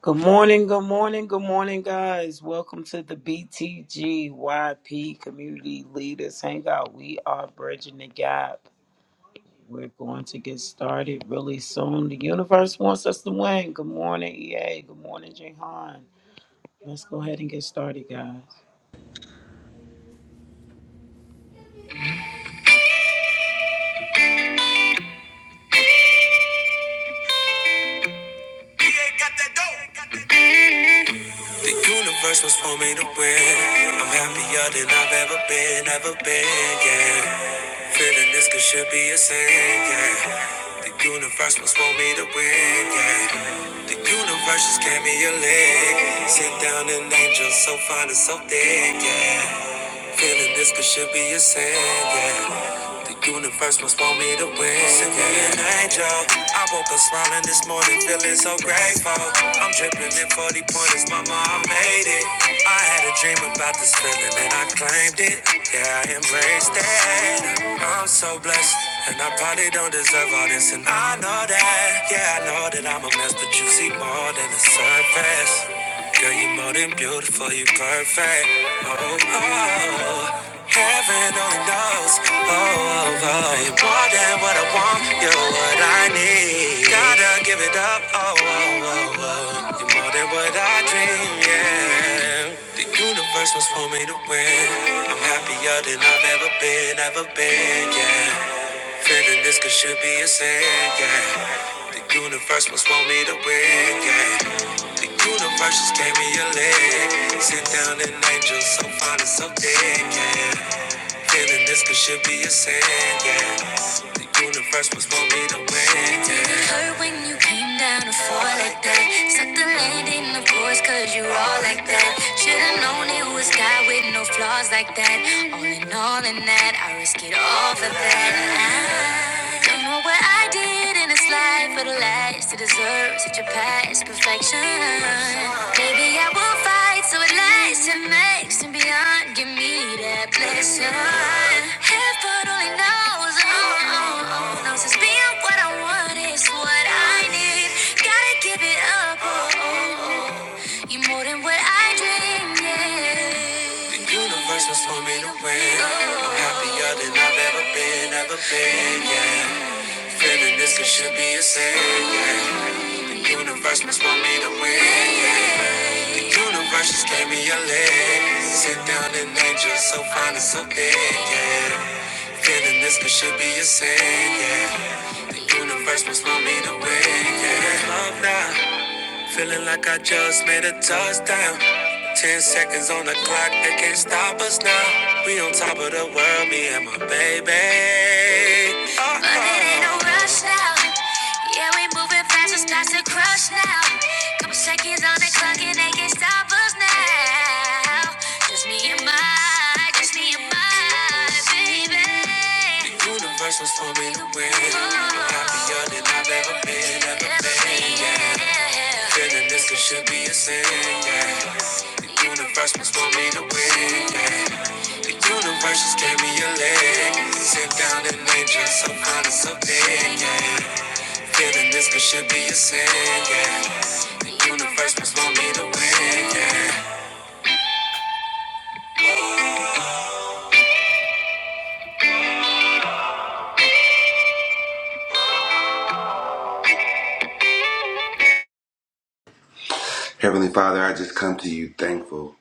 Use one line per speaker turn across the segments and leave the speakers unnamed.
Good morning, good morning, good morning, guys. Welcome to the BTGYP Community Leaders Hangout. We are bridging the gap. We're going to get started really soon. The universe wants us to win. Good morning, EA. Good morning, Jehan. Let's go ahead and get started, guys.
The universe was for me to win. I'm happier than I've ever been, ever been, yeah. Feeling this could should be a sin, yeah. The universe was for me to win, yeah. The universe just gave me a leg. Sit down and angel so fine and so thick, yeah. Feeling this could should be a sin, yeah. The universe must want me to win. Send me an angel. I woke up smiling this morning, feeling so grateful. I'm dripping in 40 pointers, mama, I made it. I had a dream about this feeling and I claimed it. Yeah, I embraced it. I'm so blessed. And I probably don't deserve all this, and I know that. Yeah, I know that I'm a mess, but you see more than the surface. Girl, you more than beautiful, you perfect. Oh, oh, oh. heaven only knows. Oh, oh, oh, you're more than what I want, you're what I need. Gotta give it up. Oh, oh, oh, oh, you're more than what I dream. Yeah, the universe was for me to win. I'm happier than I've ever been, ever been. Yeah. Feeling this could should be a sin, yeah. The universe must want me to win, yeah. The universe just gave me a leg. Sit down an angel, so fine and so dead, yeah. Feeling this could should be a sin, yeah. The universe must want me to win, yeah. It hurt when you came down to fall like that. Suck the land in the voice, cause you all like that. Should've known it was God with no flaws like that. All in all, in that, I risk it all for that. I don't know what I did in this life for the last to deserve such a past perfection. Maybe I will fight so it lasts and makes and beyond. Give me that blessing. Heaven only knows, oh, oh, oh, knows it's being what I want is what I need. Gotta give it up, oh, oh, oh. you more than what I dreamed. Yeah. The universe was for me to win. I'm happier than I've ever been, ever been, yeah. Feeling this it should be a sin. Yeah. Universe must want me to win. Yeah. Universe just gave me a leg. Sit down and angel, so fine and so big. Yeah. Feeling this it should be a sin. Yeah. Universe must want me to win. Yeah. Love now. Feeling like I just made a touchdown. Ten seconds on the clock, they can't stop us now. We on top of the world, me and my baby. Oh, but it ain't no rush now. Yeah, we moving fast, it's starts to crush now. Couple seconds on the clock, and they can't stop us now. Just me and my I just need my baby. The universe was for me to win. I'm happier than I've ever been, ever been, yeah. Feeling this could should be a sin, yeah. The universe was for me to win, yeah. The universe just gave me a leg. Sit down and nature some kind of something. yeah. Feeling this could should be a sin, yeah. The universe was for me to win, yeah.
Heavenly Father, I just come to you thankful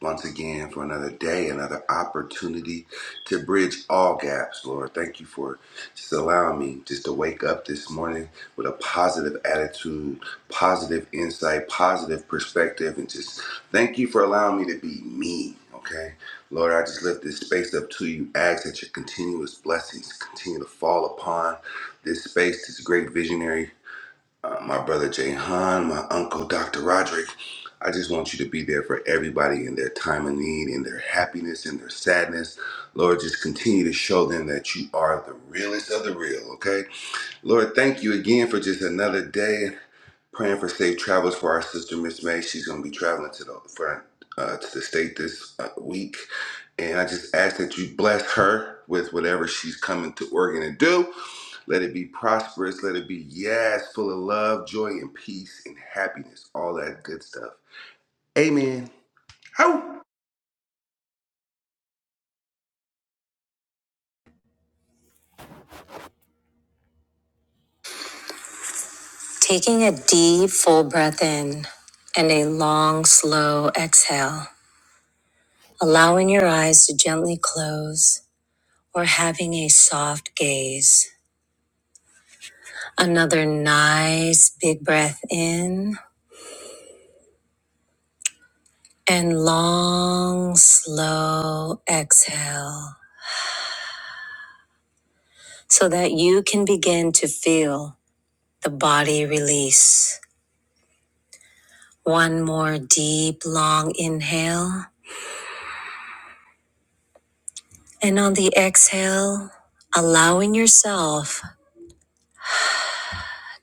once again for another day, another opportunity to bridge all gaps, Lord. Thank you for just allowing me just to wake up this morning with a positive attitude, positive insight, positive perspective, and just thank you for allowing me to be me, okay? Lord, I just lift this space up to you. Ask that your continuous blessings continue to fall upon this space, this great visionary uh, my brother Jay Han, my uncle Dr. Roderick. I just want you to be there for everybody in their time of need, in their happiness, in their sadness. Lord, just continue to show them that you are the realest of the real, okay? Lord, thank you again for just another day. Praying for safe travels for our sister Miss May. She's going to be traveling to the front uh, to the state this uh, week, and I just ask that you bless her with whatever she's coming to Oregon to do. Let it be prosperous. Let it be, yes, full of love, joy, and peace, and happiness. All that good stuff. Amen. How
Taking a deep, full breath in and a long, slow exhale, allowing your eyes to gently close or having a soft gaze. Another nice, big breath in and long, slow exhale so that you can begin to feel the body release. One more deep, long inhale. And on the exhale, allowing yourself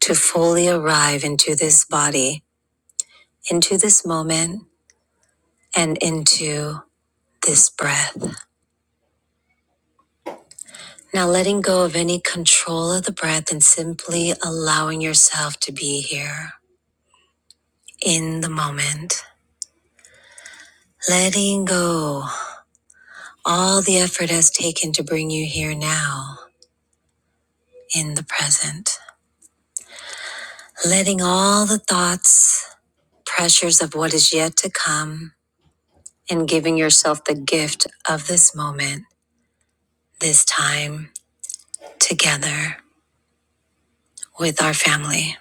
to fully arrive into this body, into this moment, and into this breath. Now, letting go of any control of the breath and simply allowing yourself to be here in the moment. Letting go all the effort has taken to bring you here now in the present. Letting all the thoughts, pressures of what is yet to come, and giving yourself the gift of this moment, this time together with our family.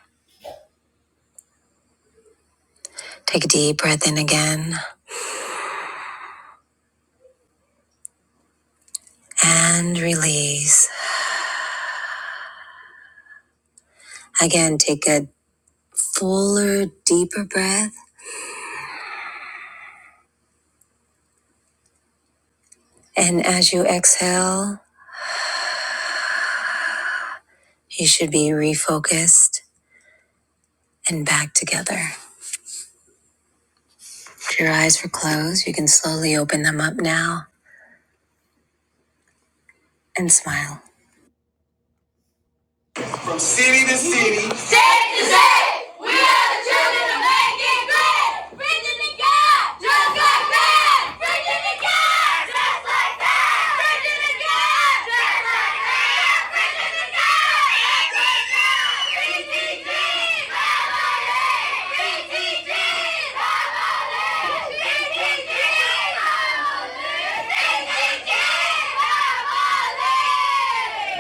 Take a deep breath in again and release. Again, take a fuller, deeper breath. And as you exhale, you should be refocused and back together. If your eyes were closed, you can slowly open them up now and smile. From city to city. State to state. We are the children of making great. Virginia God, just like that. Virginia God, just like that. Virginia God, just like that. Virginia God. BTG, family. BTG, family. BTG, family. BTG, family.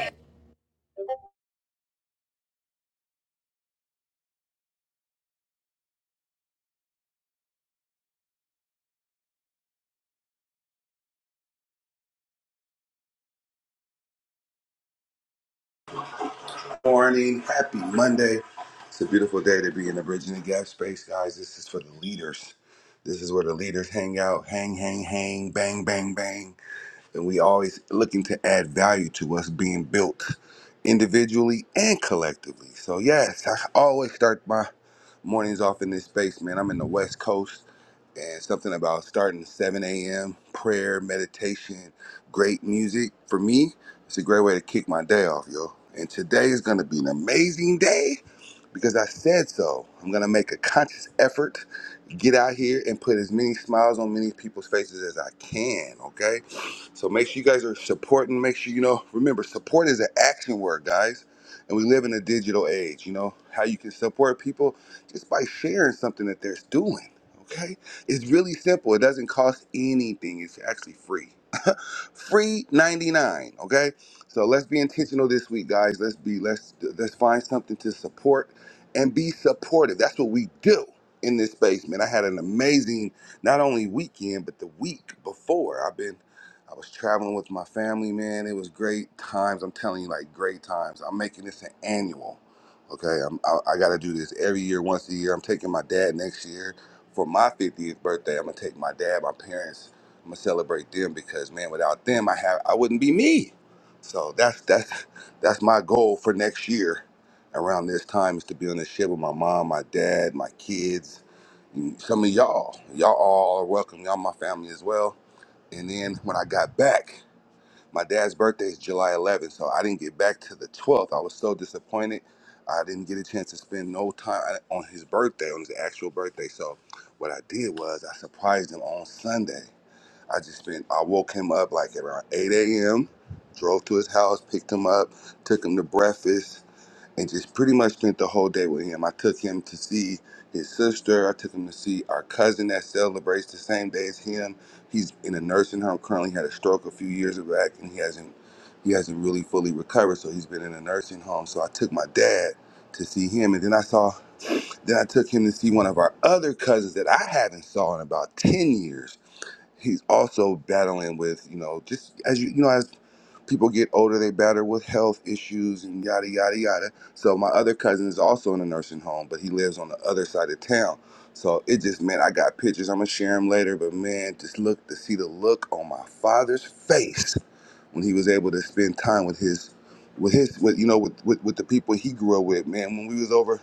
morning. Happy Monday. It's a beautiful day to be in the Bridging the Gap space, guys. This is for the leaders. This is where the leaders hang out, hang, hang, hang, bang, bang, bang. And we always looking to add value to us being built individually and collectively. So yes, I always start my mornings off in this space, man. I'm in the West Coast and something about starting 7 a.m. prayer, meditation, great music. For me, it's a great way to kick my day off, yo. And today is going to be an amazing day because I said so. I'm gonna make a conscious effort, get out here and put as many smiles on many people's faces as I can. Okay, so make sure you guys are supporting. Make sure you know. Remember, support is an action word, guys. And we live in a digital age. You know how you can support people just by sharing something that they're doing. Okay, it's really simple. It doesn't cost anything. It's actually free free 99 okay so let's be intentional this week guys let's be let's let's find something to support and be supportive that's what we do in this space man i had an amazing not only weekend but the week before i've been i was traveling with my family man it was great times i'm telling you like great times i'm making this an annual okay i'm i, I gotta do this every year once a year i'm taking my dad next year for my 50th birthday i'm gonna take my dad my parents I'm gonna celebrate them because man, without them, I have I wouldn't be me. So that's that's that's my goal for next year. Around this time is to be on the ship with my mom, my dad, my kids, and some of y'all. Y'all all are welcome. Y'all my family as well. And then when I got back, my dad's birthday is July 11th, so I didn't get back to the 12th. I was so disappointed. I didn't get a chance to spend no time on his birthday, on his actual birthday. So what I did was I surprised him on Sunday I just spent, I woke him up like around 8 a.m., drove to his house, picked him up, took him to breakfast, and just pretty much spent the whole day with him. I took him to see his sister. I took him to see our cousin that celebrates the same day as him. He's in a nursing home currently, had a stroke a few years back, and he hasn't. He hasn't really fully recovered, so he's been in a nursing home. So I took my dad to see him, and then I saw, then I took him to see one of our other cousins that I haven't saw in about ten years he's also battling with you know just as you you know as people get older they battle with health issues and yada yada yada so my other cousin is also in a nursing home but he lives on the other side of town so it just man i got pictures i'm gonna share them later but man just look to see the look on my father's face when he was able to spend time with his with his with you know with, with with the people he grew up with man when we was over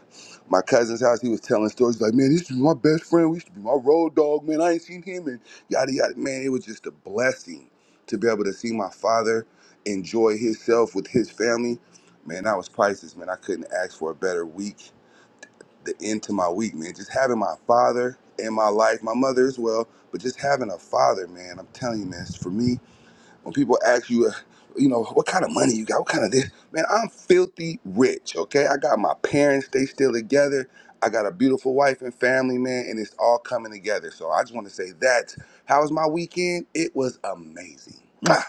my cousin's house he was telling stories like man this is my best friend we used to be my road dog man i ain't seen him and yada yada man it was just a blessing to be able to see my father enjoy himself with his family man that was priceless man i couldn't ask for a better week the end to my week man just having my father in my life my mother as well but just having a father man i'm telling you man for me when people ask you, uh, you know, what kind of money you got, what kind of this, man, I'm filthy rich, okay? I got my parents, they still together. I got a beautiful wife and family, man, and it's all coming together. So I just want to say that. How was my weekend? It was amazing. Mwah.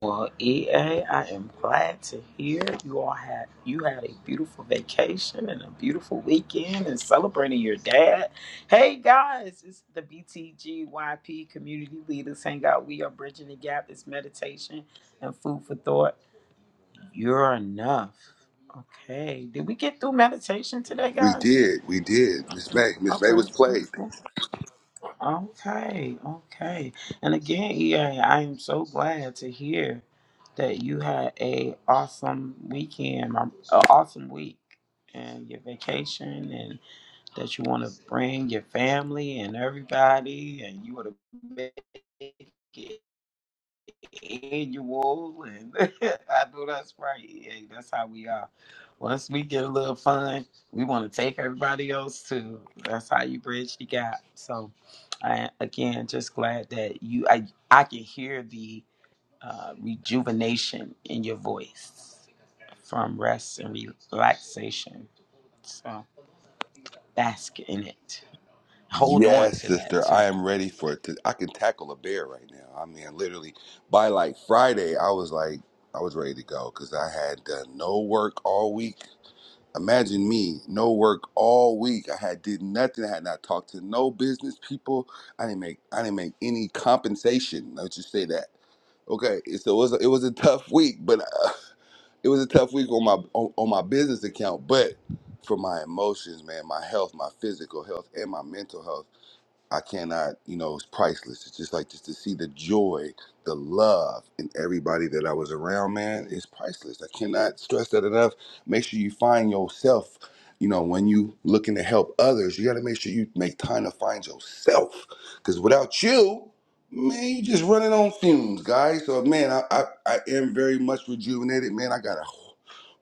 Well, EA, I am glad to hear you all had you had a beautiful vacation and a beautiful weekend and celebrating your dad. Hey guys, it's the BTGYP Community Leaders Hangout. We are bridging the gap. It's meditation and food for thought. You're enough. Okay. Did we get through meditation today,
We
guys?
did, we did. Miss May, Miss May was
Okay.
played.
Okay. Okay, okay. And again, EA, I am so glad to hear that you had a awesome weekend, an awesome week, and your vacation, and that you want to bring your family and everybody, and you want to make it annual, and I know that's right. Yeah, that's how we are. Once we get a little fun, we want to take everybody else too. That's how you bridge the gap. So, I again just glad that you. I I can hear the uh, rejuvenation in your voice from rest and relaxation. So bask in it. Hold on
Yes,
to that
sister,
too
I am ready for it. To, I can tackle a bear right now. I mean, literally, by like Friday, I was like, I was ready to go because I had done no work all week Imagine me, no work all week. I had did nothing. I had not talked to no business people. I didn't make I didn't make any compensation. Let's just say that. Okay, so it was a, it was a tough week, but uh, it was a tough week on my on, on my business account. But for my emotions, man, my health, my physical health, and my mental health. I cannot, you know, it's priceless. It's just like just to see the joy, the love in everybody that I was around, man, it's priceless. I cannot stress that enough. Make sure you find yourself, you know, when you looking to help others, you gotta make sure you make time to find yourself. Cause without you, man, you just running on fumes, guys. So man, I I, I am very much rejuvenated. Man, I got a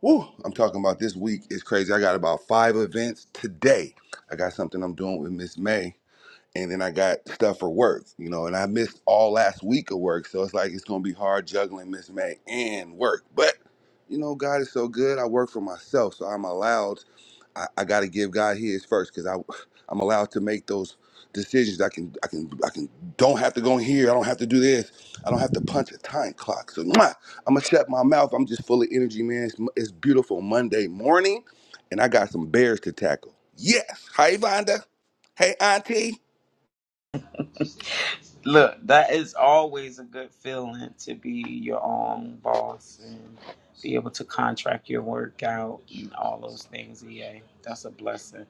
whoo, I'm talking about this week is crazy. I got about five events today. I got something I'm doing with Miss May and then I got stuff for work, you know, and I missed all last week of work. So it's like it's gonna be hard juggling Miss May and work. But you know, God is so good. I work for myself, so I'm allowed. I, I got to give God His first because I I'm allowed to make those decisions. I can I can I can don't have to go in here. I don't have to do this. I don't have to punch a time clock. So mwah, I'm gonna shut my mouth. I'm just full of energy, man. It's, it's beautiful Monday morning, and I got some bears to tackle. Yes, hi Vonda. Hey Auntie.
Look, that is always a good feeling to be your own boss and be able to contract your work out and all those things. EA, that's a blessing,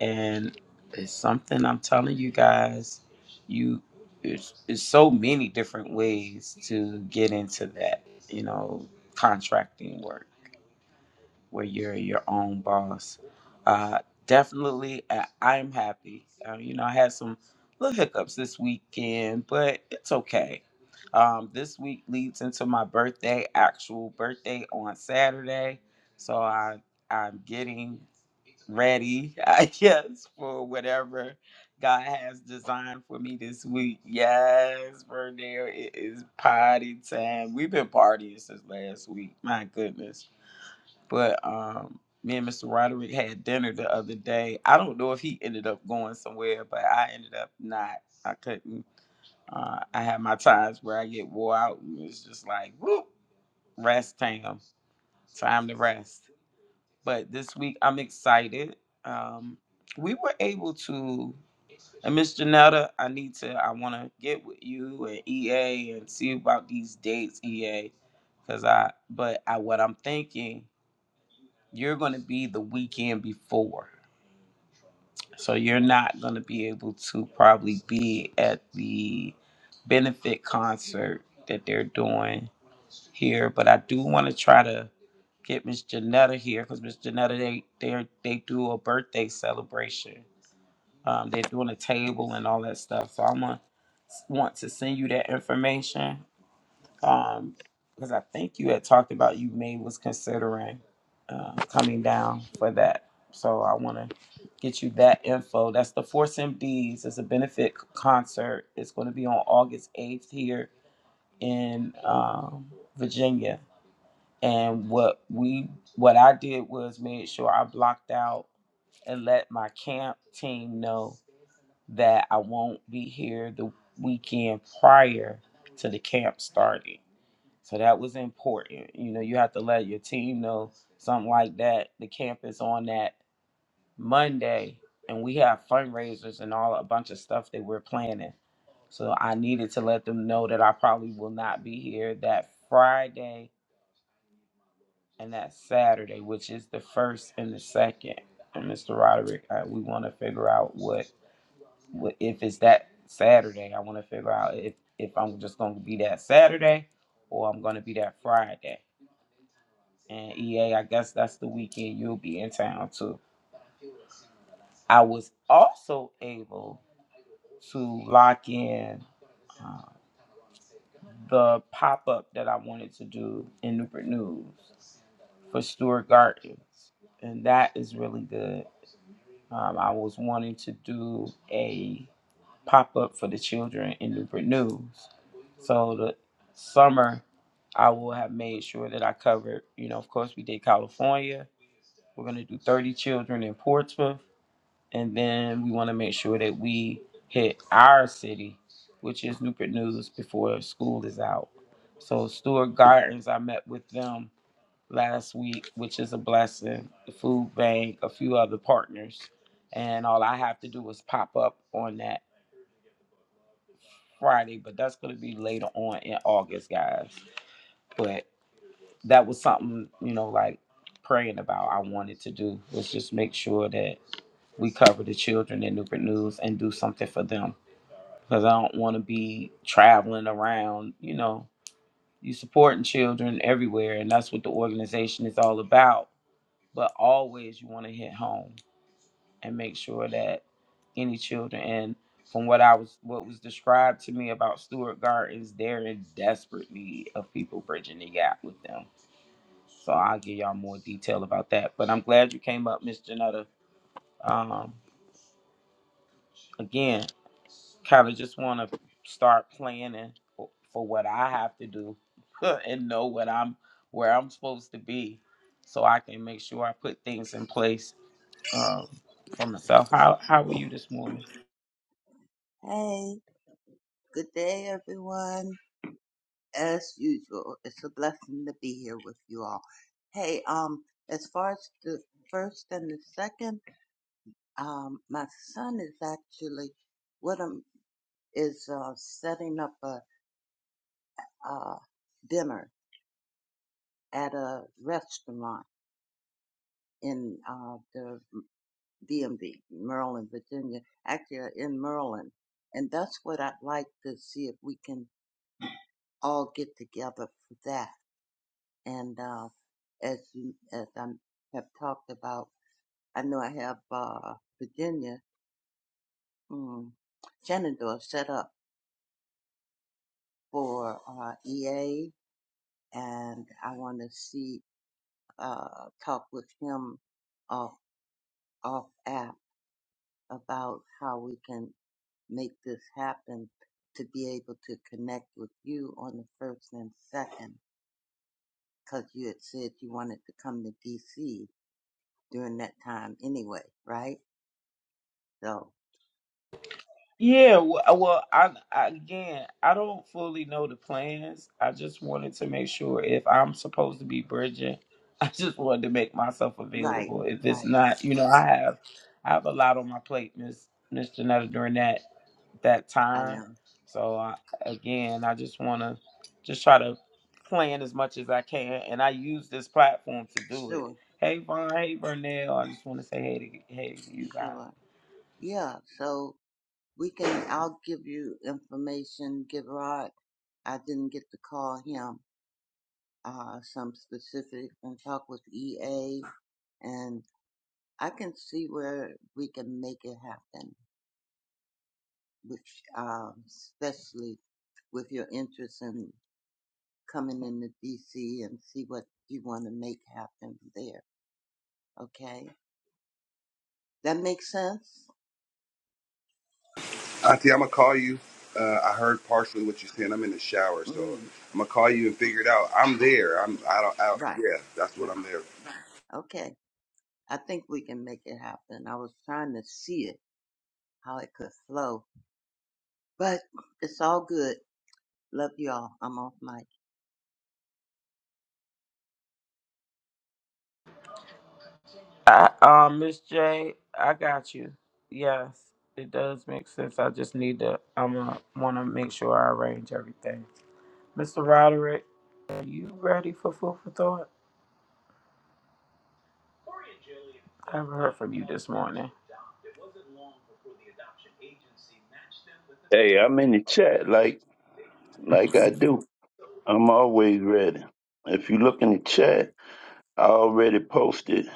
and it's something I'm telling you guys. You, it's, it's so many different ways to get into that. You know, contracting work where you're your own boss. Uh, definitely, I I am happy. Uh, you know, I had some little hiccups this weekend, but it's okay. Um, this week leads into my birthday, actual birthday on Saturday, so I I'm getting ready, I guess, for whatever God has designed for me this week. Yes, Vernell, it is party time. We've been partying since last week. My goodness but um, me and Mr. Roderick had dinner the other day. I don't know if he ended up going somewhere, but I ended up not. I couldn't. Uh, I have my times where I get wore out, and it's just like, whoop, rest time, time to rest. But this week I'm excited. Um, we were able to, and Miss Janetta, I need to, I want to get with you and EA and see about these dates, EA, because I, but I, what I'm thinking you're going to be the weekend before. So you're not going to be able to probably be at the benefit concert that they're doing here. But I do want to try to get Miss Janetta here because Miss Janetta, they, they they do a birthday celebration. Um, they're doing a table and all that stuff. So I'm going to want to send you that information um, because I think you had talked about you may was considering uh, coming down for that. So I want to get you that info. That's the Force MDs. It's a benefit c- concert. It's going to be on August 8th here in um, Virginia. And what we what I did was made sure I blocked out and let my camp team know that I won't be here the weekend prior to the camp starting. So that was important. You know, you have to let your team know something like that. The camp is on that Monday, and we have fundraisers and all a bunch of stuff that we're planning. So I needed to let them know that I probably will not be here that Friday and that Saturday, which is the first and the second. And Mr. Roderick, uh, we want to figure out what, what if it's that Saturday. I want to figure out if if I'm just going to be that Saturday or I'm going to be that Friday and EA, I guess that's the weekend you'll be in town too. I was also able to lock in uh, the pop up that I wanted to do in Newport News for Stewart Gardens, and that is really good. Um, I was wanting to do a pop up for the children in Newport News, so the summer I will have made sure that I covered. You know, of course, we did California. We're gonna do 30 children in Portsmouth and then we want to make sure that we hit our city, which is Newport News, before school is out. So Stewart Gardens, I met with them last week, which is a blessing. The food bank, a few other partners, and all I have to do is pop up on that Friday, but that's going to be later on in August, guys. But that was something you know, like praying about. I wanted to do was just make sure that we cover the children in Newport News and do something for them because I don't want to be traveling around. You know, you supporting children everywhere, and that's what the organization is all about. But always, you want to hit home and make sure that any children and from what I was what was described to me about Stewart Gardens, they're in desperate need of people bridging the gap with them. So I'll give y'all more detail about that. But I'm glad you came up, Miss Janetta. Um, again, kind of just want to start planning for, for what I have to do and know what I'm where I'm supposed to be, so I can make sure I put things in place um, for myself. How How are you this morning?
Hey, good day, everyone. As usual, it's a blessing to be here with you all. Hey, um, as far as the first and the second, um, my son is actually what I'm is uh, setting up a uh, dinner at a restaurant in uh, the DMV, Maryland, Virginia. Actually, uh, in Maryland, and that's what I'd like to see if we can all get together for that and uh, as you, as I have talked about, I know I have uh, Virginia mm, Shenandoah set up for uh, EA, and I want to see uh, talk with him off off app about how we can make this happen to be able to connect with you on the first and second, because you had said you wanted to come to DC during that time anyway, right? So.
Yeah, w- uh, well, I, I again, I don't fully know the plans. I just wanted to make sure if I'm supposed to be bridging, I just wanted to make myself
Right,
available. If it's
right.
not, you know, I have I have a lot on my plate, Miss Miss Janetta, during that. that
I
time.
know.
So I, again, I just want to just try to plan as much as I can, and I use this platform to do it.
Sure,
Hey Von, hey Vernell, I just want to say hey to hey to you guys.
sure. Yeah, so we can, I'll give you information. Gerard, I didn't get to call him uh, some specific and talk with EA, and I can see where we can make it happen, which, um, especially with your interest in coming into DC and see what you want to make happen there. Okay? That makes sense?
Auntie, I'm gonna call you. Uh, I heard partially what you said. I'm in the shower, so
Mm,
I'm gonna call you and figure it out. I'm there. I'm. I don't. I,
right,
yeah, that's
right.
what I'm there.
Okay. I think we can make it happen. I was trying to see it, how it could flow, but it's all good. Love y'all. I'm off mic.
I, um, Miss J, I got you. Yes, it does make sense. I just need to. I'm gonna want to make sure I arrange everything. Mr. Roderick, are you ready for food for thought? I haven't heard from you this morning.
Hey, I'm in the chat like like I do. I'm always ready. If you look in the chat, I already posted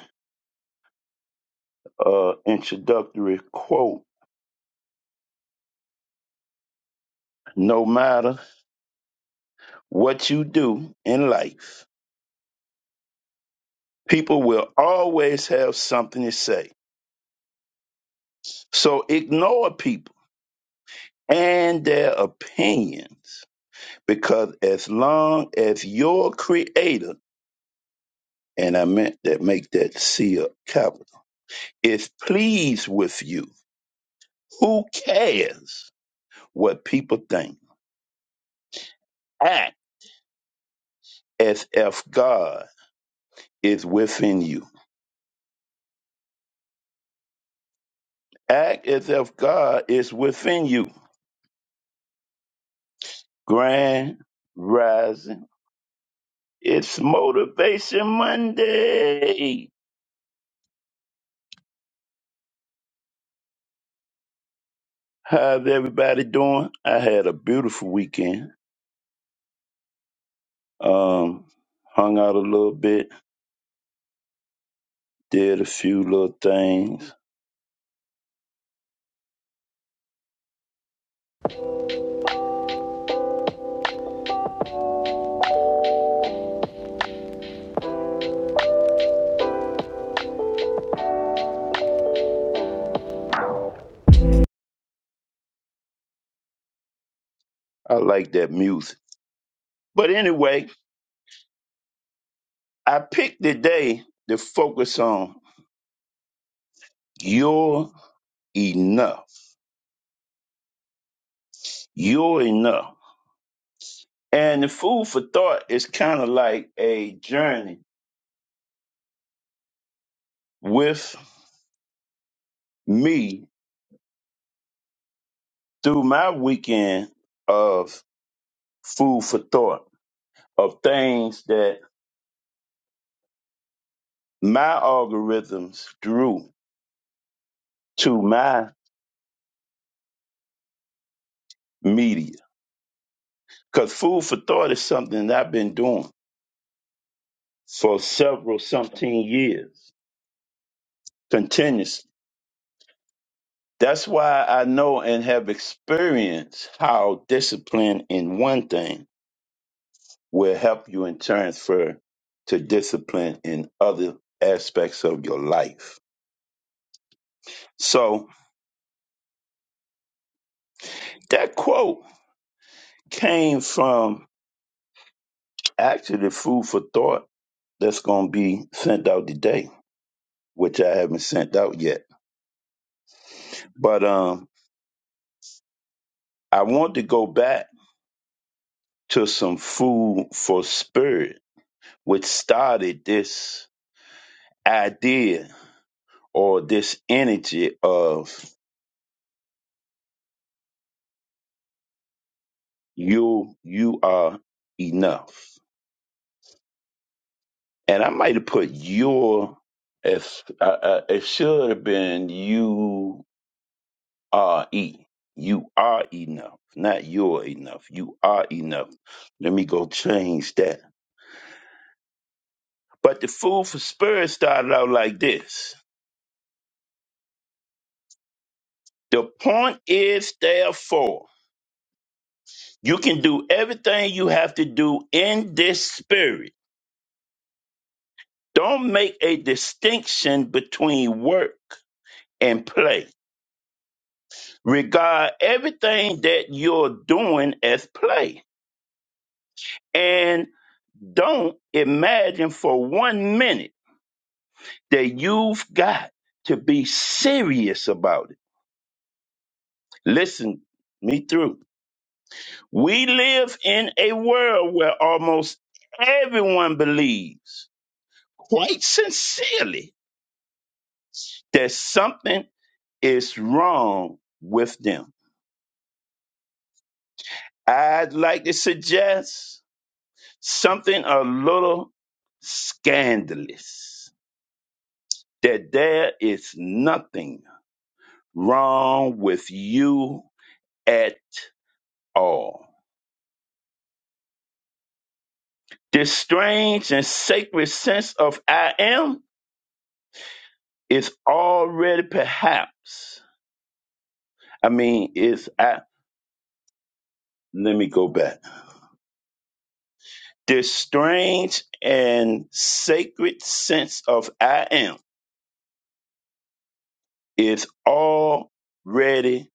a introductory quote. No matter what you do in life, people will always have something to say. So ignore people and their opinions because as long as your creator, and I meant that make that C a capital, is pleased with you, who cares? what people think. Act as if God is within you. Act as if God is within you. Grand rising. It's Motivation Monday. How's everybody doing? I had a beautiful weekend. Um, hung out a little bit, did a few little things. I like that music. But anyway, I picked the day to focus on You're enough. You're enough. And the food for thought is kind of like a journey with me through my weekend of food for thought, of things that my algorithms drew to my media. Because food for thought is something that I've been doing for several something years continuously. That's why I know and have experienced how discipline in one thing will help you in transfer to discipline in other aspects of your life. So that quote came from actually food for thought that's going to be sent out today, which I haven't sent out yet. But um, I want to go back to some food for spirit, which started this idea or this energy of you you are enough and I might have put your as uh, uh, it should have been you are e you are enough, not you're enough. You are enough. Let me go change that. But the food for spirit started out like this. The point is, therefore, you can do everything you have to do in this spirit. Don't make a distinction between work and play Regard everything that you're doing as play. And don't imagine for one minute that you've got to be serious about it. Listen me through. We live in a world where almost everyone believes, quite sincerely, that something is wrong with them. I'd like to suggest something a little scandalous that there is nothing wrong with you at all. This strange and sacred sense of I am is already perhaps, I mean, is I, let me go back. This strange and sacred sense of I am is already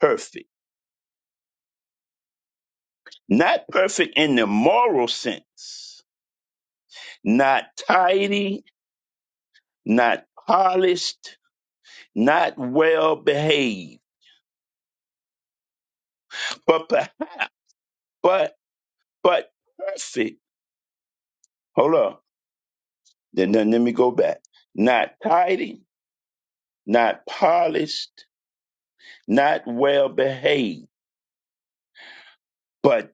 perfect. Not perfect in the moral sense, not tidy, not polished, not well behaved, but per- but but perfect. Hold on. Then, then let me go back. Not tidy, not polished, not well behaved, but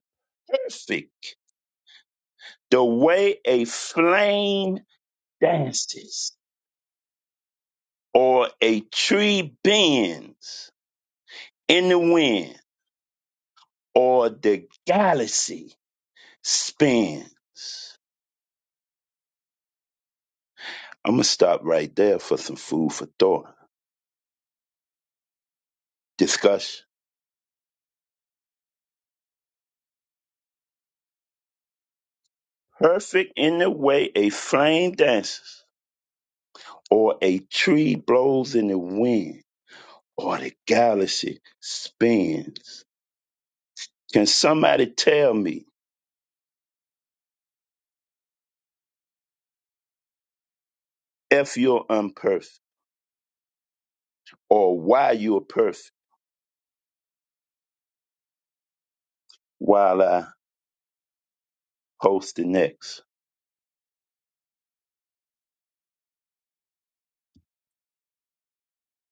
perfect. The way a flame dances, or a tree bends in the wind, or the galaxy spins. I'm going to stop right there for some food for thought. Discussion. Perfect in the way a flame dances, or a tree blows in the wind, or the galaxy spins. Can somebody tell me if you're unperfect or why you're perfect while I host the next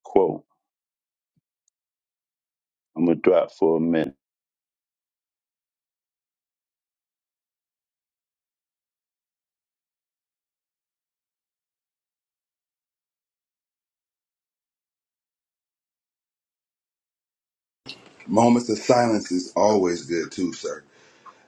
quote? I'm going to drop for a minute.
Moments of silence is always good too, sir.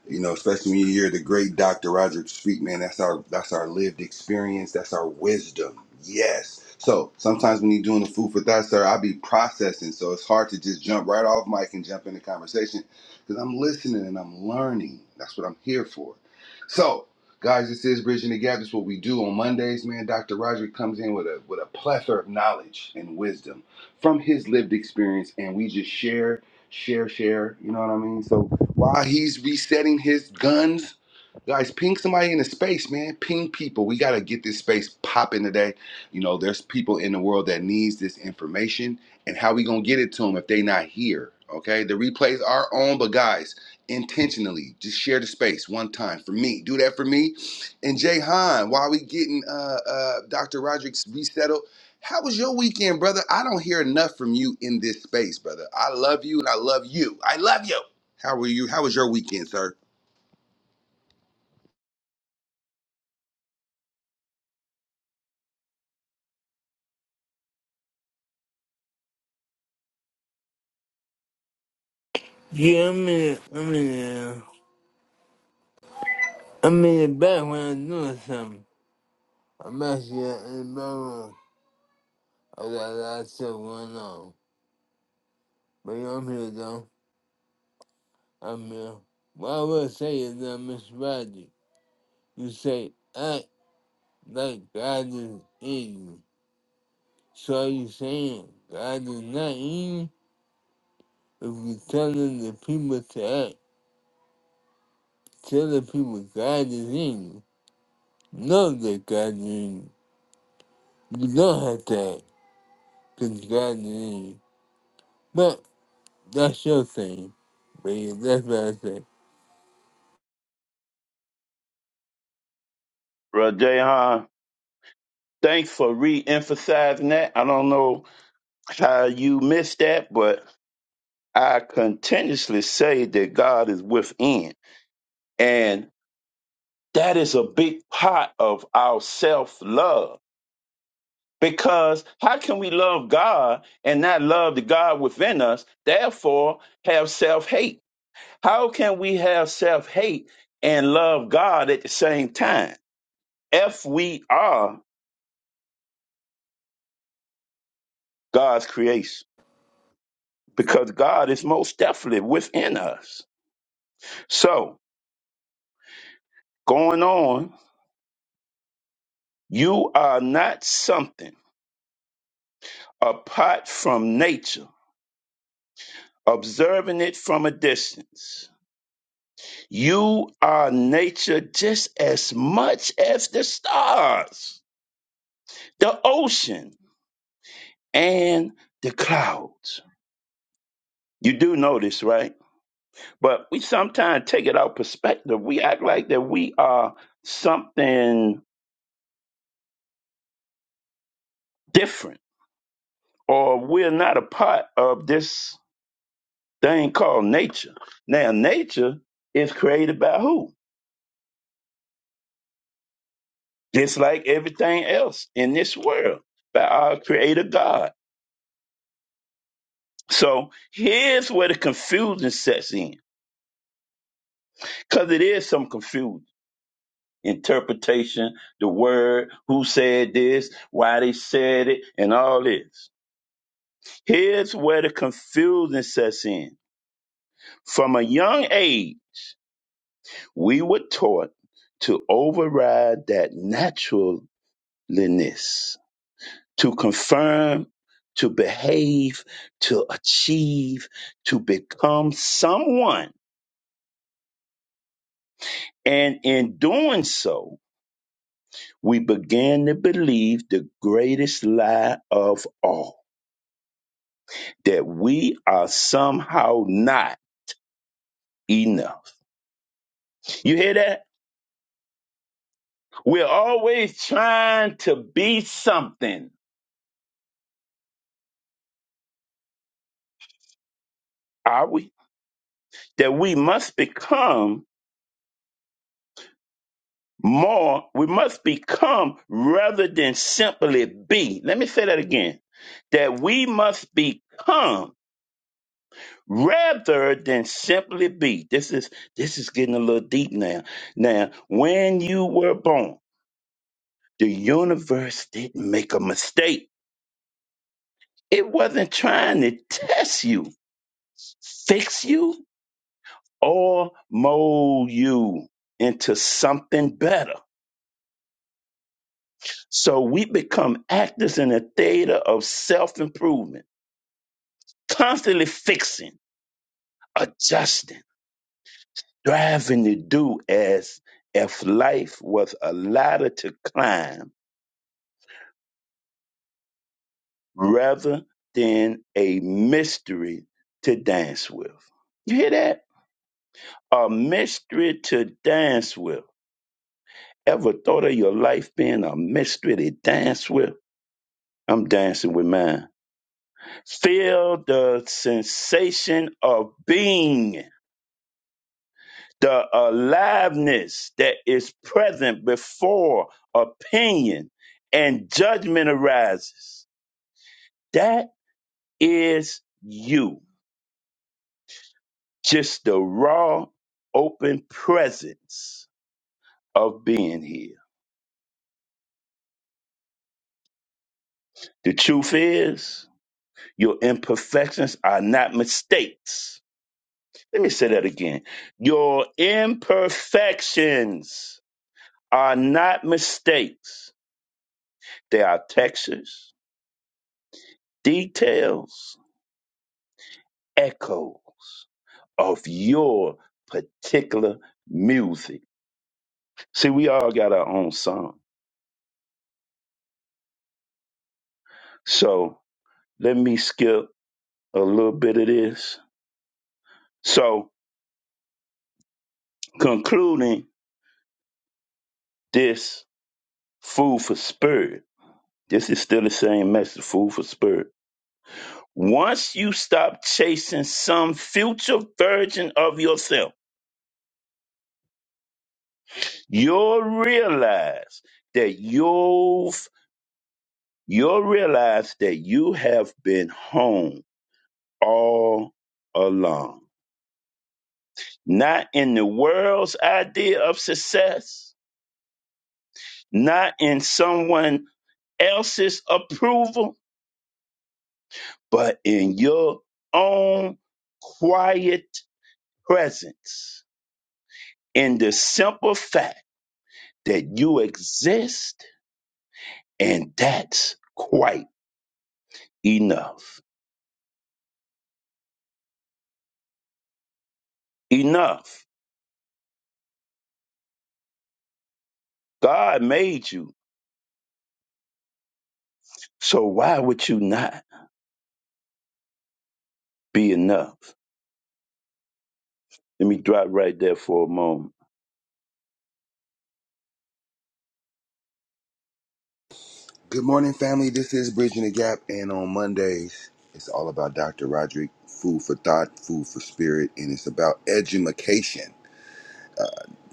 You know, especially when you hear the great Dr. Roger speak, man, that's our that's our lived experience, that's our wisdom. Yes. So sometimes when you're doing the food for thought, sir, i be processing. So it's hard to just jump right off mic and jump into conversation because I'm listening and I'm learning. That's what I'm here for. So, guys, this is Bridging the Gap. This is what we do on Mondays, man. Dr. Roger comes in with a with a plethora of knowledge and wisdom from his lived experience, and we just share, share, share. You know what I mean? So while he's resetting his guns, guys, ping somebody in the space, man. Ping people. We gotta get this space popping today. You know, there's people in the world that needs this information, and how we gonna get it to them if they not here? Okay, the replays are on, but guys, intentionally, just share the space one time for me. Do that for me. And Jay Han, while we getting uh, uh, Dr. Roderick's resettled, how was your weekend, brother? I don't hear enough from you in this space, brother. I love you and I love you. I love you. How are you? How was your weekend, sir?
Yeah, I'm in, I'm in, uh, I'm in the background doing something. I'm actually in the background. I got a lot of stuff going on. But yeah, I'm here though. I'm here. What I will say is that Miss Roger, you say act like God is eating. So are you saying God is not eating? If you telling the people to act, tell the people God is eating. Know that God is eating. You don't have to act, because God is eating. But that's your thing. But that's what I say.
Brother Rajehan, thanks for re emphasizing that. I don't know how you missed that, but I continuously say that God is within. And that is a big part of our self love. Because how can we love God and not love the God within us, therefore have self hate? How can we have self hate and love God at the same time if we are God's creation? Because God is most definitely within us. So, going on, you are not something. apart from nature, observing it from a distance. You are nature just as much as the stars, the ocean, and the clouds. You do know this, right? But we sometimes take it out perspective. We act like that we are something different or we're not a part of this thing called nature. Now, nature is created by who? just like everything else in this world by our creator God. So here's where the confusion sets in because it is some confusion. Interpretation, the word, who said this, why they said it, and all this. Here's where the confusion sets in. From a young age, we were taught to override that naturalness to confirm, to behave, to achieve, to become someone. And in doing so, we begin to believe the greatest lie of all that we are somehow not enough. You hear that? We're always trying to be something, are we? That we must become more we must become rather than simply be let me say that again that we must become rather than simply be this is this is getting a little deep now now when you were born the universe didn't make a mistake it wasn't trying to test you fix you or mold you into something better so we become actors in a theater of self-improvement constantly fixing, adjusting, striving to do as if life was a ladder to climb rather than a mystery to dance with. You hear that? A mystery to dance with. Ever thought of your life being a mystery to dance with? I'm dancing with mine. Feel the sensation of being the aliveness that is present before opinion and judgment arises. That is you, just the raw, open presence of being here. The truth is, your imperfections are not mistakes. Let me say that again. Your imperfections are not mistakes. They are textures, details, echoes of your particular music. See, we all got our own song. So let me skip a little bit of this. So, concluding this food for spirit, this is still the same message food for spirit. Once you stop chasing some future version of yourself, you'll realize that you've you'll realize that you have been home all along, Not in the world's idea of success, not in someone else's approval, but in your own quiet presence, in the simple fact that you exist, and that's quite enough. Enough. God made you, so why would you not be enough? Let me drop right there for a moment
Good morning, family. This is Bridging the Gap, and on Mondays, it's all about Dr. Roderick, food for thought, food for spirit, and it's about edumacation.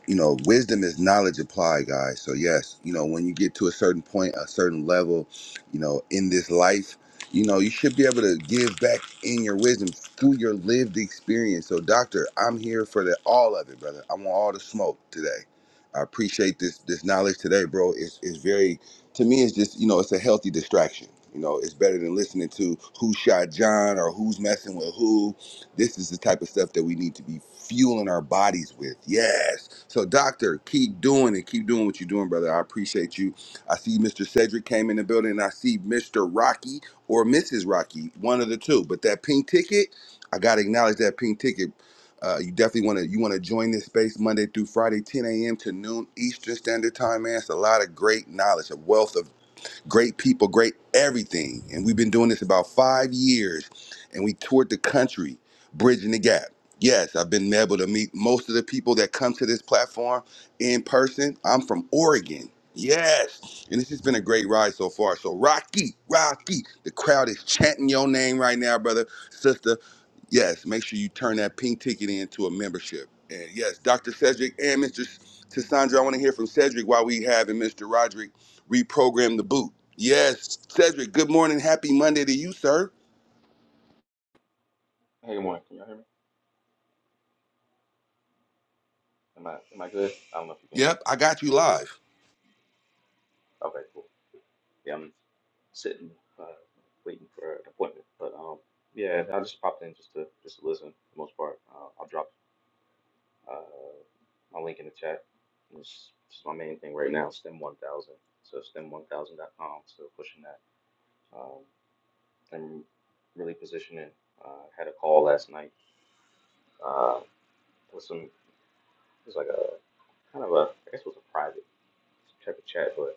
you know, wisdom is knowledge applied, guys. So yes, you know, when you get to a certain point, a certain level, you know, in this life, you know, you should be able to give back in your wisdom through your lived experience. So, doctor, I'm here for the all of it, brother. I want all the smoke today. I appreciate this this knowledge today, bro. It's it's very to me. It's just you know, it's a healthy distraction. You know, it's better than listening to who shot John or who's messing with who this is the type of stuff that we need to be fueling our bodies with. Yes. So, doctor, keep doing it. Keep doing what you're doing, brother. I appreciate you. I see Mr. Cedric came in the building, and I see Mr. Rocky or Mrs. Rocky, one of the two. But that pink ticket, I gotta acknowledge that pink ticket. Uh, you definitely want to you want to join this space Monday through Friday, 10 a.m. to noon Eastern Standard Time, man. It's a lot of great knowledge, a wealth of great people, great everything. And we've been doing this about five years, and we toured the country, bridging the gap. Yes, I've been able to meet most of the people that come to this platform in person. I'm from Oregon. Yes. And this has been a great ride so far. So, Rocky, Rocky, the crowd is chanting your name right now, brother, sister. Yes, make sure you turn that pink ticket into a membership. And yes, Dr. Cedric and Mr. Tassandra, I want to hear from Cedric while we have and Mr. Roderick Reprogram the boot. Yes, Cedric, good morning. Happy Monday to you, sir.
Hey, good morning. Can y'all hear me? Am I am I good? I don't know if you can hear
Yep,
me.
I got you live.
Okay, cool. Yeah, I'm sitting, uh, waiting for an appointment. But um, yeah, I just popped in just to just to listen for the most part. Uh, I'll drop uh my link in the chat. It's just my main thing right now, STEM 1000. So stem one thousand dot com. So pushing that. Um, I'm really positioning. Uh, had a call last night. Uh, with some it was like a kind of a I guess it was a private type of chat, but.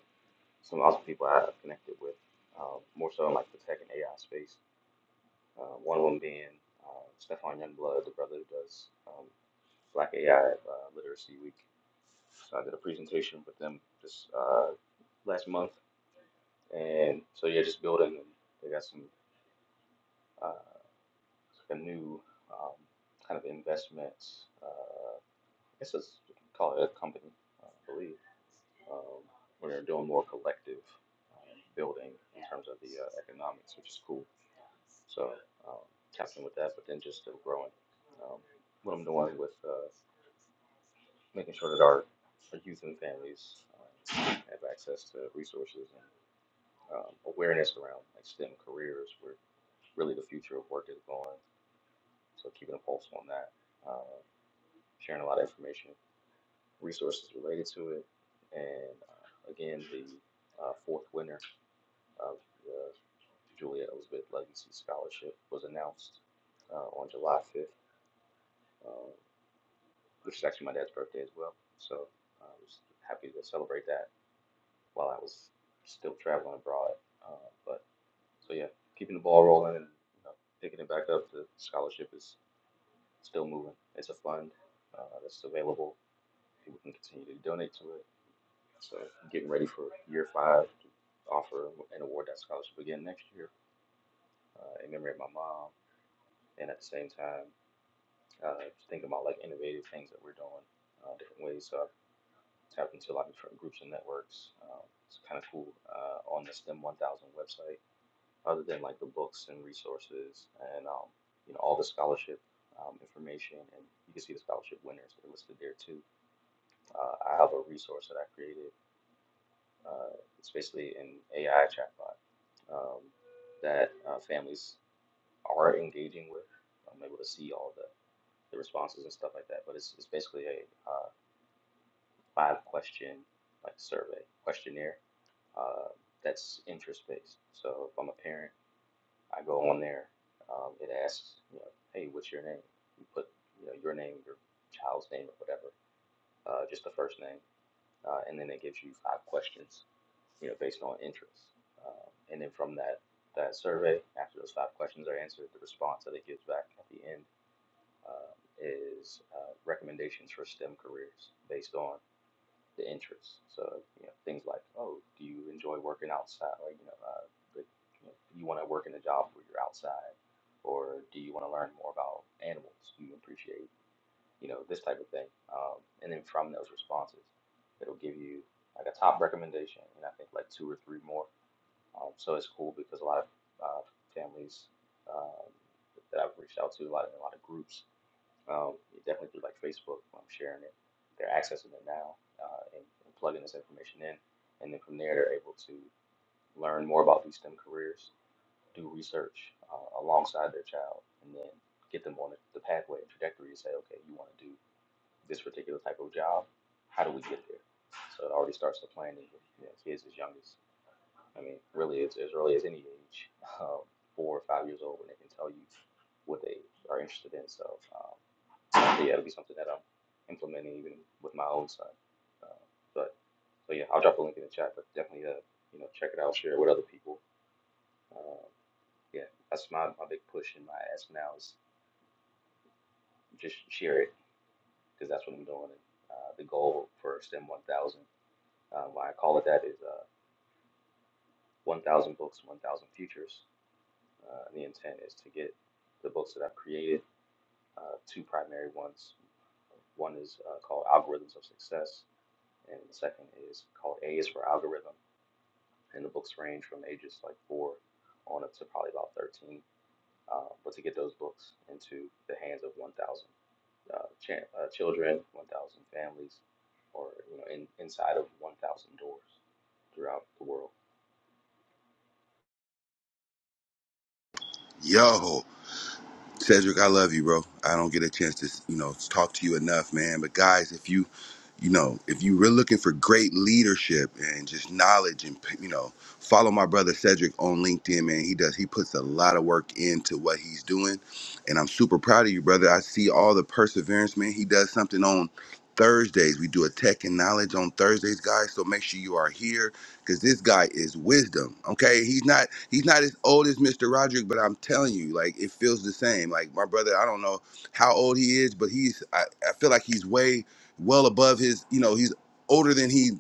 some awesome people I- I've connected with, um, more so in like the tech and AI space. Uh, one of them being uh, Stefan Youngblood, the brother who does um, Black AI uh, Literacy Week. So I did a presentation with them this uh, last month, and so yeah, just building. And they got some uh, like a new um, kind of investments. Uh, I guess it's you can call it a company, uh, I believe, um, where they're doing more collective uh, building in terms of the uh, economics, which is cool. So um, tapping with that, but then just still growing. Um, what I'm doing with uh, making sure that our, our youth and families uh, have access to resources and um, awareness around like STEM careers, where really the future of work is going. So keeping a pulse on that, uh, sharing a lot of information, resources related to it, and uh, again the uh, fourth winner of the Julia Elizabeth Legacy Scholarship was announced uh, on July 5th. which is actually my dad's birthday as well. So I uh, was happy to celebrate that while I was still traveling abroad. Uh, but so yeah, keeping the ball rolling and you know, picking it back up. The scholarship is still moving. It's a fund uh, that's available. People can continue to donate to it. So getting ready for year five, offer and award that scholarship again next year uh, in memory of my mom. And at the same time, uh, thinking about like innovative things that we're doing uh, different ways. So I Tap to a lot of different groups and networks. Um, it's kind of cool uh, on the STEM 1000 website, other than like the books and resources and um, you know all the scholarship um, information, and you can see the scholarship winners that are listed there too. Uh, I have a resource that I created. Uh, it's basically an AI chatbot um, that uh, families are engaging with. I'm able to see all the, the responses and stuff like that, but it's, it's basically a, uh, five question like survey questionnaire uh, that's interest based. So if I'm a parent, I go on there. Um, it asks, you know, hey, what's your name? You put, you know, your name, your child's name, or whatever, uh, just the first name, uh, and then it gives you five questions, you know, based on interest. Um, and then from that that survey, after those five questions are answered, the response that it gives back at the end um, is uh, recommendations for STEM careers based on the interests. So you know things like oh, do you enjoy working outside, or you know, uh, but, you know, do you want to work in a job where you're outside, or do you want to learn more about animals? Do you appreciate you know this type of thing? Um, and then from those responses, it'll give you like a top recommendation, and I think like two or three more. Um, so it's cool because a lot of uh, families um, that I've reached out to, a lot of a lot of groups um, definitely through like Facebook. I'm sharing it. They're accessing it now uh, and, and plugging this information in, and then from there they're able to learn more about these STEM careers, do research uh, alongside their child, and then get them on the, pathway and trajectory to say, okay, you want to do this particular type of job. How do we get there? So it already starts the planning. with, You know, kids as young as I mean, really it's as early as any age, um, four or five years old, when they can tell you what they are interested in. So. Um, so yeah, it'll be something that I'm implementing even with my own son. Uh, but so yeah, I'll drop a link in the chat, but definitely uh, you know check it out, share it with other people. Uh, yeah, that's my, my big push in my ask now is just share it because that's what I'm doing. And, uh, the goal for STEM 1000, uh, why I call it that, is uh, 1000 books, 1000 futures. Uh, and the intent is to get the books that I've created, uh, two primary ones. One is uh, called Algorithms of Success, and the second is called A is for Algorithm, and the books range from ages like four on up to probably about 13. Uh, but to get those books into the hands of 1,000 uh, ch- uh, children, 1,000 families, or you know, in, inside of 1,000 doors throughout the world.
Yo. Cedric, I love you, bro. I don't get a chance to, you know, talk to you enough, man. But guys, if you, you know, if you were looking for great leadership and just knowledge and, you know, follow my brother Cedric on LinkedIn, man. He does, he puts a lot of work into what he's doing. And I'm super proud of you, brother. I see all the perseverance, man. He does something on Thursdays. We do a tech and knowledge on Thursdays, guys. So make sure you are here because this guy is wisdom. Okay, he's not he's not as old as Mr. Roderick, but I'm telling you, like it feels the same. Like my brother, I don't know how old he is, but he's I, I feel like he's way well above his. You know, he's older than he.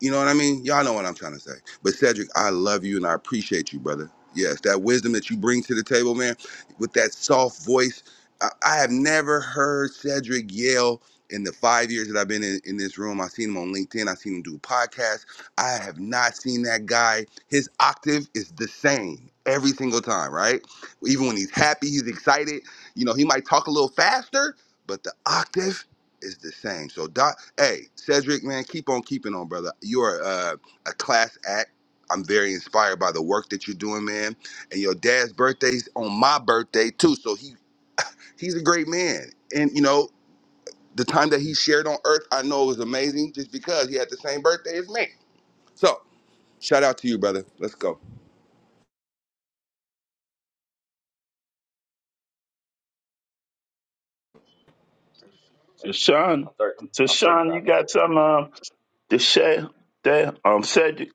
You know what I mean? Y'all know what I'm trying to say. But Cedric, I love you and I appreciate you, brother. Yes, that wisdom that you bring to the table, man, with that soft voice. I, I have never heard Cedric yell in the five years that I've been in, in this room. I've seen him on LinkedIn. I've seen him do podcasts. I have not seen that guy. His octave is the same every single time, right? Even when he's happy, he's excited. You know, he might talk a little faster, but the octave is the same. So, Doc, hey, Cedric, man, keep on keeping on, brother. You are uh, a class act. I'm very inspired by the work that you're doing, man. And your dad's birthday's on my birthday too, so he he's a great man. And you know, the time that he shared on Earth, I know it was amazing, just because he had the same birthday as me. So. Shout out to you, brother. Let's go.
And
Tashawn,
I'm 30, I'm, I'm
Tashawn, you
35 by the
got
way.
some um to share there? Um, Cedric.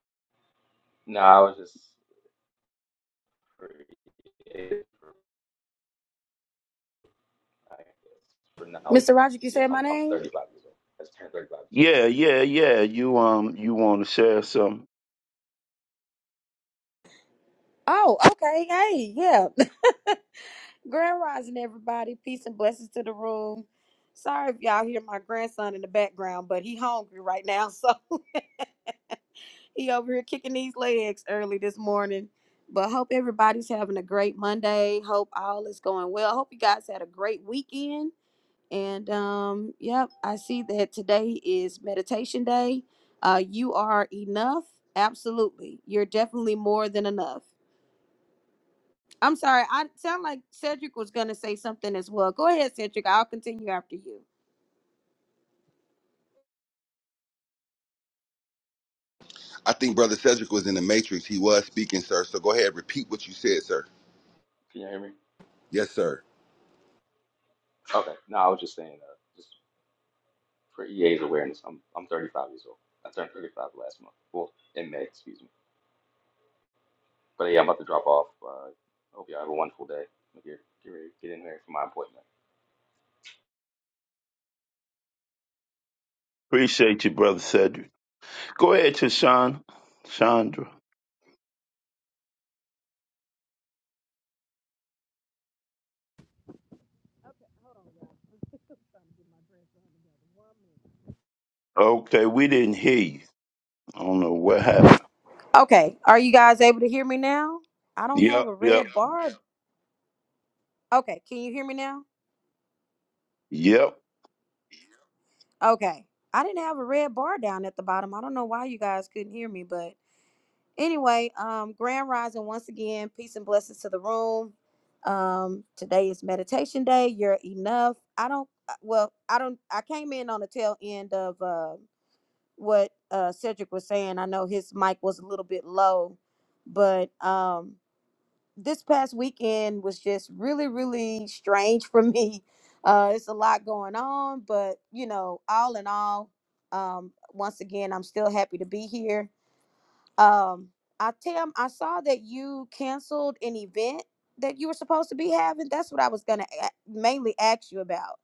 No, I was just for, I guess, for knowledge.
Mr. Roderick, you
Yeah,
said my
I'm, I'm
name?
35 years old. That's 10 35. this year.
Yeah, yeah, yeah. You um, you want to share some?
Oh, okay. Hey, yeah. Grand Rising, everybody. Peace and blessings to the room. Sorry if y'all hear my grandson in the background, but he hungry right now, so he over here kicking these legs early this morning. But hope everybody's having a great Monday. Hope all is going well. Hope you guys had a great weekend. And um, yep, I see that today is meditation day. Uh, you are enough. Absolutely. You're definitely more than enough. I'm sorry. I sound like Cedric was going to say something as well. Go ahead, Cedric. I'll continue after you.
I think Brother Cedric was in the Matrix. He was speaking, sir. So go ahead, repeat what you said, sir.
Can you hear me?
Yes, sir.
Okay. No, I was just saying, uh, just for EA's awareness, I'm I'm 35 years old. I turned 35 last month. Well, in May, excuse me. But yeah, I'm about to drop off. Uh, hope y'all have a wonderful day. Get, get ready, get in here for my appointment.
Appreciate you, brother Cedric. Go ahead, Tashawn, Chandra. Okay, we didn't hear you. I don't know what happened.
Okay. Are you guys able to hear me now? I don't have
Yep,
a red
yep,
Yeah. bar. Okay. Can you hear me now?
yep.
Okay. I didn't have a red bar down at the bottom. I don't know why you guys couldn't hear me, but anyway, um, Grand Rising once again, peace and blessings to the room. Um, today is meditation day. You're enough. I don't, uh, well, I don't, I came in on the tail end of, uh, what uh, Cedric was saying. I know his mic was a little bit low, but um, this past weekend was just really, really strange for me. Uh, it's a lot going on, but you know, all in all, um, once again, I'm still happy to be here. Um, I Tam, I saw that you canceled an event that you were supposed to be having. That's what I was gonna a- mainly ask you about,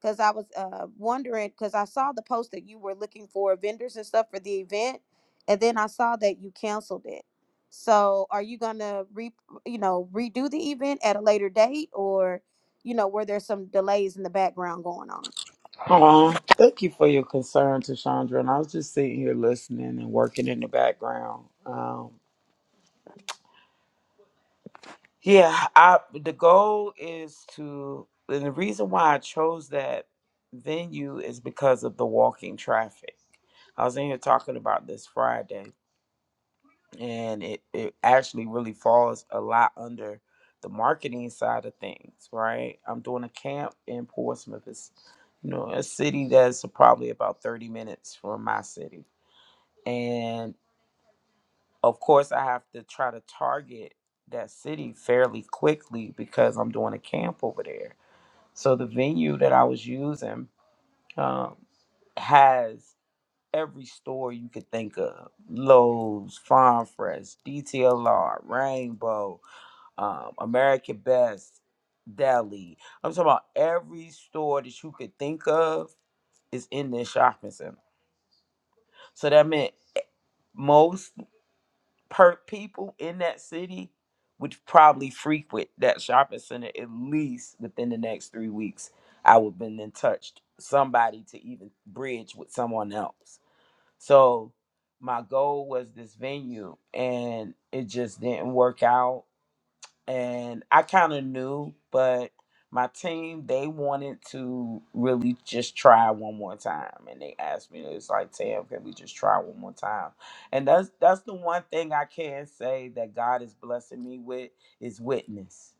because I was uh wondering because I saw the post that you were looking for vendors and stuff for the event, and then I saw that you canceled it. So, are you gonna re you know redo the event at a later date, or you know, where there's some delays in the background going on.
Oh, thank you for your concern, Tashandra. And I was just sitting here listening and working in the background. Um, yeah, I, the goal is to, and the reason why I chose that venue is because of the walking traffic. I was in here talking about this Friday. and it, it actually really falls a lot under the marketing side of things right i'm doing a camp in portsmouth it's you know a city that's probably about 30 minutes from my city and of course i have to try to target that city fairly quickly because i'm doing a camp over there so the venue that i was using um, has every store you could think of Lowe's, Farm Fresh, DTLR, Rainbow, um, American Best, Deli. I'm talking about every store that you could think of is in this shopping center. So that meant most per people in that city would probably frequent that shopping center at least within the next three weeks. I would have been in touch somebody to even bridge with someone else. So my goal was this venue and it just didn't work out. And I kind of knew, but my team, they wanted to really just try one more time. And they asked me, it's like, Tam, can we just try one more time? And that's that's the one thing I can say that God is blessing me with is witness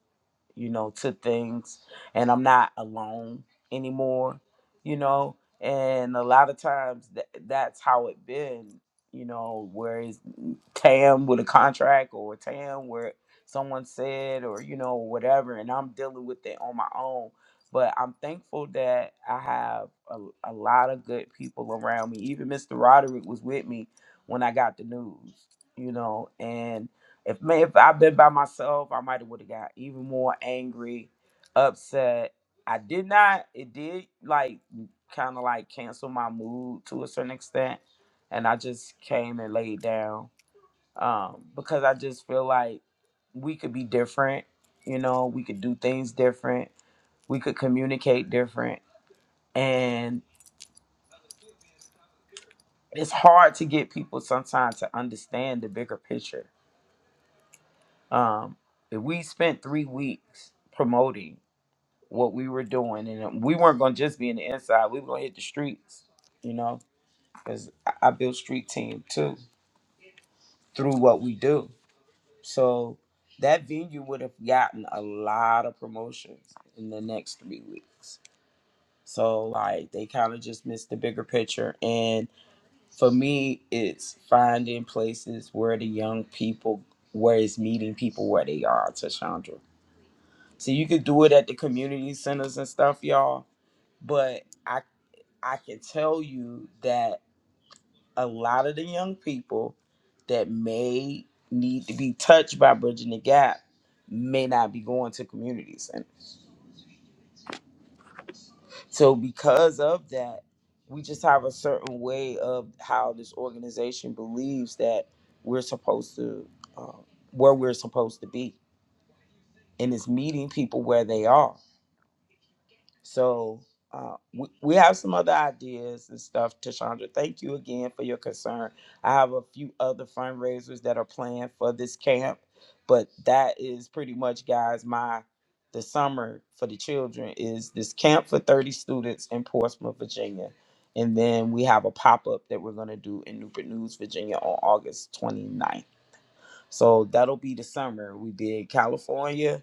you know, to things and I'm not alone anymore, you know. And a lot of times th- that's how it been, you know, whereas Tam with a contract or Tam where someone said or, you know, whatever, and I'm dealing with it on my own. But I'm thankful that I have a, a lot of good people around me. Even Mr. Roderick was with me when I got the news, you know, and if may if I've been by myself, I might have would have got even more angry, upset. I did not. It did like kind of like cancel my mood to a certain extent, and I just came and laid down um, because I just feel like we could be different. You know, we could do things different. We could communicate different, and it's hard to get people sometimes to understand the bigger picture. Um, if we spent three weeks promoting. what we were doing, and uh, we weren't gonna just be in the inside. We were gonna hit the streets, you know, because I I built street team too through what we do. So that venue would have gotten a lot of promotions in the next three weeks. So like they kind of just missed the bigger picture. And for me, it's finding places where the young people, where it's meeting people where they are, Tashandra. So you could do it at the community centers and stuff, y'all. But I I can tell you that a lot of the young people that may need to be touched by bridging the gap may not be going to community centers. So because of that, we just have a certain way of how this organization believes that we're supposed to, uh, where we're supposed to be, and it's meeting people where they are. So uh, we, we have some other ideas and stuff. Tashandra, thank you again for your concern. I have a few other fundraisers that are planned for this camp, but that is pretty much, guys, my the summer for the children is this camp for 30 students in Portsmouth, Virginia. And then we have a pop up that we're going to do in Newport News, Virginia on August twenty ninth. So that'll be the summer. We did California,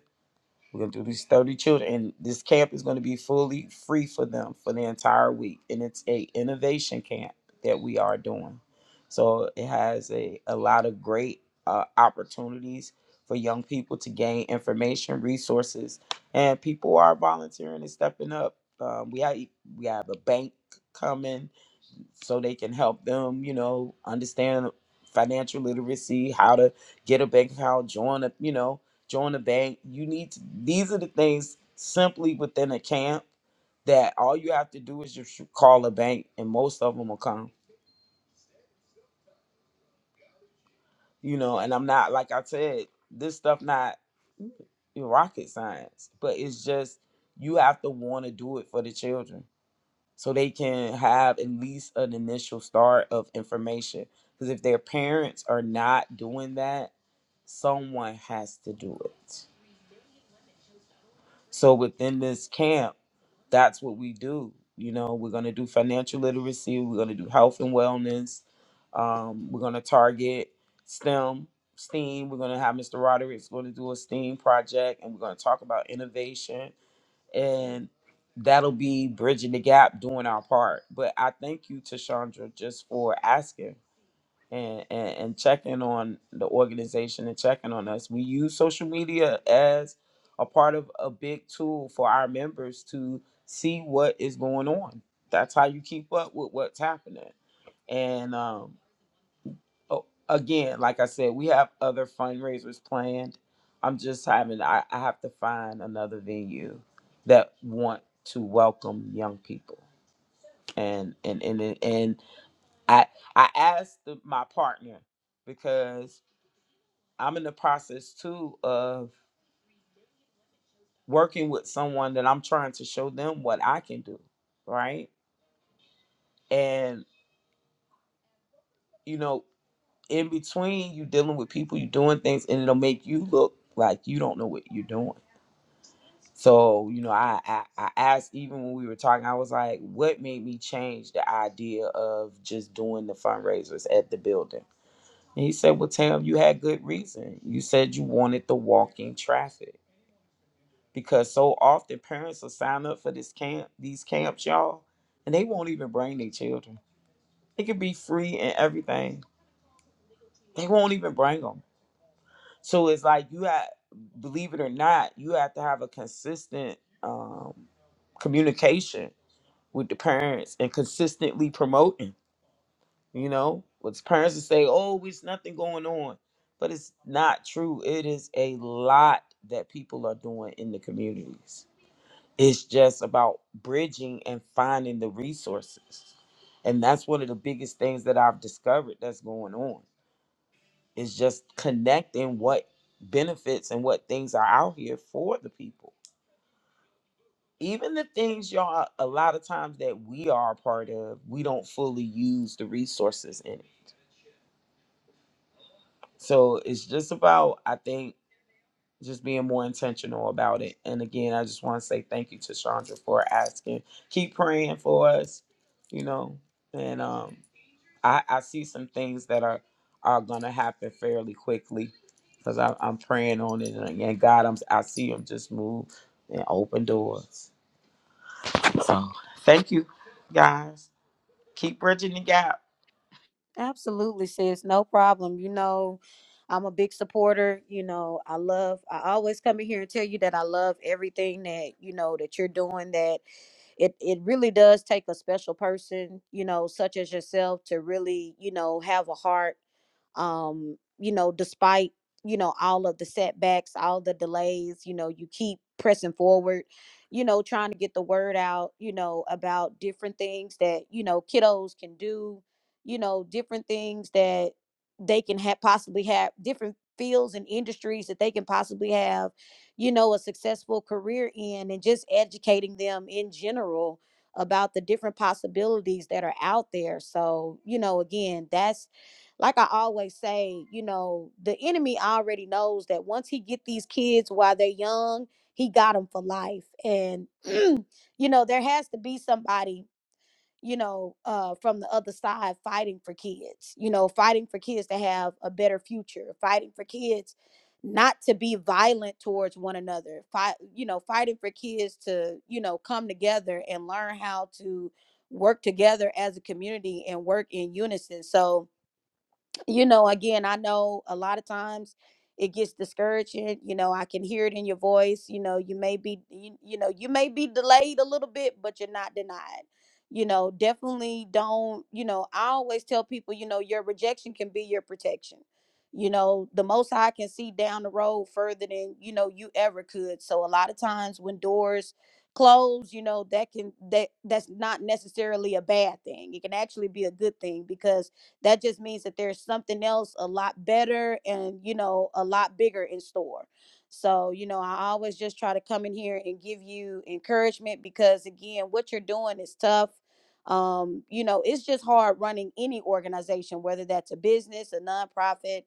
we're going to do these 30 children, and this camp is going to be fully free for them for the entire week. And it's a innovation camp that we are doing. So it has a, a lot of great uh, opportunities for young people to gain information, resources, and people are volunteering and stepping up. Um, we have we have a bank coming so they can help them, you know, understand financial literacy, how to get a bank account, join a, you know, join a bank. You need to, these are the things simply within a camp that all you have to do is just call a bank and most of them will come, you know, and I'm not, like I said, this stuff not rocket science, but it's just, you have to want to do it for the children so they can have at least an initial start of information. Because if their parents are not doing that, someone has to do it. So within this camp, that's what we do. You know, we're going to do financial literacy, we're going to do health and wellness, um, we're going to target STEM. STEAM, we're going to have Mr. Roderick's going to do a STEAM project and we're going to talk about innovation and that'll be bridging the gap doing our part but i thank you tashandra just for asking and, and and checking on the organization and checking on us we use social media as a part of a big tool for our members to see what is going on that's how you keep up with what's happening and um, oh, again, like I said, we have other fundraisers planned. I'm just having I, I have to find another venue that want to welcome young people. And and and and and I I asked the, my partner because I'm in the process too of working with someone that I'm trying to show them what I can do, right? And you know, in between you dealing with people, you doing things, and it'll make you look like you don't know what you're doing So, you know, I, I I asked even when we were talking, I was like, what made me change the idea of just doing the fundraisers at the building? And he said, Well, Tam, you had good reason. You said you wanted the walking traffic. Because so often parents will sign up for this camp, these camps, y'all, and they won't even bring their children. It could be free and everything. They won't even bring them. So it's like you have, believe it or not, you have to have a consistent um, communication with the parents and consistently promoting, you know, with parents to say, oh, it's nothing going on. But it's not true. It is a lot that people are doing in the communities. It's just about bridging and finding the resources. And that's one of the biggest things that I've discovered that's going on. Is just connecting what benefits and what things are out here for the people even the things y'all a lot of times that we are a part of we don't fully use the resources in it so it's just about i think just being more intentional about it and again i just want to say thank you to chandra for asking keep praying for us you know and um i i see some things that are are gonna happen fairly quickly because i'm praying on it and, again, god i'm i see him just move and open doors so thank you guys Keep bridging the gap.
Absolutely, sis. No problem. You know, I'm a big supporter. You know, I love, I always come in here and tell you that I love everything that, you know, that you're doing that it it really does take a special person, you know, such as yourself to really, you know, have a heart um, you know, despite, you know, all of the setbacks, all the delays, you know, you keep pressing forward, you know, trying to get the word out, you know, about different things that, you know, kiddos can do, you know, different things that they can have possibly have different fields and industries that they can possibly have you know, a successful career in and just educating them in general about the different possibilities that are out there. So, you know, again, that's like I always say, you know, the enemy already knows that once he get these kids while they're young, he got them for life. And you know, there has to be somebody you know, uh, from the other side fighting for kids, you know, fighting for kids to have a better future, fighting for kids not to be violent towards one another, fight, you know, fighting for kids to, you know, come together and learn how to work together as a community and work in unison. So, you know, again, I know a lot of times it gets discouraging. You know, I can hear it in your voice. You know, you may be, you, you know, you may be delayed a little bit, but you're not denied. You know, definitely don't, you know, I always tell people, you know, your rejection can be your protection. You know, the most High can see down the road further than, you know, you ever could. So a lot of times when doors close, you know, that can that that's not necessarily a bad thing. It can actually be a good thing because that just means that there's something else a lot better and you know a lot bigger in store so you know i always just try to come in here and give you encouragement because again what you're doing is tough um you know it's just hard running any organization whether that's a business a nonprofit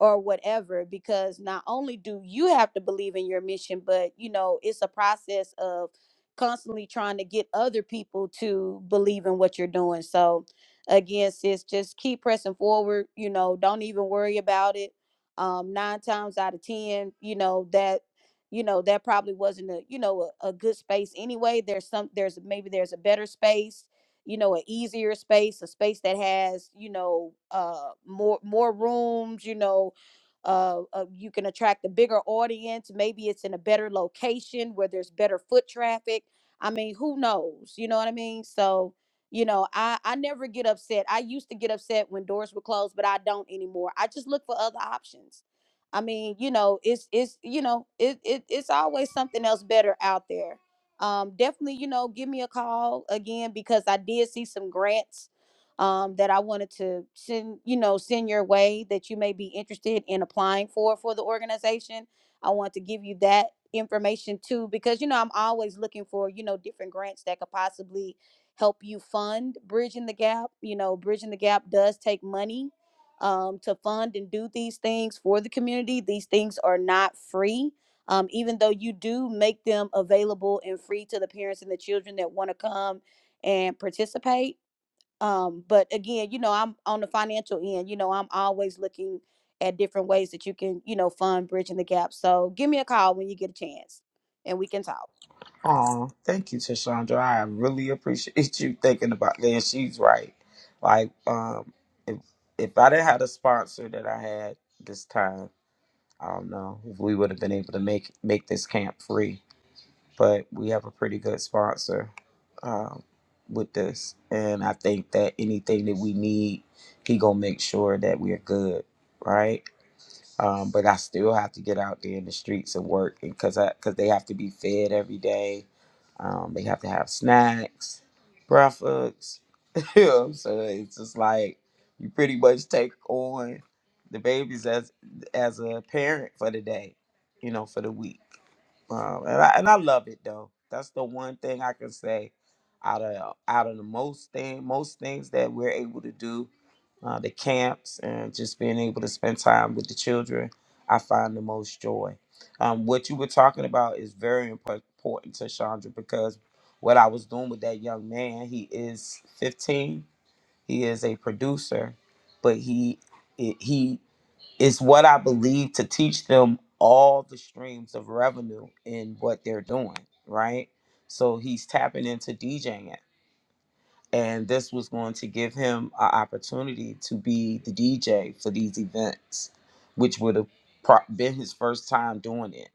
or whatever because not only do you have to believe in your mission but you know it's a process of constantly trying to get other people to believe in what you're doing so again, sis, just keep pressing forward. You know, don't even worry about it. Um, nine times out of ten, you know that, you know that probably wasn't a, you know, a, a good space anyway. There's some, there's maybe there's a better space, you know, an easier space, a space that has, you know, uh, more more rooms, you know. Uh, uh, you can attract a bigger audience. Maybe it's in a better location where there's better foot traffic. I mean, who knows? You know what I mean? So, you know i i never get upset i used to get upset when doors were closed but i don't anymore i just look for other options i mean you know it's it's you know it, it it's always something else better out there um definitely you know give me a call again because i did see some grants um that i wanted to send you know send your way that you may be interested in applying for for the organization i want to give you that information too because you know i'm always looking for you know different grants that could possibly help you fund bridging the gap. You know, bridging the gap does take money um, to fund and do these things for the community. These things are not free. Um, even though you do make them available and free to the parents and the children that want to come and participate. Um, but again, you know, I'm on the financial end, you know, I'm always looking at different ways that you can, you know, fund bridging the gap. So give me a call when you get a chance and we can talk.
Oh, thank you, Tashandra. I really appreciate you thinking about that. And she's right. Like, um, if if I didn't have the sponsor that I had this time, I don't know if we would have been able to make make this camp free. But we have a pretty good sponsor um, with this, and I think that anything that we need, he gonna make sure that we're good, right? um, but I still have to get out there in the streets and work because because they have to be fed every day. Um, they have to have snacks, breakfast. You know what I'm saying? It's just like you pretty much take on the babies as as a parent for the day, you know, for the week. Um, and I and I love it though. That's the one thing I can say out of out of the most thing most things that we're able to do, uh, the camps and just being able to spend time with the children, I find the most joy. Um, what you were talking about is very impor- important to Chandra because what I was doing with that young man. He is 15. He is a producer, but he it, he is what I believe to teach them all the streams of revenue in what they're doing, right? So he's tapping into DJing. And this was going to give him an opportunity to be the DJ for these events, which would have pro- been his first time doing it.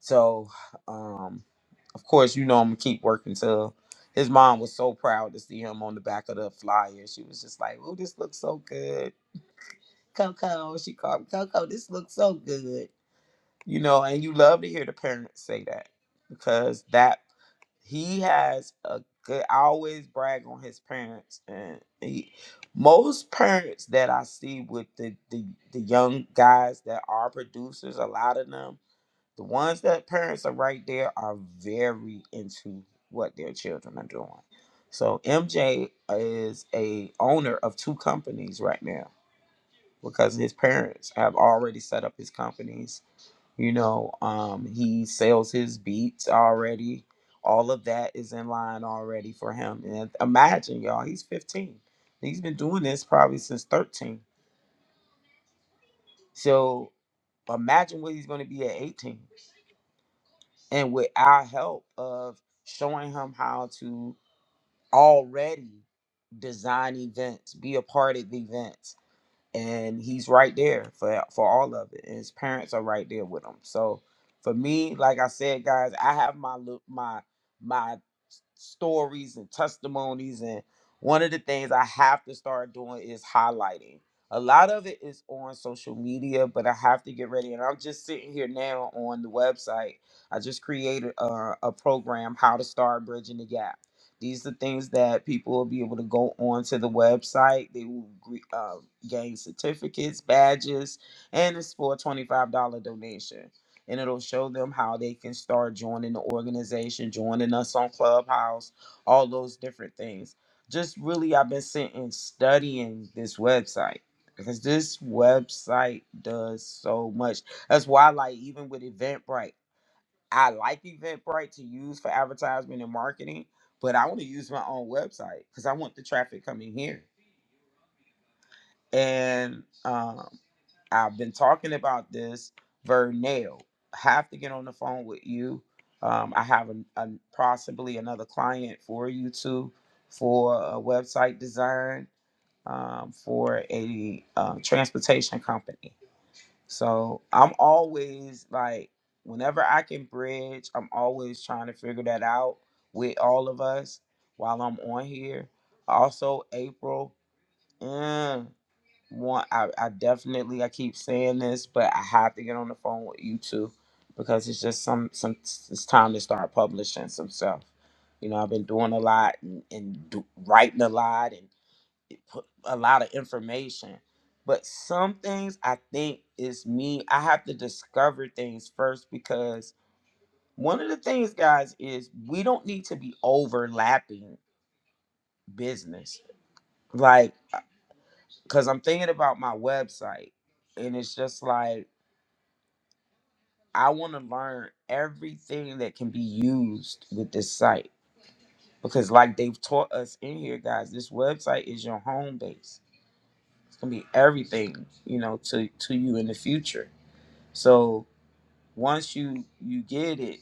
So, um, of course, you know I'm gonna keep working till his mom was so proud to see him on the back of the flyer. She was just like, Oh, this looks so good. Coco, she called me Coco, this looks so good. You know, and you love to hear the parents say that because that he has a good I always brag on his parents and he most parents that I see with the the, the young guys that are producers, a lot of them the ones that parents are right there are very into what their children are doing. So MJ is a owner of two companies right now because his parents have already set up his companies. You know, um, he sells his beats already. All of that is in line already for him. And imagine, y'all, he's 15. He's been doing this probably since 13. So imagine what he's going to be at 18 and with our help of showing him how to already design events, be a part of the events and he's right there for for all of it. And his parents are right there with him. So for me, like I said, guys, I have my lu- my my s- stories and testimonies, and one of the things I have to start doing is highlighting. A lot of it is on social media, but I have to get ready. And I'm just sitting here now on the website. I just created a, a program, How to Start Bridging the Gap these are things that people will be able to go onto the website. They will uh, gain certificates, badges, and it's for a twenty-five dollar donation. And it'll show them how they can start joining the organization, joining us on Clubhouse, all those different things. Just really, I've been sitting studying this website because this website does so much. That's why, like, even with Eventbrite. I like Eventbrite to use for advertisement and marketing, but I want to use my own website because I want the traffic coming here. And um, I've been talking about this. Vernell, have to get on the phone with you. Um, I have an, an, possibly another client for you too for a website design um, for a uh, transportation company. So I'm always like, whenever I can bridge, I'm always trying to figure that out with all of us while I'm on here. Also, April, mm, one, I, I definitely, I keep saying this, but I have to get on the phone with you two because it's just some, some, it's time to start publishing some stuff. You know, I've been doing a lot and, and do, writing a lot and put a lot of information. But some things I think is me. I have to discover things first because one of the things, guys, is we don't need to be overlapping business. Like, because I'm thinking about my website, and it's just like I want to learn everything that can be used with this site. Because, like they've taught us in here, guys, this website is your home base. It's gonna be everything, you know, to to you in the future So once you you get it,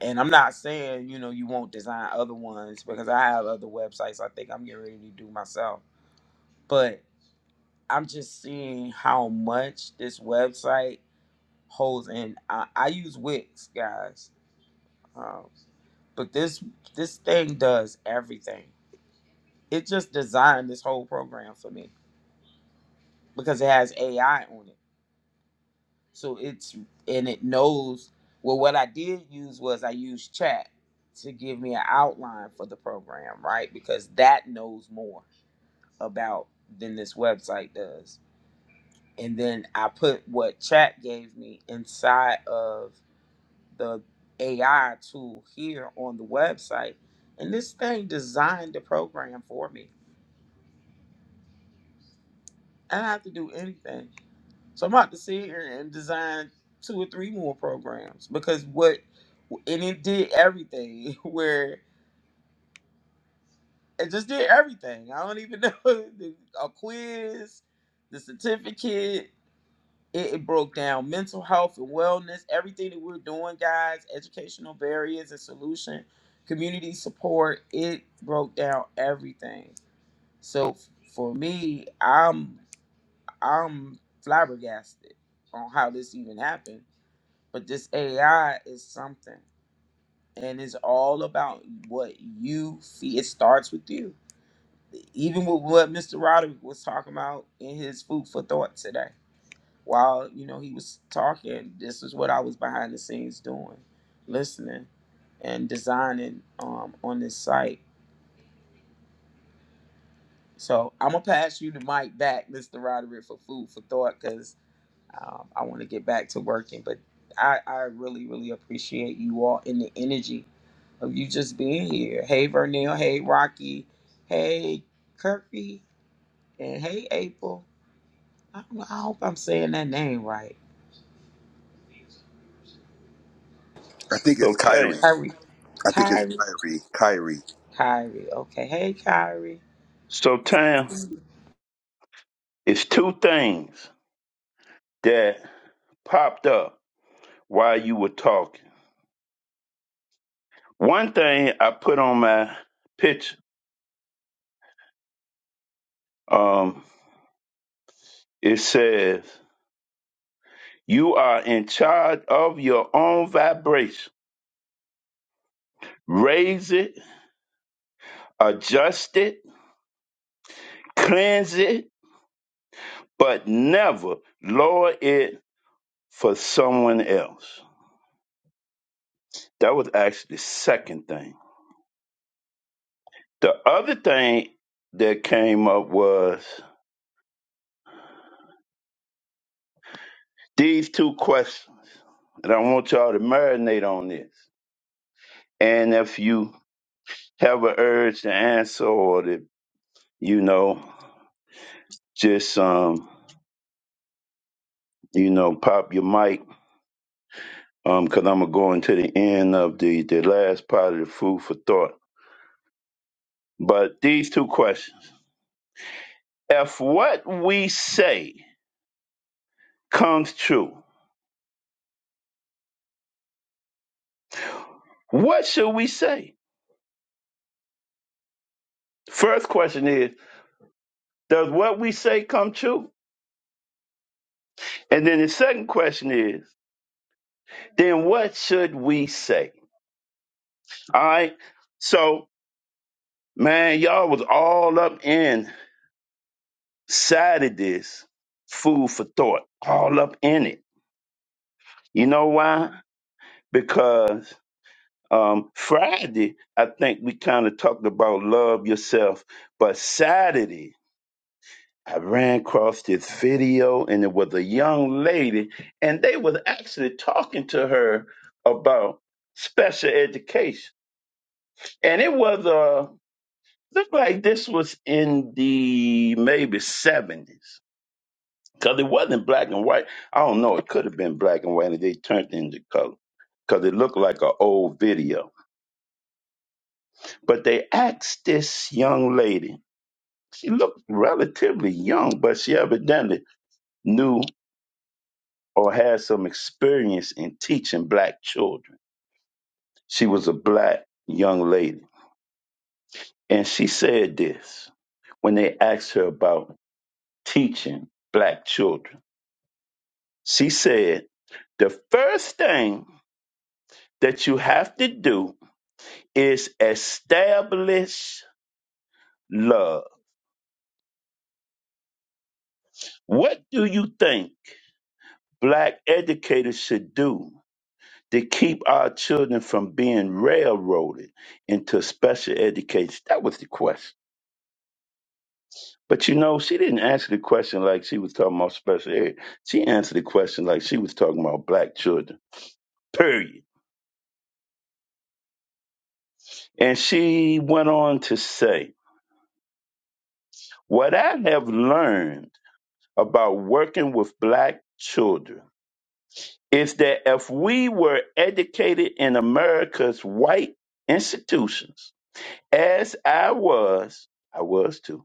and I'm not saying you know you won't design other ones because I have other websites I think I'm getting ready to do myself, but I'm just seeing how much this website holds, and I, I use Wix, guys, um, but this this thing does everything. It just designed this whole program for me because it has AI on it. So it's and it knows. Well, what I did use was I used chat to give me an outline for the program, right? Because that knows more about than this website does. And then I put what chat gave me inside of the AI tool here on the website. And this thing designed the program for me I don't have to do anything. So I'm about to sit here and design two or three more programs because what and it did everything where it just did everything. I don't even know the- a quiz, the certificate. It, it broke down mental health and wellness, everything that we're doing, guys, educational barriers and solution, community support. It broke down everything. So f- for me, I'm. I'm flabbergasted on how this even happened. But this AI is something, and it's all about what you see. It starts with you. Even with what Mr. Roderick was talking about in his food for thought today, while you know he was talking, this is what I was behind the scenes doing, listening and designing um, on this site. So I'm gonna pass you the mic back, Mr. Roderick, for food for thought, because. Um, I want to get back to working, but I, I really, really appreciate you all and the energy of you just being here. Hey, Vernell. Hey, Rocky. Hey, Kirby. And hey, April. I, don't know, I hope I'm saying that name right.
I think it's
So Tam,
Kyrie.
Kyrie.
I think it's
Kyrie.
Kyrie. Kyrie.
Kyrie. Okay. Hey, Kyrie.
so Tam, it's two things that popped up while you were talking. One thing I put on my picture. Um, it says You are in charge of your own vibration. Raise it, adjust it, cleanse it, but never lower it for someone else. That was actually the second thing. The other thing that came up was these two questions. And I want y'all to marinate on this. And if you have an urge to answer or to, you know, just um, you know, pop your mic Um, cause I'm gonna go into the end of the the last part of the food for thought. But these two questions: If what we say comes true, what should we say? First question is: Does what we say come true? And then the second question is: Then what should we say? All right. So, man, y'all was all up inside of this food for thought, all up in it. You know why? Because Um, Friday, I think we kind of talked about love yourself, but Saturday, I ran across this video and it was a young lady and they was actually talking to her about special education. And it was, uh, looked like this was in the maybe 70s because it wasn't black and white. I don't know. It could have been black and white and they turned it into color because it looked like an old video. But they asked this young lady, She looked relatively young, but she evidently knew or had some experience in teaching black children. She was a black young lady. And she said this when they asked her about teaching black children. She said, The first thing that you have to do is establish love. What do you think black educators should do to keep our children from being railroaded into special education? That was the question. But you know, she didn't answer the question like she was talking about special ed. She answered the question like she was talking about black children, period. And she went on to say, What I have learned about working with black children is that if we were educated in America's white institutions, as I was, I was too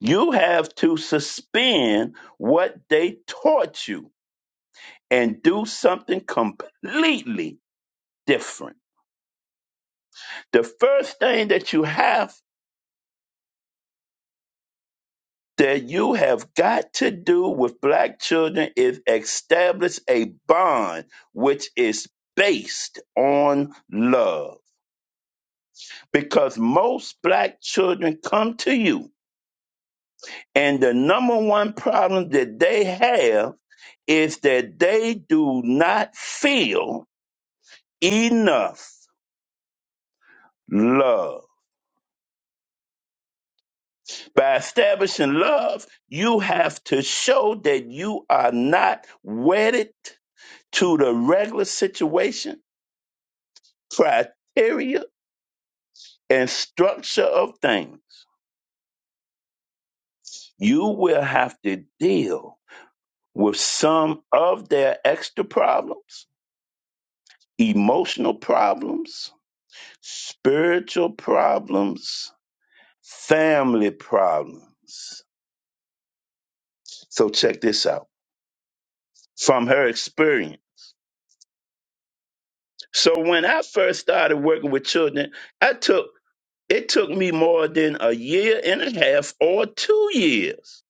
You have to suspend what they taught you and do something completely different. The first thing that you have that you have got to do with black children is establish a bond which is based on love. Because most black children come to you, and the number one problem that they have is that they do not feel enough love. By establishing love, you have to show that you are not wedded to the regular situation, criteria, and structure of things. You will have to deal with some of their extra problems, emotional problems, spiritual problems, family problems. So check this out. From her experience, So when I first started working with children, I took it took me more than a year and a half or two years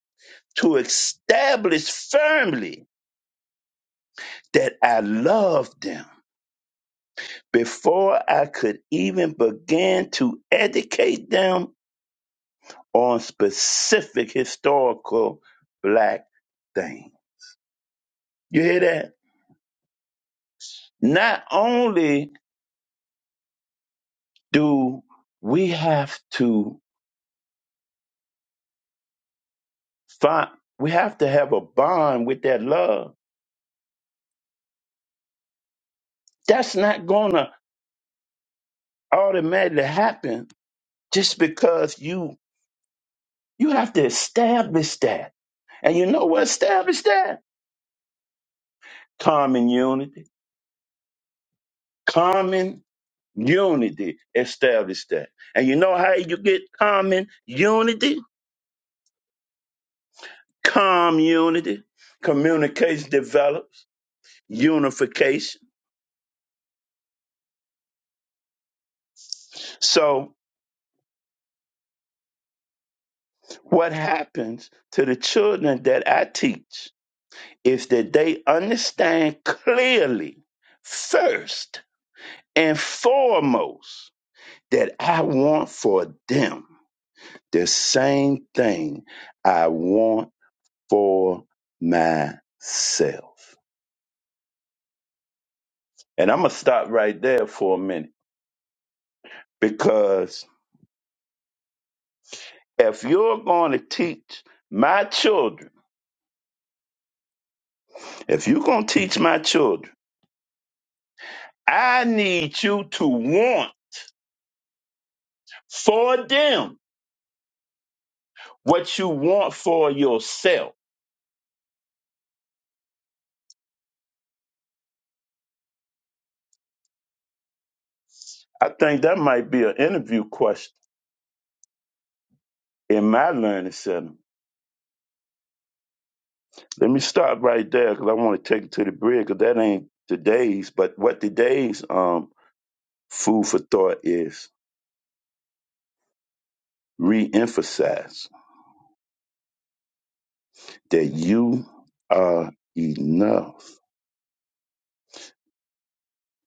to establish firmly that I loved them before I could even begin to educate them on specific historical black things. You hear that? Not only do we have to find we have to have a bond with that love That's not gonna automatically happen just because you you have to establish that. And you know what establish that? Common unity. Common unity. Establish that. And you know how you get common unity? Community. Communication develops. Unification. So what happens to the children that I teach is that they understand clearly first and foremost that I want for them the same thing I want for myself. And I'm going to stop right there for a minute because if you're going to teach my children, if you're going to teach my children, I need you to want for them what you want for yourself. I think that might be an interview question in my learning center Let me stop right there because I want to take it to the bridge because that ain't today's. But what today's um food for thought is reemphasize that you are enough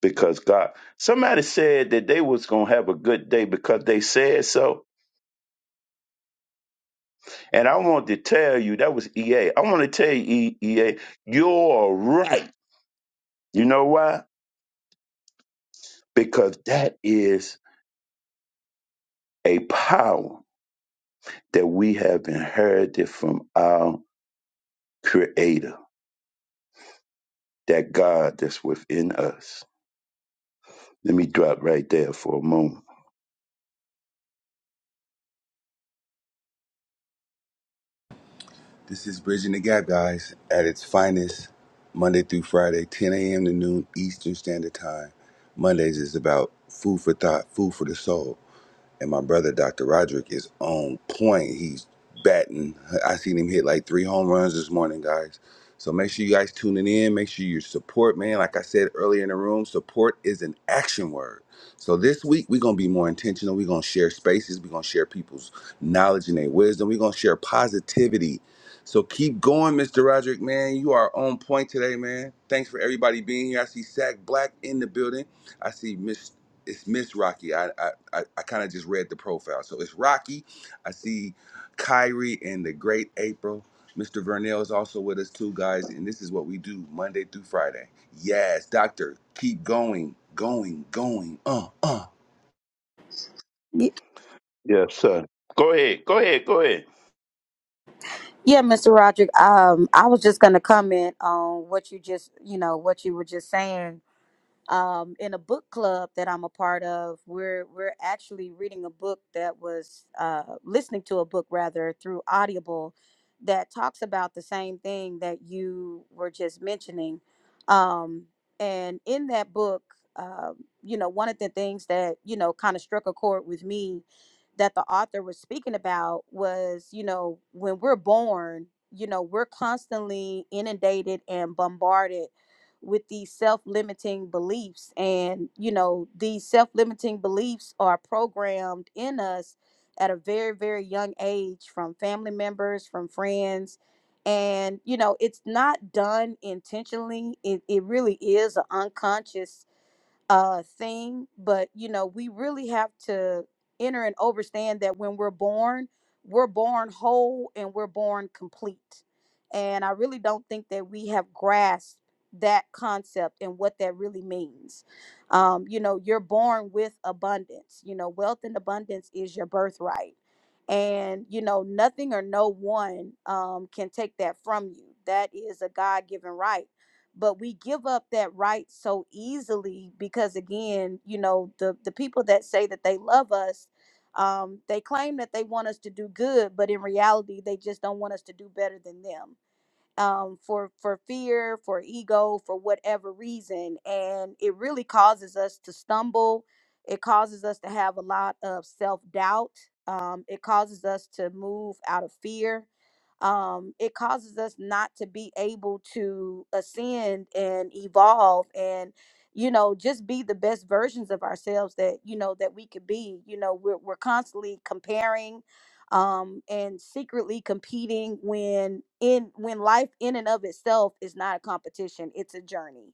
because God. Somebody said that they was gonna have a good day because they said so, and I want to tell you that was E A. I want to tell you E- EA, you're right. You know why? Because that is a power that we have inherited from our Creator that God that's within us. Let me drop right there for a moment.
This is Bridging the Gap, guys, at its finest, Monday through Friday, 10 a.m. to noon Eastern Standard Time. Mondays is about food for thought, food for the soul. And my brother, Dr. Roderick, is on point. He's batting. I seen him hit like three home runs this morning, guys. So make sure you guys tuning in. Make sure you support, man. Like I said earlier in the room, support is an action word. So this week we're gonna be more intentional. We're gonna share spaces. We're gonna share people's knowledge and their wisdom. We're gonna share positivity. So keep going, Mr. Roderick, man. You are on point today, man. Thanks for everybody being here. I see Sack Black in the building. I see Miss it's Miss Rocky. I I, I, I kind of just read the profile, so it's Rocky. I see Kyrie and the Great April. Mr. Vernell is also with us too, guys, and this is what we do Monday through Friday. Yes, Doctor, keep going, going, going. Uh, uh.
Yes, sir. Go ahead. Go ahead. Go ahead.
Yeah, Mr. Roderick, um, I was just going to comment on what you just, you know, what you were just saying um, in a book club that I'm a part of, we're we're actually reading a book that was uh, listening to a book rather through Audible that talks about the same thing that you were just mentioning. Um, and in that book, um, you know, one of the things that you know kind of struck a chord with me that the author was speaking about was, you know, when we're born, you know, we're constantly inundated and bombarded with these self-limiting beliefs and you know these self-limiting beliefs are programmed in us at a very very young age from family members from friends and you know it's not done intentionally it, it really is an unconscious uh thing but you know we really have to enter and understand that when we're born we're born whole and we're born complete and i really don't think that we have grasped that concept and what that really means um you know you're born with abundance you know wealth and abundance is your birthright and you know nothing or no one um can take that from you that is a god-given right but we give up that right so easily because again you know the the people that say that they love us um, they claim that they want us to do good but in reality they just don't want us to do better than them um, for for fear for ego for whatever reason and it really causes us to stumble it causes us to have a lot of self-doubt um, it causes us to move out of fear um, it causes us not to be able to ascend and evolve and you know just be the best versions of ourselves that you know that we could be you know we're, we're constantly comparing um and secretly competing when in when life in and of itself is not a competition it's a journey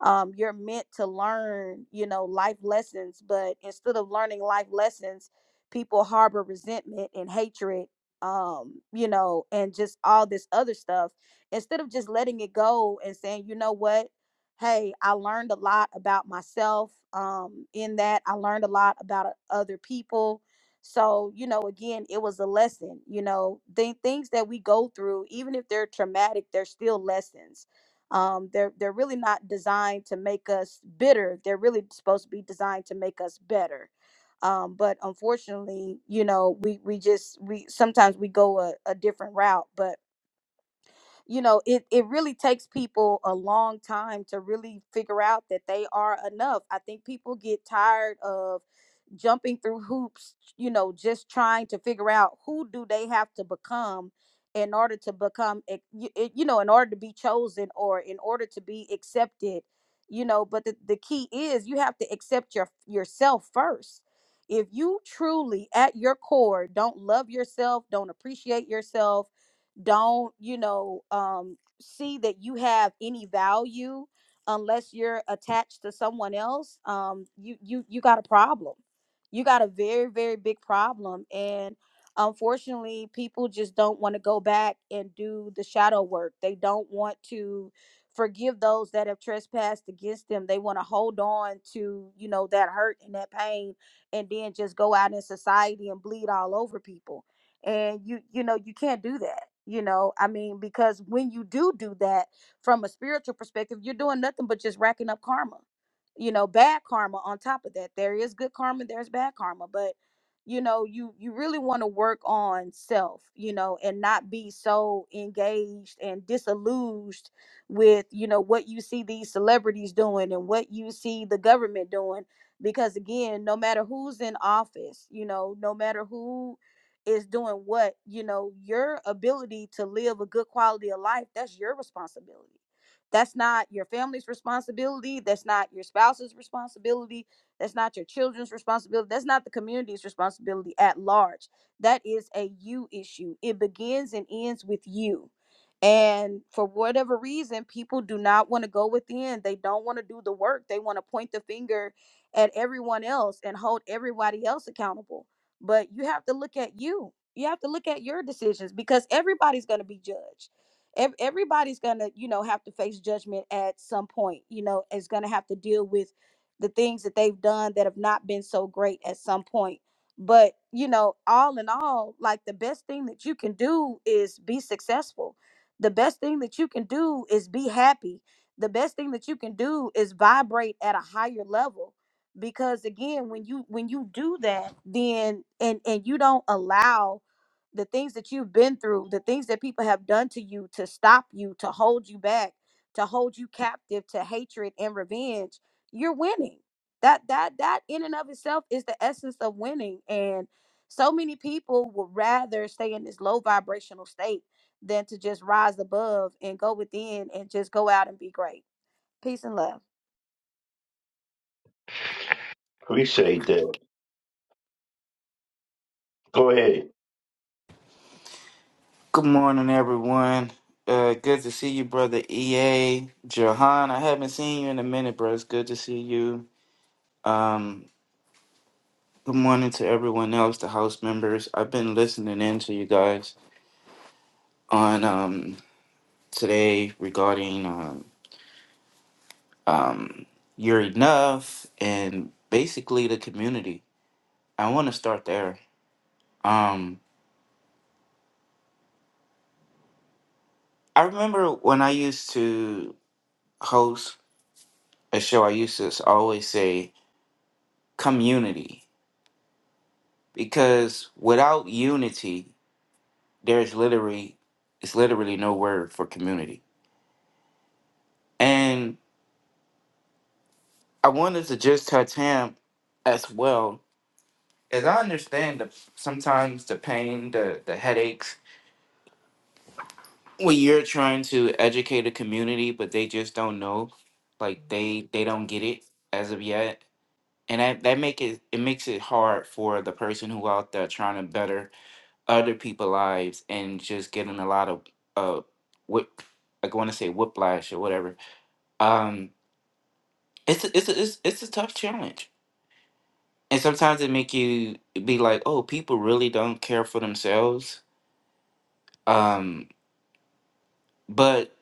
um you're meant to learn you know life lessons but instead of learning life lessons people harbor resentment and hatred um you know and just all this other stuff instead of just letting it go and saying you know what hey i learned a lot about myself um in that i learned a lot about uh, other people so you know again it was a lesson you know the things that we go through even if they're traumatic they're still lessons um they're they're really not designed to make us bitter they're really supposed to be designed to make us better um, but unfortunately you know we we just we sometimes we go a, a different route but you know it it really takes people a long time to really figure out that they are enough i think people get tired of jumping through hoops you know just trying to figure out who do they have to become in order to become ac- y- y- you know in order to be chosen or in order to be accepted you know but the, the key is you have to accept your yourself first if you truly at your core don't love yourself don't appreciate yourself don't you know um see that you have any value unless you're attached to someone else um you you you got a problem you got a very very big problem and unfortunately people just don't want to go back and do the shadow work they don't want to forgive those that have trespassed against them they want to hold on to you know that hurt and that pain and then just go out in society and bleed all over people and you you know you can't do that you know i mean because when you do do that from a spiritual perspective you're doing nothing but just racking up karma you know bad karma on top of that there is good karma there's bad karma but you know you you really want to work on self you know and not be so engaged and disillusioned with you know what you see these celebrities doing and what you see the government doing because again no matter who's in office you know no matter who is doing what you know your ability to live a good quality of life that's your responsibility that's not your family's responsibility that's not your spouse's responsibility that's not your children's responsibility that's not the community's responsibility at large that is a you issue it begins and ends with you and for whatever reason people do not want to go within they don't want to do the work they want to point the finger at everyone else and hold everybody else accountable but you have to look at you you have to look at your decisions because everybody's going to be judged Ev- everybody's going to you know have to face judgment at some point you know is going to have to deal with the things that they've done that have not been so great at some point but you know all in all like the best thing that you can do is be successful the best thing that you can do is be happy the best thing that you can do is vibrate at a higher level because again when you when you do that then and and you don't allow the things that you've been through the things that people have done to you to stop you to hold you back to hold you captive to hatred and revenge you're winning that that that in and of itself is the essence of winning and so many people would rather stay in this low vibrational state than to just rise above and go within and just go out and be great peace and love
Appreciate that. Go ahead.
Good morning, everyone. Uh, good to see you, brother EA. Jahan, I haven't seen you in a minute, bro. It's good to see you. Um, good morning to everyone else, the house members. I've been listening in to you guys on um, today regarding um, um, You're Enough and basically the community. I want to start there. Um, I remember when I used to host a show, I used to always say community because without unity there's literally it's literally no word for community and i wanted to just touch him as well as i understand the sometimes the pain the the headaches when you're trying to educate a community but they just don't know like they they don't get it as of yet and that that make it it makes it hard for the person who out there trying to better other people's lives and just getting a lot of uh whip I want to say whiplash or whatever. Um, it's a, it's a, it's it's a tough challenge, and sometimes it make you be like, oh, people really don't care for themselves. Um, but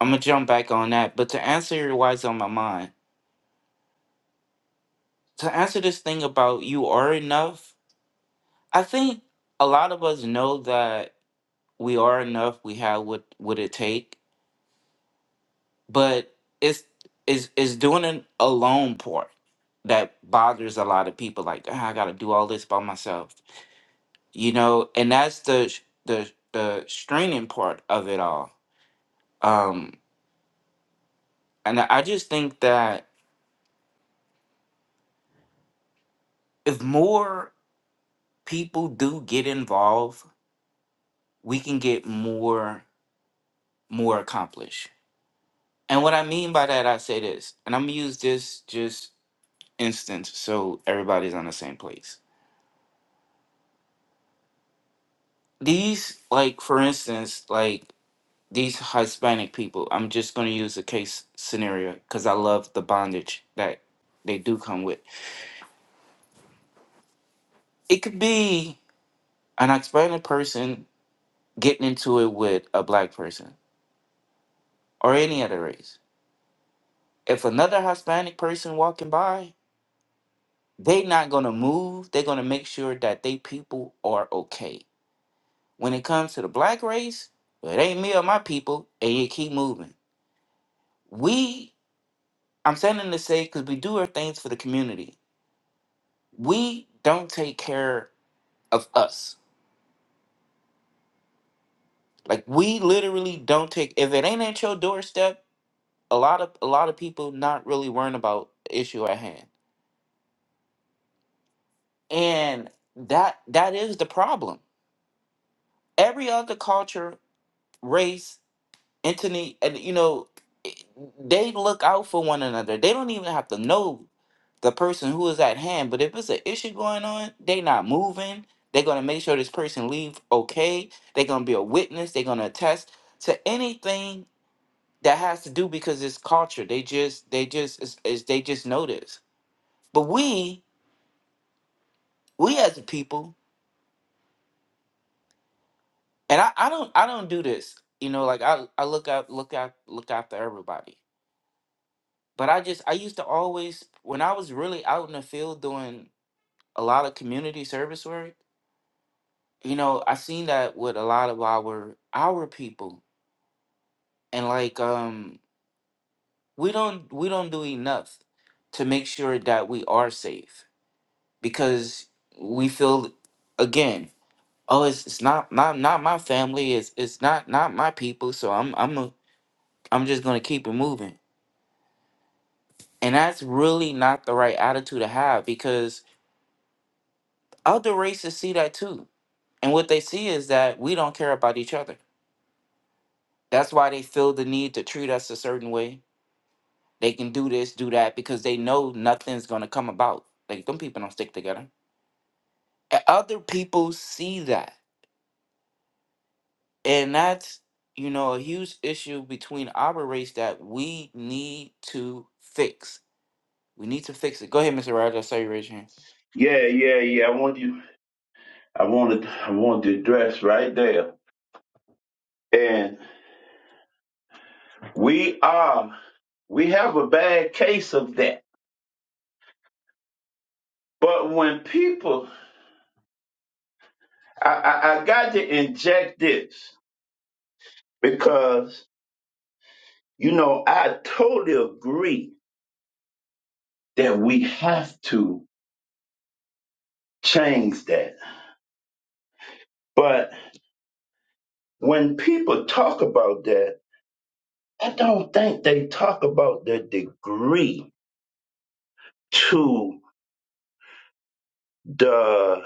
I'm gonna jump back on that. But to answer why it's on my mind, to answer this thing about you are enough, I think a lot of us know that we are enough. We have what what it take but it's it's it's doing an alone part that bothers a lot of people like "Ah, i gotta do all this by myself you know and that's the sh- the the straining part of it all um and i I just think that if more people do get involved we can get more more accomplished and what i mean by that i say this and i'm gonna use this just instance so everybody's on the same place these like for instance like these Hispanic people, I'm just going to use a case scenario because I love the bondage that they do come with. It could be an Hispanic person getting into it with a black person or any other race. If another Hispanic person walking by, they not going to move. They're going to make sure that they people are okay. When it comes to the black race, well, it ain't me or my people, and you keep moving. We, I'm saying to say, because we do our things for the community we don't take care of us. Like we literally don't take if it ain't at your doorstep, a lot of a lot of people not really worrying about the issue at hand. And that that is the problem. Every other culture, race, entity, and you know, it- they look out for one another. They don't even have to know the person who is at hand. But if it's an issue going on, they not moving. They're gonna make sure this person leave okay. They're gonna be a witness. They're gonna attest to anything that has to do because it's culture. They just they just is is they just know this. But we we as a people, and I, I don't I don't do this. You know, like I I look out look out look after everybody. But I just I used to always when I was really out in the field doing a lot of community service work. You know, I seen that with a lot of our our people, and like um we don't we don't do enough to make sure that we are safe because we feel again oh it's, it's not not not my family it's it's not not my people so i'm i'm a, i'm just gonna keep it moving and that's really not the right attitude to have because other races see that too and what they see is that we don't care about each other that's why they feel the need to treat us a certain way they can do this do that because they know nothing's gonna come about like them people don't stick together And other people see that And that's, you know, a huge issue between our race that we need to fix. We need to fix it. Go ahead, Mr. Roger. I saw you raise your hand.
Yeah, yeah, yeah. I want you. I wanted. I wanted to address right there. And we are. We have a bad case of that. But when people, I, I, I got to inject this because you know I totally agree that we have to change that. But When people talk about that, I don't think they talk about the degree to the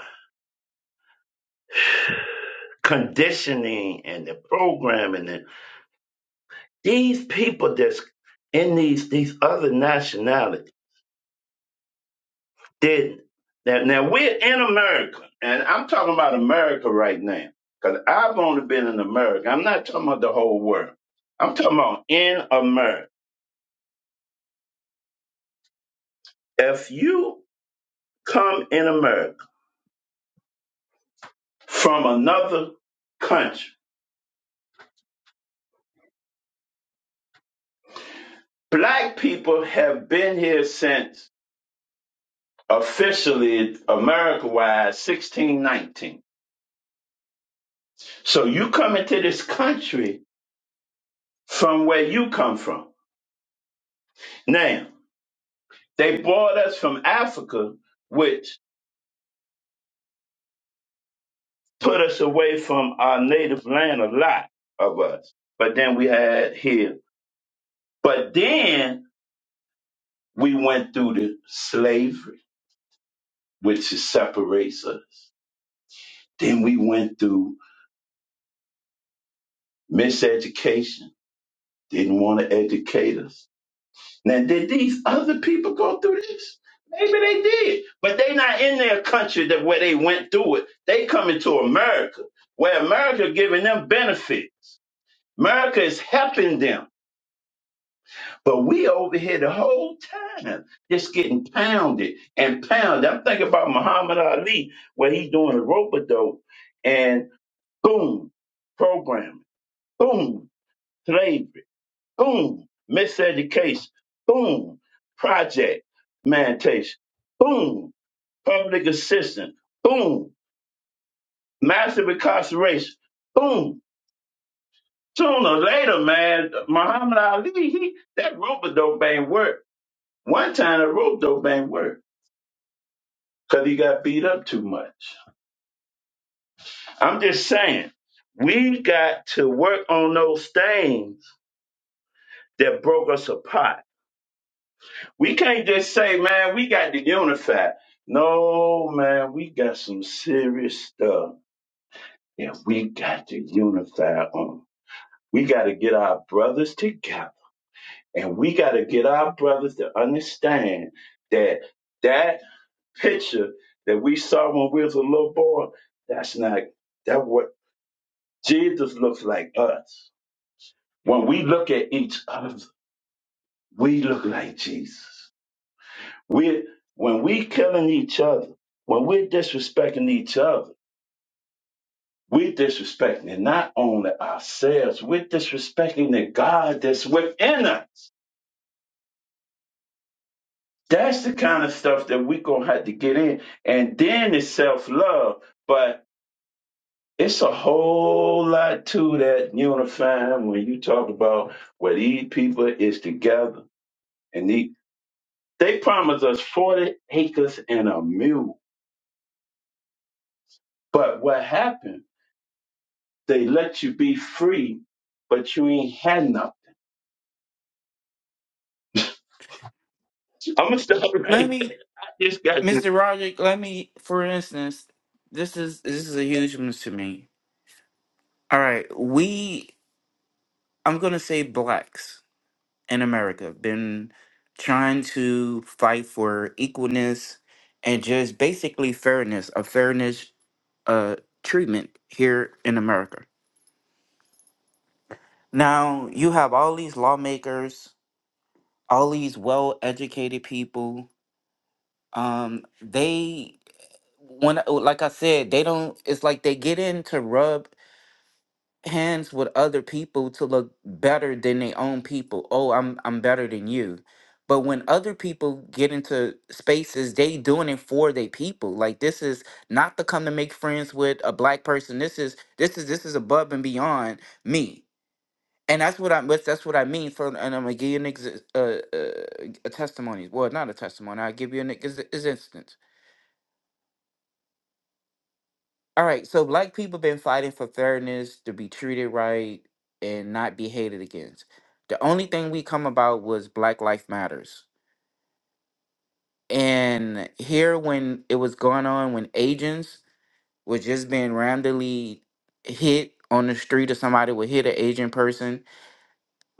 conditioning and the programming and these people that's in these these other nationalities did now, now we're in America and I'm talking about America right now. Cause I've only been in America. I'm not talking about the whole world. I'm talking about in America. If you come in America from another country Black people have been here since officially America wise 1619. So you come into this country from where you come from. Now, they brought us from Africa, which put us away from our native land a lot of us. But then we had here. But then we went through the slavery, which is separates us. Then we went through miseducation, didn't want to educate us Now, did these other people go through this? Maybe they did, but they not in their country that where they went through it. They coming to America, where America giving them benefits. America is helping them, but we over here the whole time just getting pounded and pounded. I'm thinking about Muhammad Ali where he doing a rope a dope and boom, programming, boom, slave boom, miseducation, boom, project mantation, boom, public assistance, boom, massive incarceration, boom. Sooner or later, man, Muhammad Ali, he, that rope a dope ain't work. One time the rope dope ain't work because he got beat up too much. I'm just saying, we got to work on those things that broke us apart We can't just say, man, we got to unify. No, man, we got some serious stuff and we got to unify on. We got to get our brothers together and we got to get our brothers to understand that that picture that we saw when we was a little boy, that's not, that what Jesus looks like us. When we look at each other, we look like Jesus. We're when we killing each other, when we're disrespecting each other, we're disrespecting not only ourselves, we're disrespecting the God that's within us. That's the kind of stuff that we gonna have to get in. And then it's self love, but it's a whole lot to that unifying when you talk about where these people is together and they, they promised us 40 acres and a mule. But what happened? They let you be free, but you ain't had nothing. I'm gonna stop
Let
right there.
me,
I just got
Mr. Roger, let me, for instance, this is this is a huge one to me. All right. We I'm gonna say blacks in America have been trying to fight for equalness and just basically fairness, a fairness uh treatment here in America Now you have all these lawmakers, all these well-educated people. Um, they when like I said, they don't. It's like they get in to rub hands with other people to look better than their own people. Oh, I'm I'm better than you. But when other people get into spaces, they doing it for their people. Like this is not to come to make friends with a black person. This is this is this is above and beyond me. and that's what I that's, that's what I mean. For and I'm gonna give you an ex- uh, uh, a testimony. Well, not a testimony. I will give you an ex- is instance. All right. So black people been fighting for fairness to be treated right and not be hated against. The only thing we come about was Black Life Matters. And here, when it was going on, when agents were just being randomly hit on the street, or somebody would hit an agent person,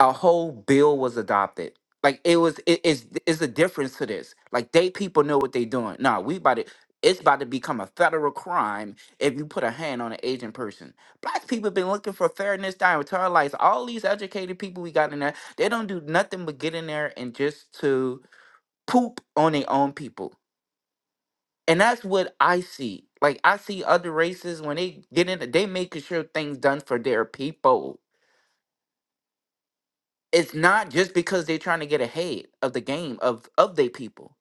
a whole bill was adopted. Like it was, it is is a difference to this. Like they people know what they doing. Nah, we about to. It's about to become a federal crime if you put a hand on an Asian person. Black people been looking for fairness their entire lives. All these educated people we got in there, they don't do nothing but get in there and just to poop on their own people. And that's what I see. Like I see other races when they get in, they making sure things done for their people it's not just because they're trying to get ahead of the game of of their people.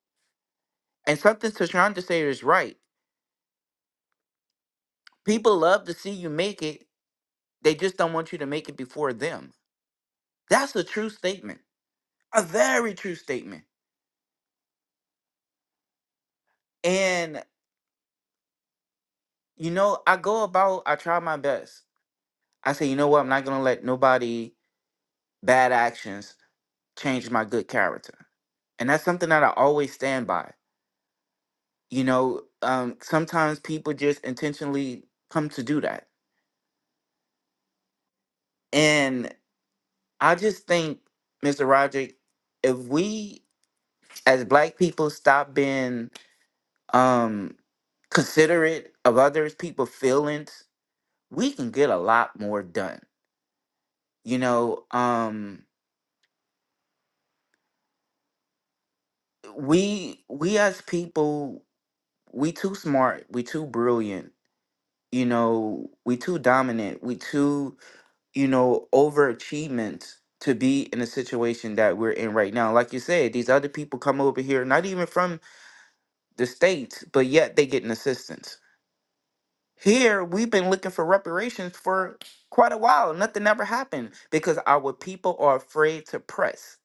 And something Tashandra said is right. People love to see you make it. They just don't want you to make it before them. That's a true statement. A very true statement. And you know, I go about. I try my best. I say, you know what? I'm not gonna let nobody bad actions change my good character. And that's something that I always stand by. You know, um, sometimes people just intentionally come to do that. And I just think, Mr. Roderick, if we as black people stop being um considerate of others people's feelings, we can get a lot more done. You know, um we we as people, we too smart, we too brilliant, you know, we too dominant, we too, you know, overachievement to be in the situation that we're in right now. Like you said, these other people come over here, not even from the states, but yet they getting assistance. Here, we've been looking for reparations for quite a while. and Nothing ever happened because our people are afraid to press.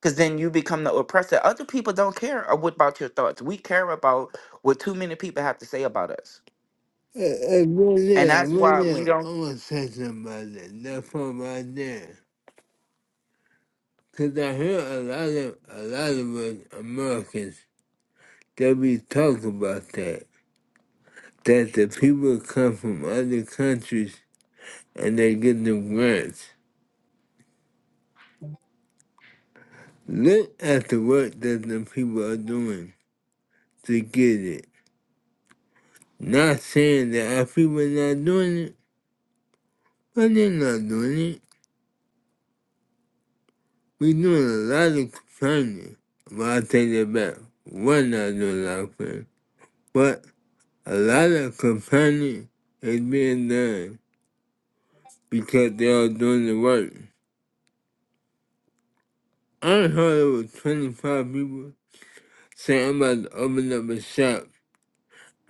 Because then you become the oppressor. Other people don't care a- what about your thoughts. We care about what too many people have to say about us.
Hey, hey, right
And
there,
that's
right
why we
there.
don't.
I'm gonna say something about that. That part right there. Cause I hear a lot of a lot of us Americans that we talk about that. That the people come from other countries and they get the grants. Look at the work that the people are doing to get it. Not saying that our people are not doing it, but they're not doing it. We do a lot of complaining, but I take it back. We're not doing a lot of complaining, but a lot of complaining is being done because they are doing the work. I heard it was 25 people saying I'm about to open up a shop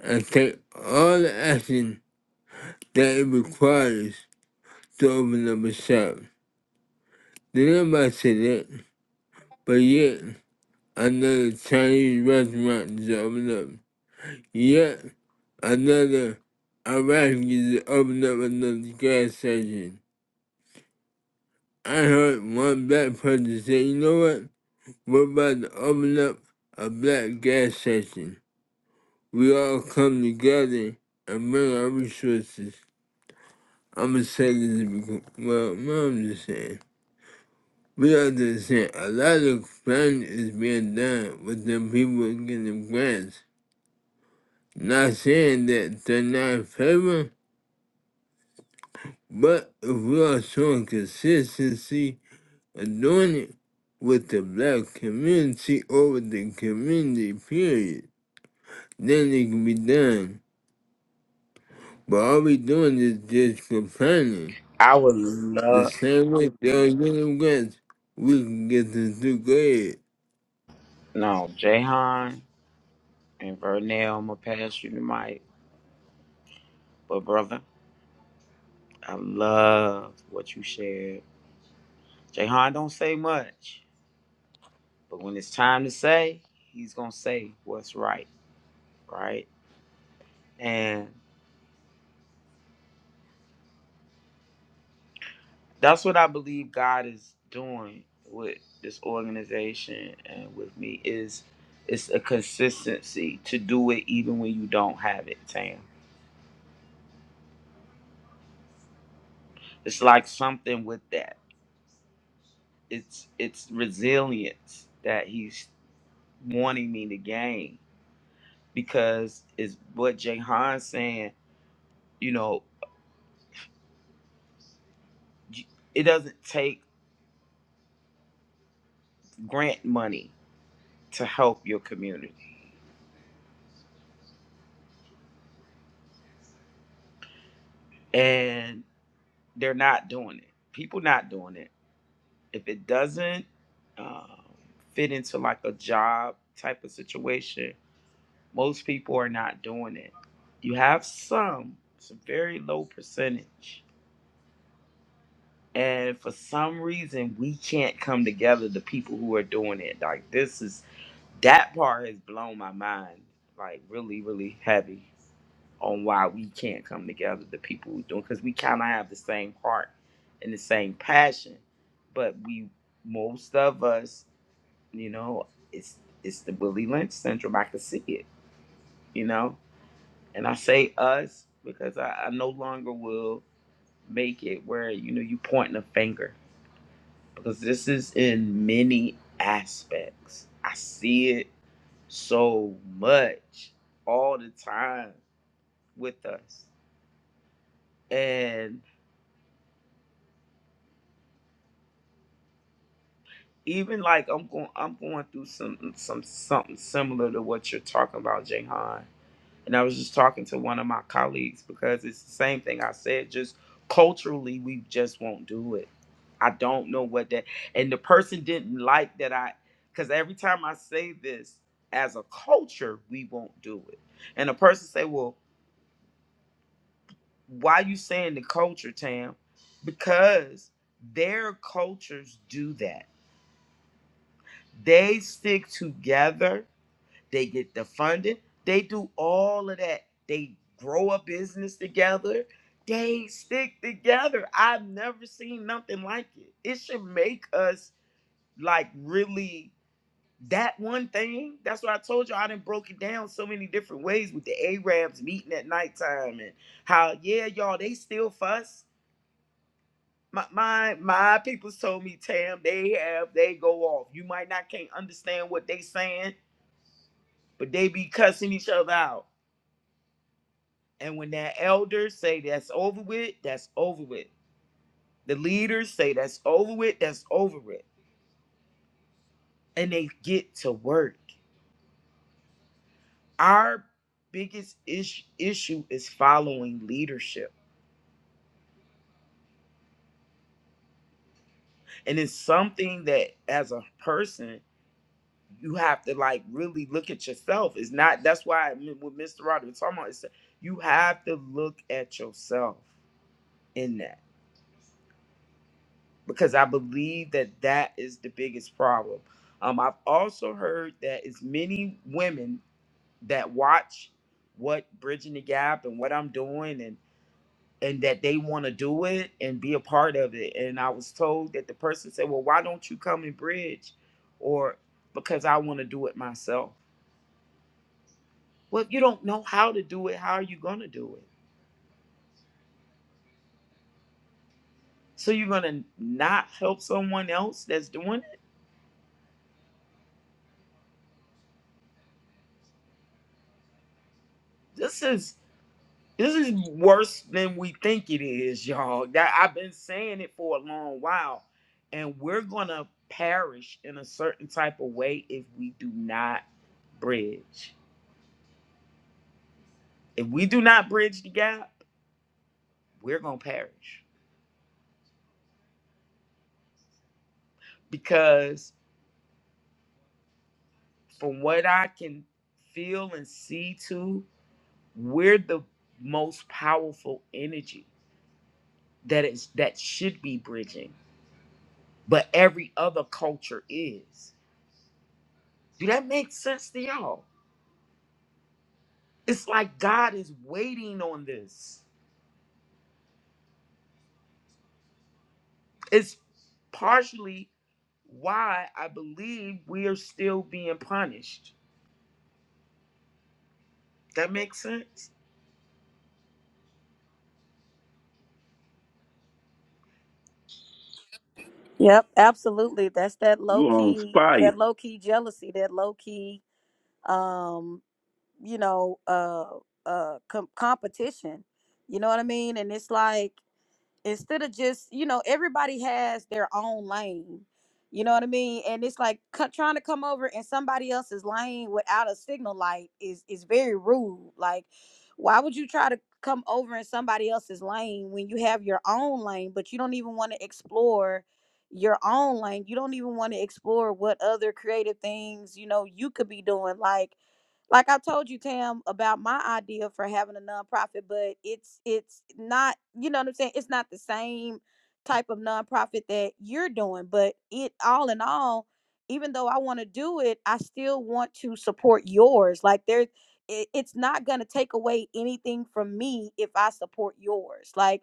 and take all the action that it requires to open up a shop. Did nobody say that? But yet, another Chinese restaurant is opening up. Yet another evacuee opened up another gas station. I heard one black person say, you know what? We're about to open up a black gas station. We all come together and bring our resources. I'm gonna say this because, well, no, I'm just saying. We understand a lot of planning is being done with the people getting grants. Not saying that they're not in favor, But if we are showing consistency and doing it with the black community over the community period, then it can be done. But all we doing is just complaining.
I would
The
love,
same way the immigrants, we can get the two grade.
no, Jahan and Vernell, I'm going to pass you the mic. But, brother, I love what you shared. Jahan don't say much. But when it's time to say, he's going to say what's right, right? And that's what I believe God is doing with this organization and with me is it's a consistency to do it even when you don't have it, Tam. It's like something with that. It's it's resilience that he's wanting me to gain because it's what Jay Han's saying, you know, it doesn't take grant money to help your community and they're not doing it. People not doing it. If it doesn't um, fit into like a job type of situation, most people are not doing it. You have some, it's a very low percentage. And for some reason, we can't come together, the people who are doing it. Like, this is, that part has blown my mind, like, really, really heavy. on why we can't come together, the people who do because we kind of have the same heart and the same passion, but we, most of us, you know, it's it's the Willie Lynch syndrome. I can see it, you know, and I say us because I, I no longer will make it where you know you pointing a finger because this is in many aspects. I see it so much all the time with us. and. even like I'm going I'm going through some some something similar to what you're talking about, Jahan. And I was just talking to one of my colleagues because it's the same thing I said, just culturally we just won't do it. I don't know what that and the person didn't like that I because every time I say this as a culture, we won't do it. And the person say, Well, why you saying the culture, Tam? Because their cultures do that. They stick together They get the funding. They do all of that. They grow a business together. They stick together. I've never seen nothing like it. It should make us like really that one thing. That's why I told you I done broke it down so many different ways with the Arabs meeting at nighttime and how yeah, y'all, they still fuss. My my my people's told me, Tam, they have they go off. You might not can't understand what they saying, but they be cussing each other out. And when that elders say that's over with, that's over with. The leaders say that's over with, that's over with. And they get to work. Our biggest ish- issue is following leadership. And it's something that as a person, you have to like really look at yourself. It's not, that's why I- what Mr. Roderick was talking about is that you have to look at yourself in that. because I believe that that is the biggest problem. Um, I've also heard that it's many women that watch what Bridging the Gap and what I'm doing and and that they want to do it and be a part of it. And I was told that the person said, "Well, why don't you come and bridge?" Or because I want to do it myself. Well, if you don't know how to do it, how are you going to do it? So you're going to not help someone else that's doing it? This is This is worse than we think it is, y'all. That I've been saying it for a long while, and we're gonna perish in a certain type of way if we do not bridge. If we do not bridge the gap, we're gonna perish because, from what I can feel and see, too, we're the most powerful energy that is that should be bridging, but every other culture is. Do that make sense to y'all? It's like God is waiting on this. It's partially why I believe we are still being punished. That makes sense.
Yep, absolutely. That's that low
you on
key, that
fire.
low key jealousy, that low key, um, you know, uh, uh, com- competition. You know what I mean? And it's like instead of just you know everybody has their own lane you know what i mean and it's like co- trying to come over in somebody else's lane without a signal light is is very rude like why would you try to come over in somebody else's lane when you have your own lane but you don't even want to explore your own lane you don't even want to explore what other creative things you know you could be doing like like I told you, Tam, about my idea for having a nonprofit, but it's it's not, you know what I'm saying? It's not the same type of nonprofit that you're doing, but it all in all, even though I want to do it, I still want to support yours. Like there it, it's not going to take away anything from me if I support yours. Like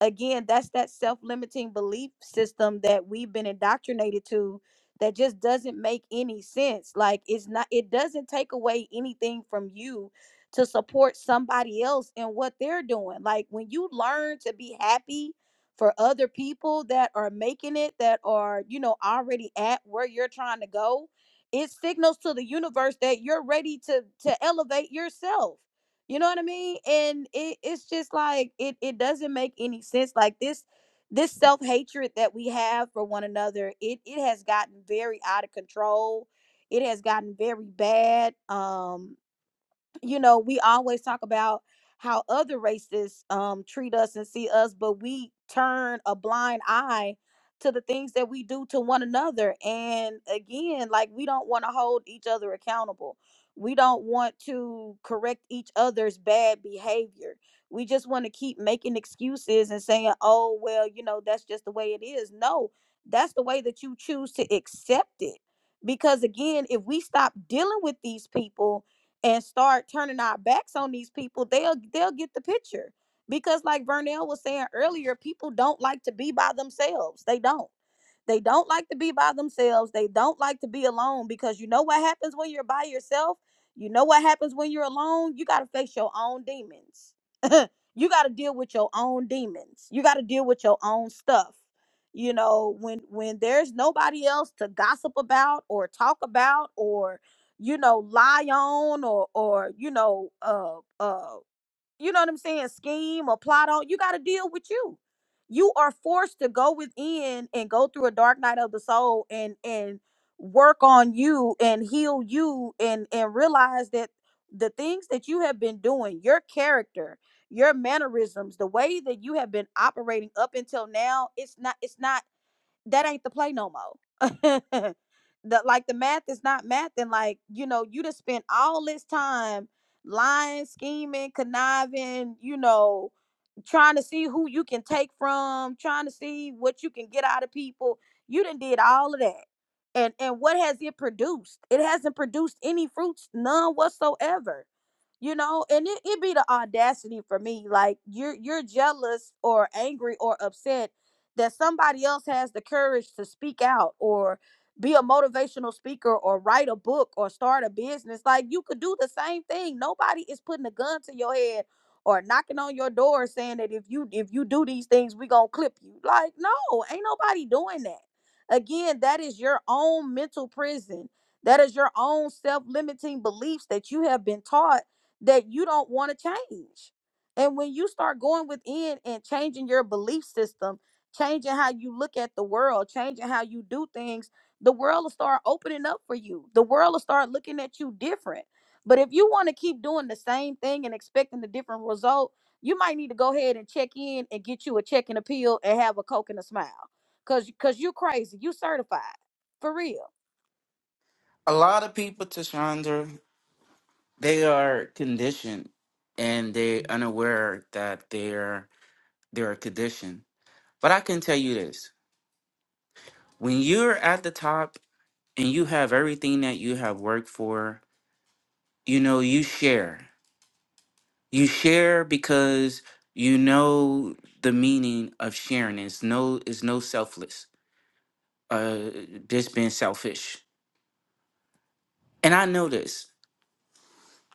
again, that's that self-limiting belief system that we've been indoctrinated to that just doesn't make any sense. Like it's not it doesn't take away anything from you to support somebody else in what they're doing. Like when you learn to be happy for other people that are making it that are, you know, already at where you're trying to go, it signals to the universe that you're ready to to elevate yourself. You know what I mean? And it, it's just like it it doesn't make any sense. Like this this self-hatred that we have for one another it it has gotten very out of control it has gotten very bad um you know, we always talk about how other races um treat us and see us, but we turn a blind eye to the things that we do to one another. And again, like we don't want to hold each other accountable. We don't want to correct each other's bad behavior. We just want to keep making excuses and saying, "Oh, well, you know, that's just the way it is." No, that's the way that you choose to accept it. Because again, if we stop dealing with these people, and start turning our backs on these people, they'll they'll get the picture. Because like Vernell was saying earlier, people don't like to be by themselves. They don't. They don't like to be by themselves. They don't like to be alone because you know what happens when you're by yourself? You know what happens when you're alone? You got to face your own demons. you got to deal with your own demons. You got to deal with your own stuff. You know, when when there's nobody else to gossip about or talk about or you know lie on or or you know uh uh you know what I'm saying, scheme or plot on, you got to deal with you. You are forced to go within and go through a dark night of the soul and and work on you and heal you and and realize that the things that you have been doing, your character, your mannerisms, the way that you have been operating up until now, it's not it's not that ain't the play no more. the like the math is not math, and like you know, you just spent all this time lying, scheming, conniving, you know, trying to see who you can take from, trying to see what you can get out of people. You done did all of that. And and what has it produced? It hasn't produced any fruits, none whatsoever. You know, and it, it be the audacity for me. Like you're you're jealous or angry or upset that somebody else has the courage to speak out or be a motivational speaker or write a book or start a business. Like you could do the same thing. Nobody is putting a gun to your head or knocking on your door saying that if you if you do these things, we gonna clip you. Like, no, ain't nobody doing that. Again, that is your own mental prison. That is your own self-limiting beliefs that you have been taught that you don't want to change. And when you start going within and changing your belief system changing how you look at the world, changing how you do things, the world will start opening up for you. The world will start looking at you different. But if you want to keep doing the same thing and expecting a different result, you might need to go ahead and check in and get you a check and a pill and have a coke and a smile. Cause cause you crazy. You certified. For real.
A lot of people, Tashandra, they are conditioned and they unaware that they're they're conditioned. But I can tell you this when you're at the top and you have everything that you have worked for, you know, you share. You share because you know the meaning of sharing. It's no, it's no selfless, uh, just being selfish. And I know this.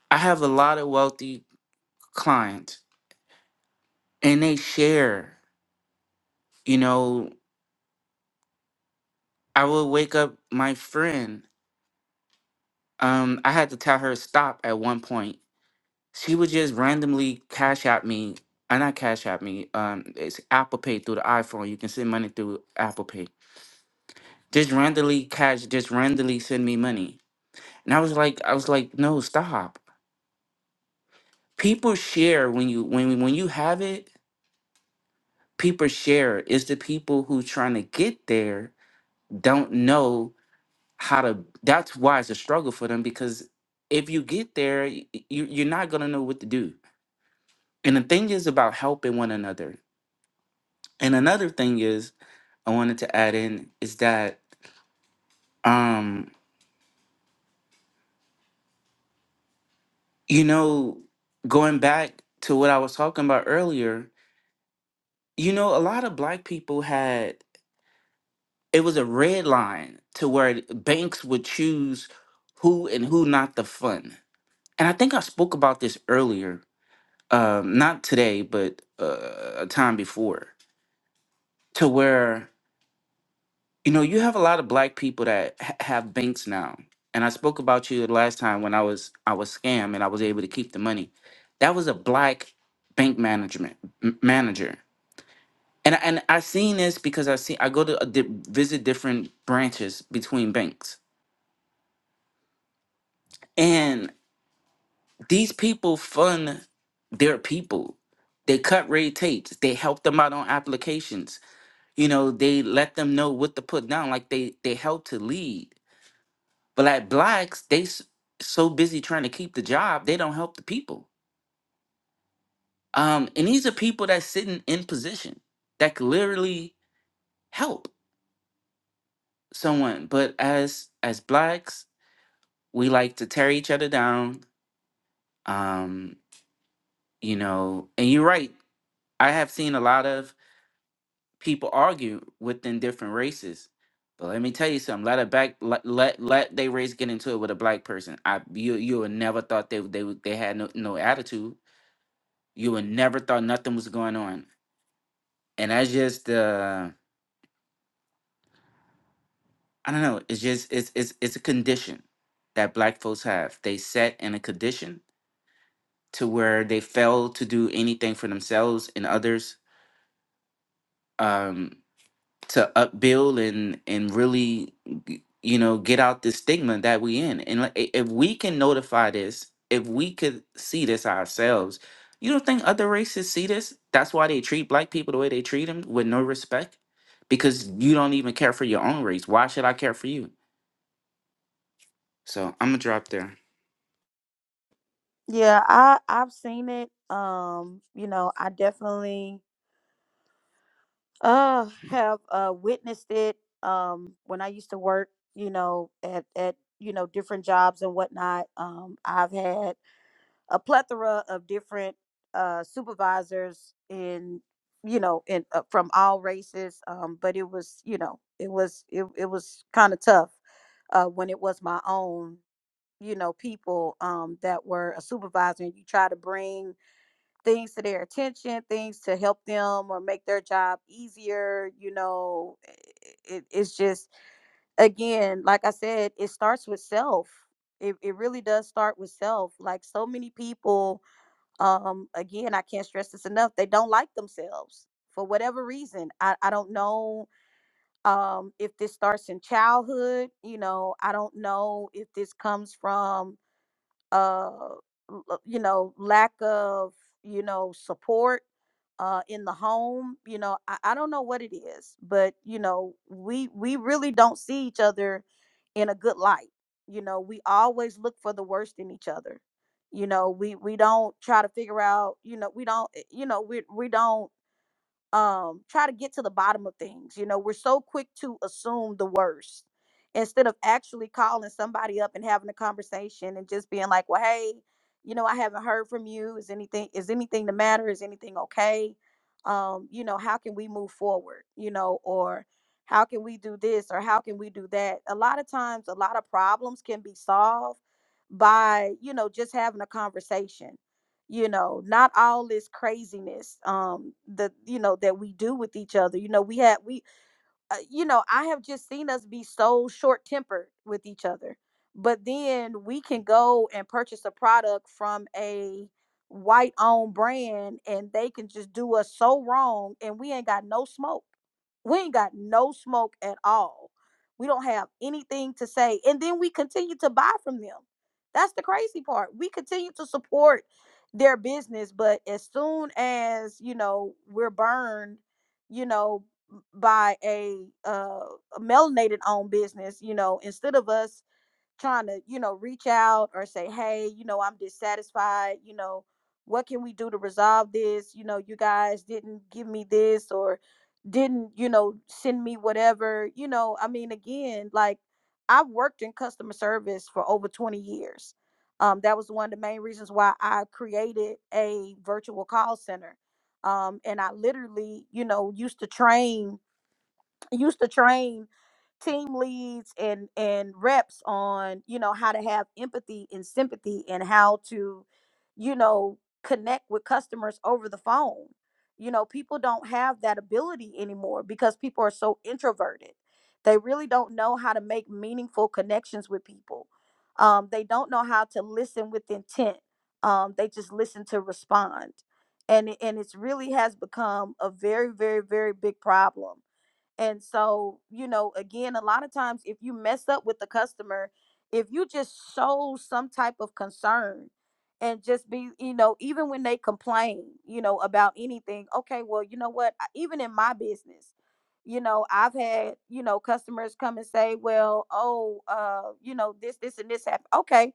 I have a lot of wealthy clients and they share. You know, I will wake up my friend. Um, I had to tell her stop at one point she would just randomly cash at me and not cash at me um it's apple pay through the iphone you can send money through apple pay just randomly cash just randomly send me money and i was like i was like no stop people share when you when when you have it people share it's the people who trying to get there don't know how to that's why it's a struggle for them because if you get there y- y- you, you're not going to know what to do and the thing is about helping one another and another thing is I wanted to add in is that um you know going back to what I was talking about earlier, you know a lot of black people had it was a red line to where banks would choose who and who not to fund. And I think I spoke about this earlier, um not today, but uh, a time before to where You know, you have a lot of black people that ha- have banks now. And I spoke about you the last time when I was I was scammed and I was able to keep the money. That was a black bank management m- manager. And I- and I seen this because I see I go to uh, di- visit different branches between banks. And these people fund their people. They cut red tapes. They help them out on applications. You know, they let them know what to put down like they they help to lead But like blacks, they s- so busy trying to keep the job, they don't help the people. Um, and these are people that's sitting in position that could literally help someone. But as as blacks, we like to tear each other down. Um, you know, and you're right. I have seen a lot of people argue within different races. But let me tell you something. Let a black let let, let they race get into it with a black person. I you you would never thought they they would- they had no, no attitude you would never thought nothing was going on and that's just uh i don't know it's just it's it's it's a condition that black folks have they set in a condition to where they fail to do anything for themselves and others um to upbuild and and really you know get out the stigma that we in and like, i- if we can notify this if we could see this ourselves you don't think other races see this that's why they treat black people the way they treat them with no respect because you don't even care for your own race why should i care for you so i'm gonna drop there
Yeah, I I've seen it. Um, you know, I definitely Uh, have uh witnessed it um when I used to work, you know, at at you know different jobs and whatnot. Um, I've had a plethora of different uh supervisors in you know in uh, from all races. Um, but it was you know it was it it was kind of tough uh when it was my own you know people um that were a supervisor and you try to bring things to their attention, things to help them or make their job easier. You know, it, it's just, again, like I said, it starts with self. It, it really does start with self. Like so many people, um, again, I can't stress this enough, they don't like themselves for whatever reason. I, I don't know um, if this starts in childhood. You know, I don't know if this comes from uh l- l- you know lack of you know support uh in the home you know I, I don't know what it is but you know we we really don't see each other in a good light you know we always look for the worst in each other you know we we don't try to figure out you know we don't eh, you know we we don't um try to get to the bottom of things you know we're so quick to assume the worst instead of actually calling somebody up and having a conversation and just being like well hey you know i haven't heard from you is anything is anything the matter is anything okay um you know how can we move forward you know or how can we do this or how can we do that a lot of times a lot of problems can be solved by you know just having a conversation you know not all this craziness um the you know that we do with each other you know we had we uh, you know, I have just seen us be so short tempered with each other. But then we can go and purchase a product from a white owned brand and they can just do us so wrong and we ain't got no smoke. We ain't got no smoke at all. We don't have anything to say. And then we continue to buy from them. That's the crazy part. We continue to support their business, but as soon as, you know, we're burned, you know, by a uh a melanated owned business you know instead of us trying to you know reach out or say hey you know i'm dissatisfied you know what can we do to resolve this you know you guys didn't give me this or didn't you know send me whatever you know i mean again like i've worked in customer service for over 20 years um, that was one of the main reasons why i created a virtual call center um, and i literally you know used to train used to train team leads and and reps on you know how to have empathy and sympathy and how to you know connect with customers over the phone you know people don't have that ability anymore because people are so introverted they really don't know how to make meaningful connections with people um, they don't know how to listen with intent um, they just listen to respond and it- and it's really has become a very very very big problem and so, you know, again, a lot of times if you mess up with the customer, if you just show some type of concern and just be, you know, even when they complain, you know, about anything, okay, well, you know what? I- Even in my business, you know, I've had, you know, customers come and say, well, oh, uh, you know, this, this, and this happened. Okay.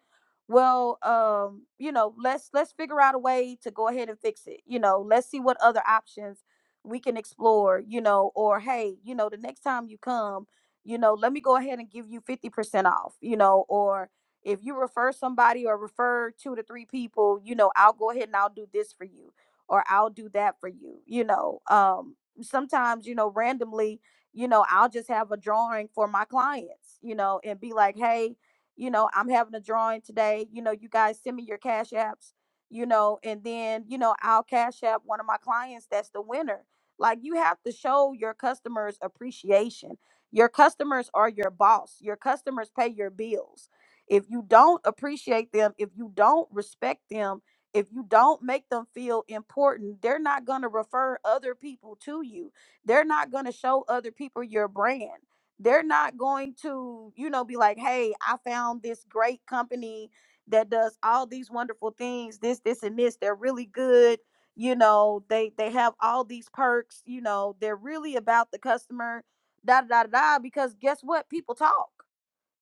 Well, um, you know, let's let's figure out a way to go ahead and fix it. You know, let's see what other options we can explore, you know, or hey, you know, the next time you come, you know, let me go ahead and give you 50% off, you know, or if you refer somebody or refer two to three people, you know, I'll go ahead and I'll do this for you or I'll do that for you, you know. Um sometimes, you know, randomly, you know, I'll just have a drawing for my clients, you know, and be like, "Hey, you know, I'm having a drawing today. You know, you guys send me your cash apps you know, and then, you know, I'll cash app one of my clients that's the winner like you have to show your customers appreciation. Your customers are your boss. Your customers pay your bills. If you don't appreciate them, if you don't respect them, if you don't make them feel important, they're not going to refer other people to you. They're not going to show other people your brand. They're not going to, you know, be like, hey, I found this great company that does all these wonderful things, this, this, and this. They're really good you know they they have all these perks you know they're really about the customer da da da da because guess what people talk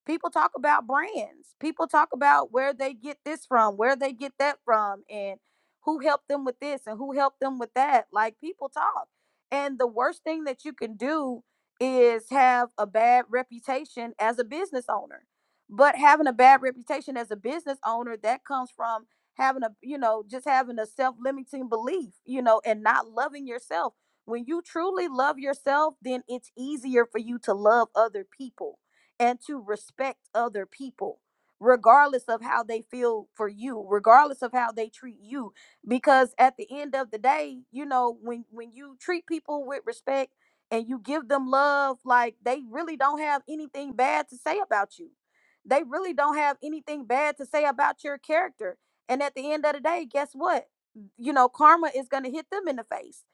people talk about brands people talk about where they get this from where they get that from and who helped them with this and who helped them with that like people talk and the worst thing that you can do is have a bad reputation as a business owner but having a bad reputation as a business owner that comes from having a you know just having a self-limiting belief you know and not loving yourself when you truly love yourself then it's easier for you to love other people and to respect other people, regardless of how they feel for you, regardless of how they treat you. Because at the end of the day, you know, when when you treat people with respect and you give them love, like they really don't have anything bad to say about you. They really don't have anything bad to say about your character. And at the end of the day, guess what? You know, karma is going to hit them in the face.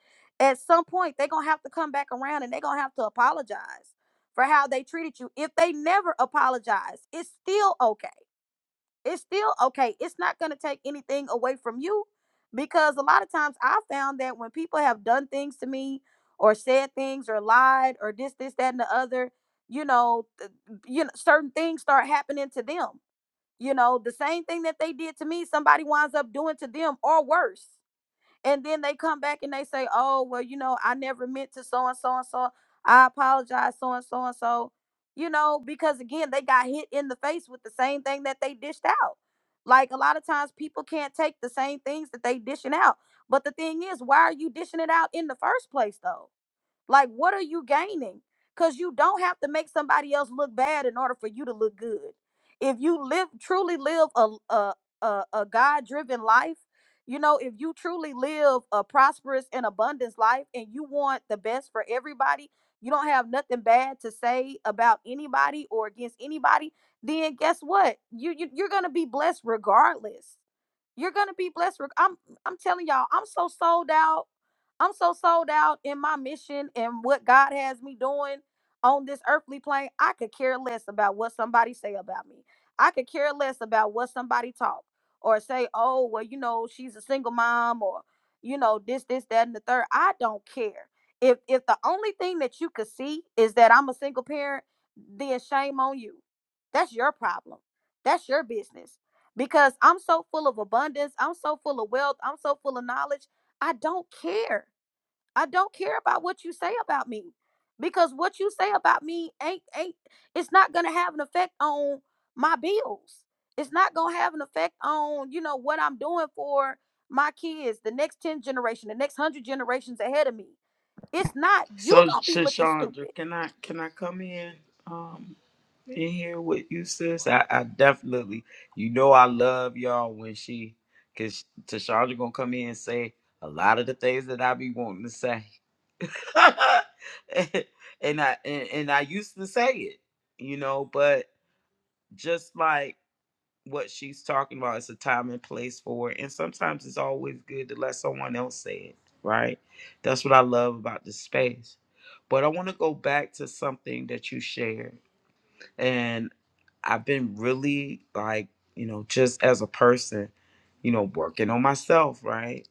At some point, they're going to have to come back around and they're going to have to apologize for how they treated you. If they never apologize, it's still okay. It's still okay. It's not going to take anything away from you because a lot of times I found that when people have done things to me or said things or lied or this, this, that, and the other, you know, th- you know, certain things start happening to them. You know, the same thing that they did to me, somebody winds up doing to them or worse and then they come back and they say, "Oh, well, you know, I never meant to so and so and so. I apologize, so and so and so." You know, because again, they got hit in the face with the same thing that they dished out. Like a lot of times, people can't take the same things that they dishing out. But the thing is, why are you dishing it out in the first place, though? Like, what are you gaining? Because you don't have to make somebody else look bad in order for you to look good. If you live truly live a a a, a God driven life, you know, if you truly live a prosperous and abundance life, and you want the best for everybody, you don't have nothing bad to say about anybody or against anybody. Then guess what? You, you you're gonna be blessed regardless you're gonna be blessed. reg- I'm I'm telling y'all, I'm so sold out. I'm so sold out in my mission and what God has me doing on this earthly plane. I could care less about what somebody say about me. I could care less about what somebody talk or say, oh, well, you know, she's a single mom or you know, this, this, that, and the third. I don't care. If if the only thing that you could see is that I'm a single parent, then shame on you. That's your problem. That's your business because I'm so full of abundance, I'm so full of wealth, I'm so full of knowledge. I don't care. I don't care about what you say about me because what you say about me ain't ain't it's not going to have an effect on my bills. It's not going to have an effect on, you know, what I'm doing for my kids, the next 10 generation, the next 100 generations ahead of me. It's not you
So,
going to be looking
Shashandra,
stupid.
can I can I come in um and hear what you sis? I, I definitely, you know, I love y'all when she, cause Tashandra gonna come in and say a lot of the things that I be wanting to say, and I and, and I used to say it, you know, but just like what she's talking about is a time and place for it. And sometimes it's always good to let someone else say it, right? That's what I love about this space. But I want to go back to something that you shared. And I've been really like, you know, just as a person, you know, working on myself, right?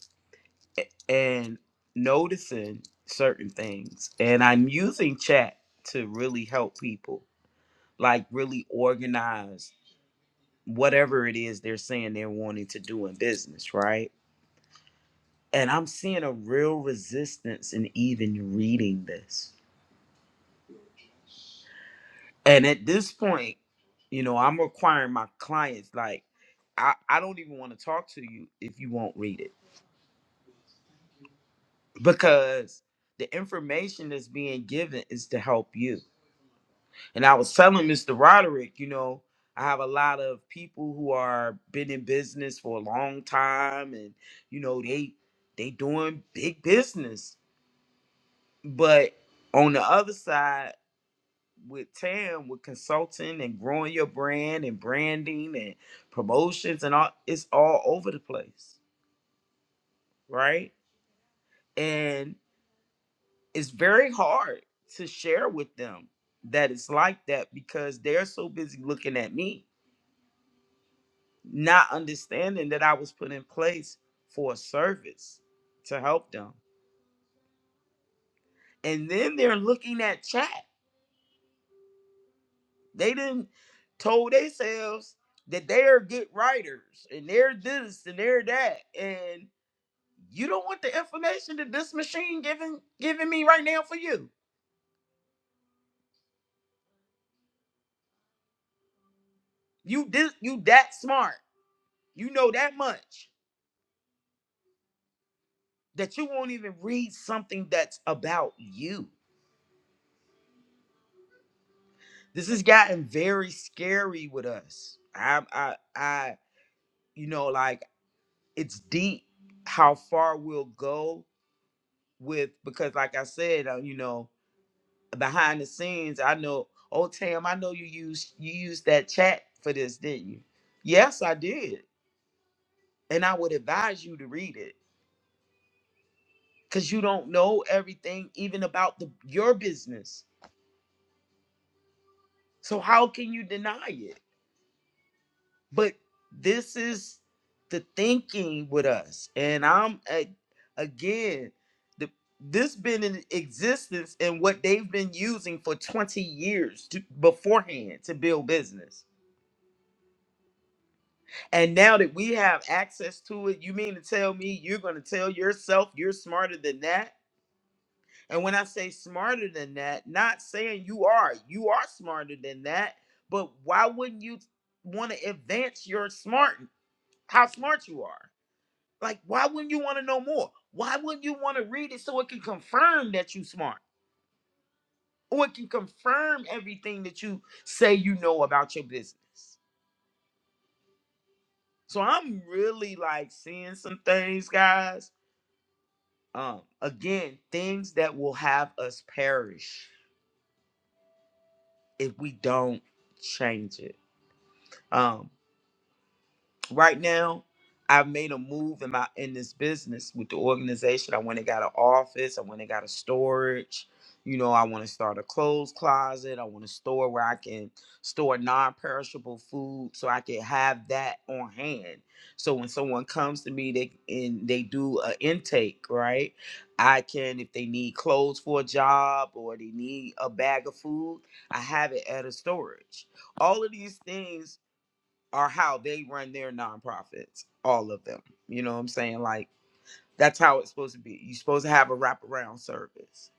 A- And noticing certain things. And I'm using chat to really help people, like really organize whatever it is they're saying they're wanting to do in business, right? And I'm seeing a real resistance in even reading this. And at this point, you know, I'm requiring my clients, like, I, I don't even want to talk to you if you won't read it because the information that's being given is to help you. And I was telling Mr. Roderick, you know, I have a lot of people who are been in business for a long time and you know, they they doing big business. But on the other side with TAM, with consulting and growing your brand and branding and promotions and all it's all over the place, right? And it's very hard to share with them that it's like that because they're so busy looking at me not understanding that I was put in place for a service to help them. And then they're looking at chat. They didn't told themselves that they are good writers and they're this and they're that. And you don't want the information that this machine giving giving me right now for you. You this you that smart. You know that much that you won't even read something that's about you. This has gotten very scary with us. I I I you know like it's deep how far we'll go with because like i said uh, you know behind the scenes i know oh tam i know you used you used that chat for this didn't you yes i did and i would advise you to read it because you don't know everything even about the your business so how can you deny it But this is the thinking with us, and I'm a- again, the, this been in existence and what they've been using for 20 years to, beforehand to build business. And now that we have access to it, you mean to tell me you're going to tell yourself you're smarter than that? And when I say smarter than that, not saying you are, you are smarter than that, but why wouldn't you want to advance your smart how smart you are? Like, why wouldn't you want to know more? Why wouldn't you want to read it so it can confirm that you smart? Or it can confirm everything that you say you know about your business. So I'm really like seeing some things, guys. Um, again, things that will have us perish if we don't change it. Um, right now i've made a move in my in this business with the organization i went and got an office i went and got a storage you know i want to start a clothes closet i want a store where i can store non-perishable food so i can have that on hand so when someone comes to me they and they do an intake right i can if they need clothes for a job or they need a bag of food i have it at a storage all of these things are how they run their nonprofits, all of them. You know what I'm saying? Like that's how it's supposed to be. You're supposed to have a wraparound service.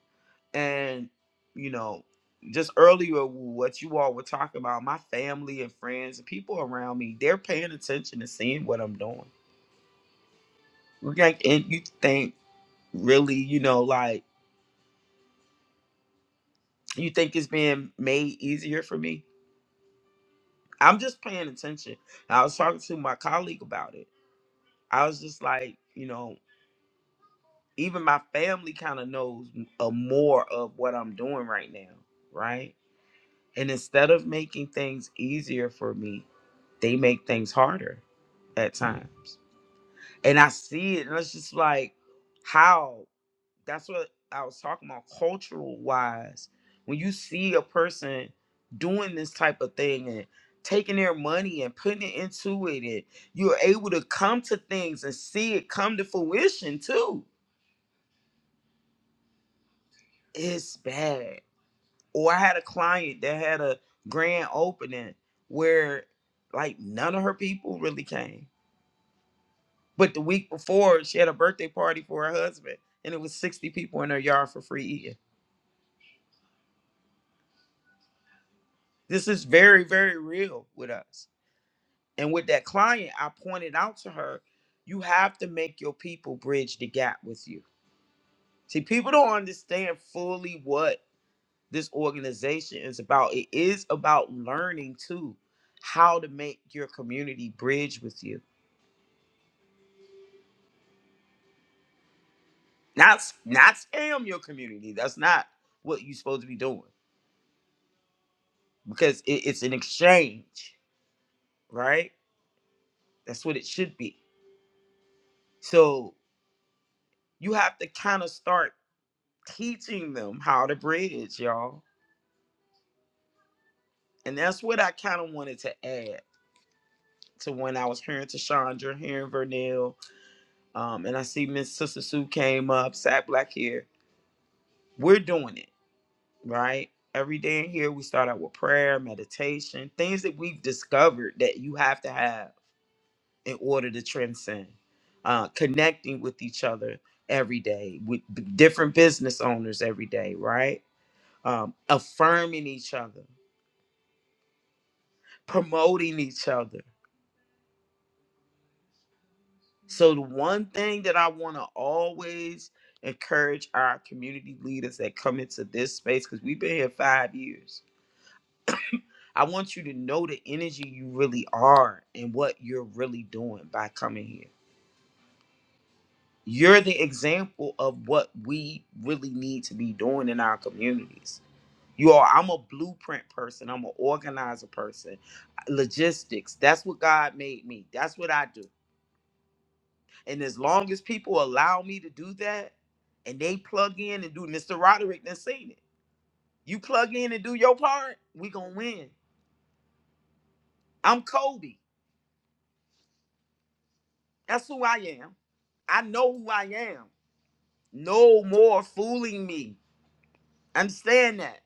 And, you know, just earlier what you all were talking about, my family and friends and people around me, they're paying attention and seeing what I'm doing. Like and you think really, you know, like you think it's being made easier for me. I'm just paying attention. I was talking to my colleague about it. I was just like, you know, even my family kind of knows m- a more of what I'm doing right now, right? And instead of making things easier for me, they make things harder at times. And I see it, and it's just like how that's what I was talking about cultural wise. When you see a person doing this type of thing and taking their money and putting it into it, and you're able to come to things and see it come to fruition too. It's bad Or I had a client that had a grand opening where like none of her people really came. But the week before, she had a birthday party for her husband, and it was 60 people in her yard for free eating. This is very, very real with us. And with that client, I pointed out to her, you have to make your people bridge the gap with you. See, people don't understand fully what this organization is about. It is about learning too how to make your community bridge with you. Not not scam your community. That's not what you're supposed to be doing because it, it's an exchange, right? That's what it should be. So you have to kind of start teaching them how to bridge, y'all. And that's what I kind of wanted to add to when I was hearing Tashandra, hearing Vernell, um, and I see Miss Sister Sue came up, Sat Black here. We're doing it, right? Every day in here, we start out with prayer, meditation, things that we've discovered that you have to have in order to transcend, uh, connecting with each other every day, with b- different business owners every day, right? Um, affirming each other, promoting each other. So, the one thing that I want to always encourage our community leaders that come into this space, because we've been here five years, I want you to know the energy you really are and what you're really doing by coming here You're the example of what we really need to be doing in our communities. You are, I'm a blueprint person, I'm an organizer person. Logistics, that's what God made me. That's what I do. And as long as people allow me to do that and they plug in and do Mr. Roderick done seen it. You plug in and do your part, we gonna win. I'm Kobe. That's who I am. I know who I am. No more fooling me. Understand that.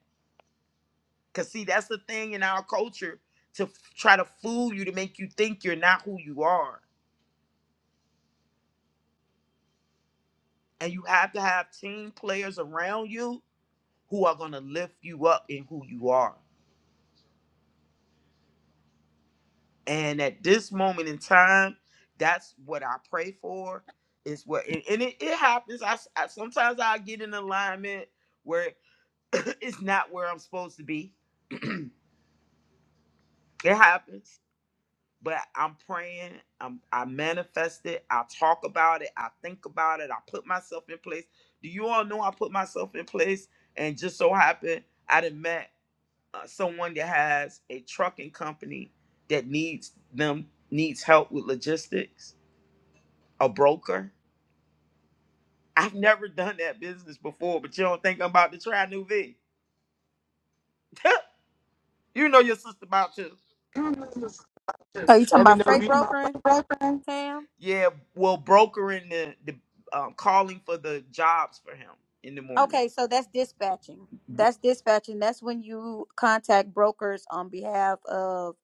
Cause see, that's the thing in our culture to f- try to fool you to make you think you're not who you are. And you have to have team players around you who are gonna lift you up in who you are. And at this moment in time, that's what I pray for. Is what and, and it, it happens. I, s- I- sometimes I get in alignment where it's not where I'm supposed to be. It happens but I'm praying. I'm, I manifest it. I talk about it. I think about it. I put myself in place. Do you all know I put myself in place? And just so happened, I done met uh, someone that has a trucking company that needs them needs help with logistics. A broker. I've never done that business before, but you don't think I'm about to try new V? you know your sister about to.
Oh, you talking
Let me
about
know if
freight brokering,
you.
Tam?
Yeah, well, brokering the the um, calling for the jobs for him in the morning
Okay, so that's dispatching. That's dispatching. That's when you contact brokers on behalf of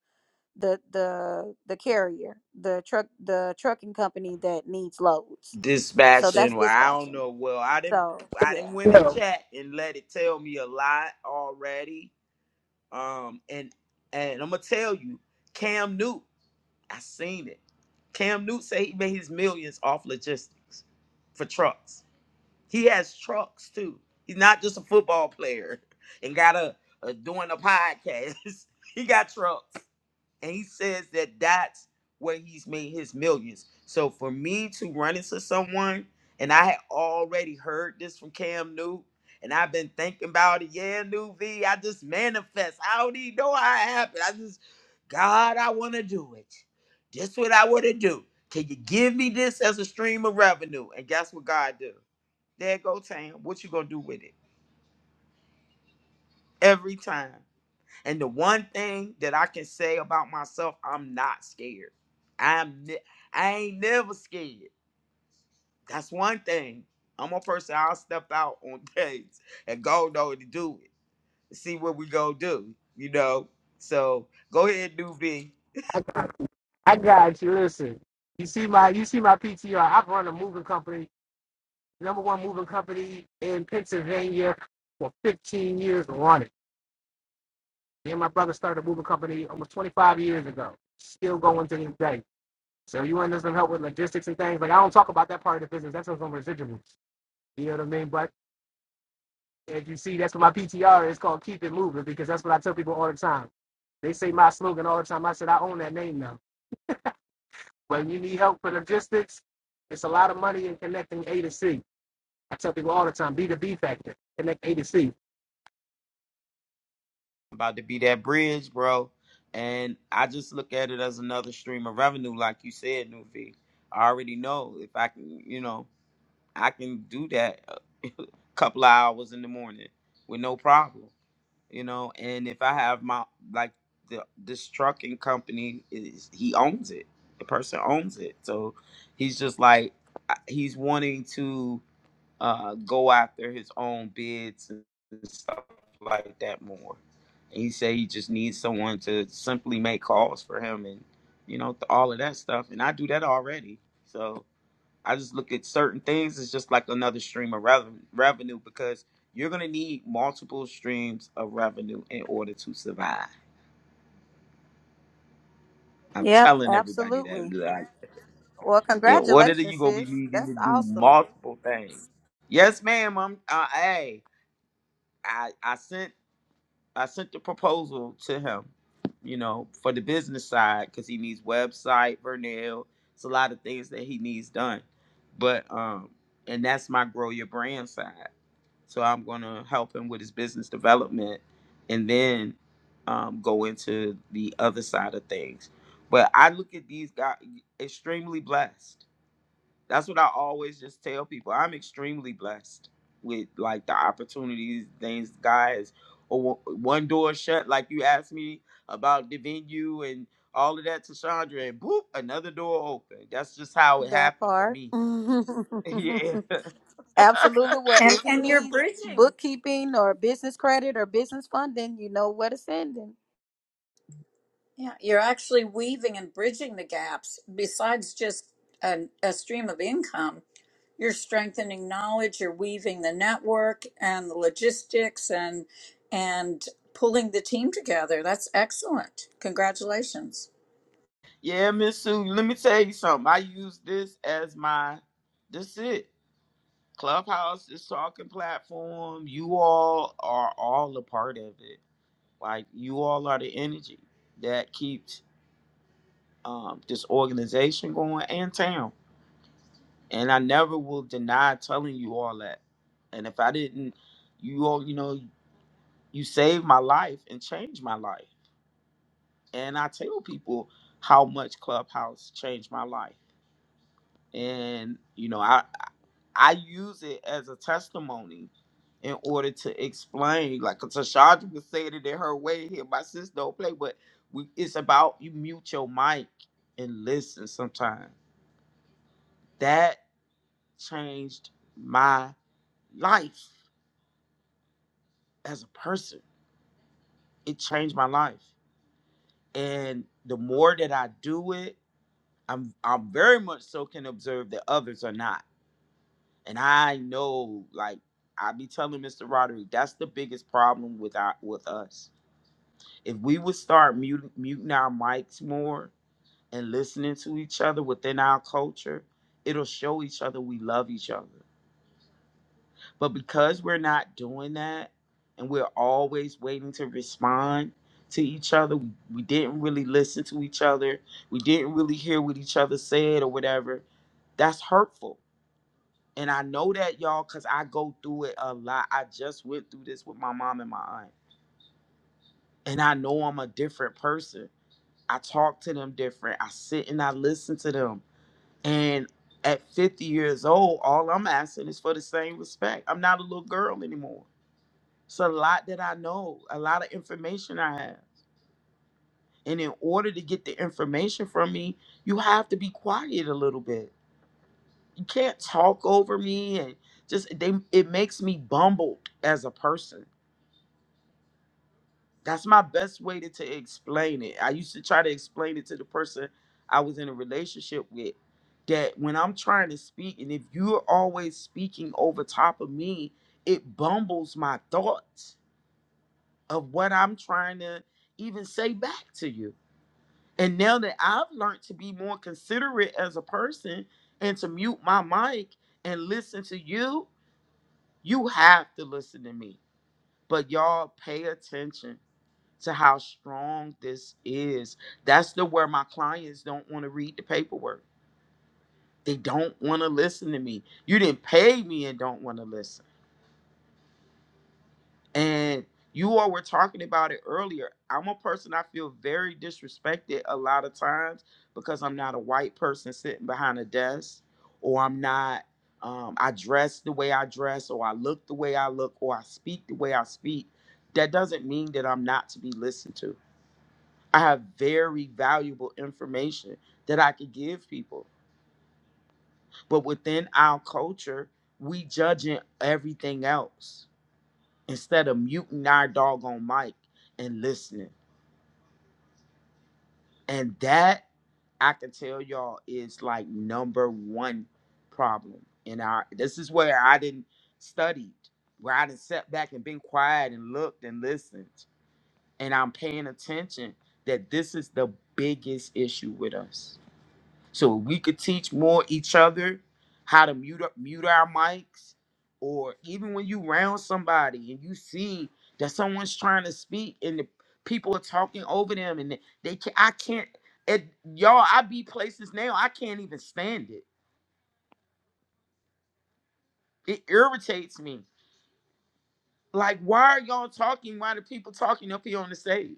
the the the carrier, the truck the trucking company that needs loads. So that's
dispatching. Well, I don't
dispatching.
know. Well, I didn't.
So
I didn't
yeah.
win in
Yo,
chat and let it tell me a lot already. Um, and and I'm gonna tell you, Cam Newton. I seen it. Cam Newton say he made his millions off logistics for trucks. He has trucks too. He's not just a football player and got a, a doing a podcast. he got trucks. And he says that that's where he's made his millions. So for me to run into someone, and I had already heard this from Cam Newton, and I've been thinking about it. Yeah, New V, I just manifest. I don't even know how it happened. I just, God, I want to do it. This what I want to do. Can you give me this as a stream of revenue? And guess what God do? There go Tam. What you gonna do with it? Every time. And the one thing that I can say about myself, I'm not scared. I'm ne- I ain't never scared. That's one thing. I'm a person. I'll step out on dates and go though to do it. See what we go do. You know. So go ahead, do be
I got, I got you. Listen, you see my you see my PTR. I've run a moving company, number one moving company in Pennsylvania for 15 years running. Me and my brother started a moving company almost 25 years ago. Still going to this day. So you want some help with logistics and things like I don't talk about that part of the business. That's what's on residuals. You know what I mean? But if you see, that's what my PTR is called. Keep it moving because that's what I tell people all the time. They say my slogan all the time. I said I own that name now. When you need help for logistics, it's a lot of money in connecting A to C. I tell people all the time, be the B factor, connect A to C.
about to be that bridge, bro. And I just look at it as another stream of revenue, like you said, Nuvi. I already know if I can, you know, I can do that a couple of hours in the morning with no problem. you know. And if I have my like the this trucking company, is he owns it. The person owns it, so he's just like I- he's wanting to uh, go after his own bids and stuff like that more. And he said he just needs someone to simply make calls for him and you know all of that stuff. And I do that already, so I just look at certain things as just like another stream of rev- revenue because you're gonna need multiple streams of revenue in order to survive. I'm
Yep,
telling everybody
absolutely.
that. Like,
Well,
in order that
congratulations,
you're gonna be
sis.
needing
That's
to do
awesome.
multiple things. Yes, ma'am. I'm. Uh, hey, I I sent I sent the proposal to him. You know, for the business side because he needs website, Vernell. It's a lot of things that he needs done, but um, and that's my grow your brand side. So I'm going to help him with his business development and then um, go into the other side of things. But I look at these guys extremely blessed. That's what I always just tell people. I'm extremely blessed with like the opportunities, things, guys. Or one door shut, like you asked me about the venue and all of that to Chandra, and boop, another door open. That's just how it
That
happened for
part.
me. yeah.
Absolutely. Well,
And
if he
and you're
needs
bridging.
bookkeeping or business credit or business funding, you know where to send him.
Yeah, you're actually weaving and bridging the gaps. Besides just a, a stream of income, you're strengthening knowledge. You're weaving the network and the logistics and and pulling the team together. That's excellent. Congratulations.
Yeah, Miss Sue, let me tell you something. I use this as my that's it. Clubhouse is talking platform. You all are all a part of it. Like you all are the energy that keeps um, this organization going and town. And I never will deny telling you all that. And if I didn't, you all, you know, you saved my life and changed my life. And I tell people how much Clubhouse changed my life and you know I, I use it as a testimony in order to explain. Like Tashandra was saying it in her way here, my sister don't play, but we, it's about you mute your mic and listen sometimes. That changed my life as a person. It changed my life. And the more that I do it, I'm I'm very much so can observe that others are not. And I know like I be telling Mr. Roderick, that's the biggest problem with our with us If we would start mute, muting our mics more and listening to each other within our culture, it'll show each other we love each other. But because we're not doing that and we're always waiting to respond to each other, we, we didn't really listen to each other, we didn't really hear what each other said or whatever, that's hurtful. And I know that y'all because I go through it a lot. I just went through this with my mom and my aunt. And I know I'm a different person I talk to them different. I sit and I listen to them. And at 50 years old, all I'm asking is for the same respect. I'm not a little girl anymore. It's a lot that I know, a lot of information I have. And in order to get the information from me, you have to be quiet a little bit. You can't talk over me and just they it makes me bumbled as a person. That's my best way to, to explain it. I used to try to explain it to the person I was in a relationship with that when I'm trying to speak, and if you're always speaking over top of me, it bumbles my thoughts of what I'm trying to even say back to you. And now that I've learned to be more considerate as a person and to mute my mic and listen to you, you have to listen to me. But y'all pay attention to how strong this is. That's the where my clients don't want to read the paperwork. They don't want to listen to me. You didn't pay me and don't want to listen. And you all were talking about it earlier. I'm a person I feel very disrespected a lot of times because I'm not a white person sitting behind a desk or I'm not um, I dress the way I dress or I look the way I look or I speak the way I speak. That doesn't mean that I'm not to be listened to I have very valuable information that I could give people. But within our culture, we judging everything else instead of muting our doggone mic and listening. And that I can tell y'all is like number one problem in our this is where I didn't studied, where I didn't sat back and been quiet and looked and listened. And I'm paying attention that this is the biggest issue with us So if we could teach more each other how to mute up, mute our mics, or even when you round somebody and you see that someone's trying to speak and the people are talking over them and they, they can, I can't, it, y'all, I be places now I can't even stand it. It irritates me. Like, why are y'all talking? Why the people talking up here on the stage?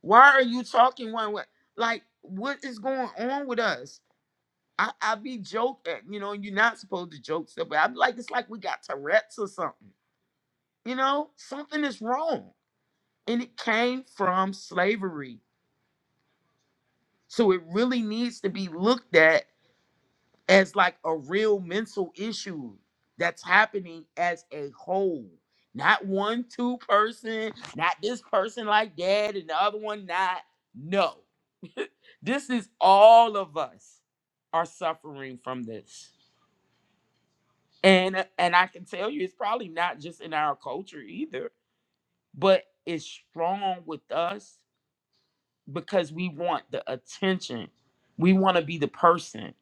Why are you talking one way? Like, what is going on with us? I, I be joking, you know, you're not supposed to joke stuff, but I'm like, it's like we got Tourette's or something. You know, something is wrong. And it came from slavery. So it really needs to be looked at as like a real mental issue that's happening as a whole. Not one, two person, not this person like that and the other one not. No. this is all of us are suffering from this And and I can tell you it's probably not just in our culture either, but it's strong with us because we want the attention. We want to be the person.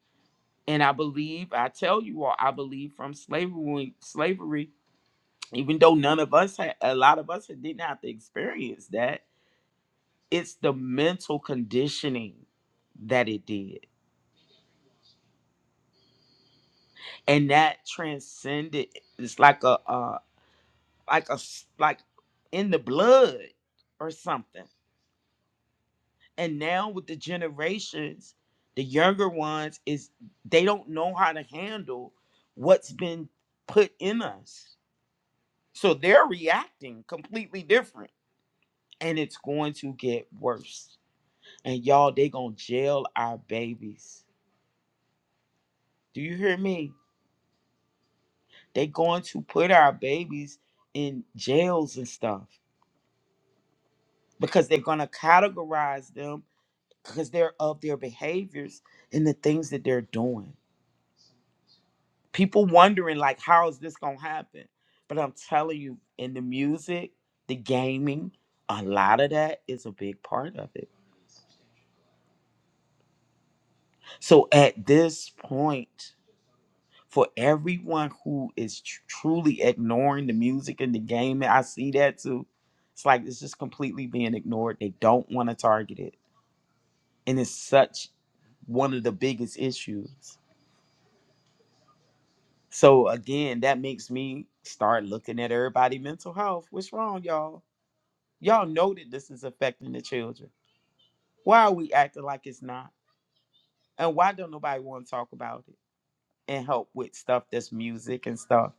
And I believe, I tell you all, I believe from slavery, slavery, even though none of us had a lot of us didn't have to experience that, it's the mental conditioning that it did. And that transcended it's like a uh like a s- like in the blood or something and now with the generations the younger ones is they don't know how to handle what's been put in us so they're reacting completely different and it's going to get worse and y'all they gonna jail our babies do you hear me they going to put our babies in jails and stuff because they're gonna categorize them because they're of their behaviors and the things that they're doing people wondering like how is this gonna happen but i'm telling you in the music the gaming a lot of that is a big part of it so at this point for everyone who is tr- truly ignoring the music and the gaming i see that too it's like it's just completely being ignored they don't want to target it and it's such one of the biggest issues so again that makes me start looking at everybody mental health what's wrong y'all Y'all know that this is affecting the children. Why are we acting like it's not? And why don't nobody want to talk about it and help with stuff that's music and stuff?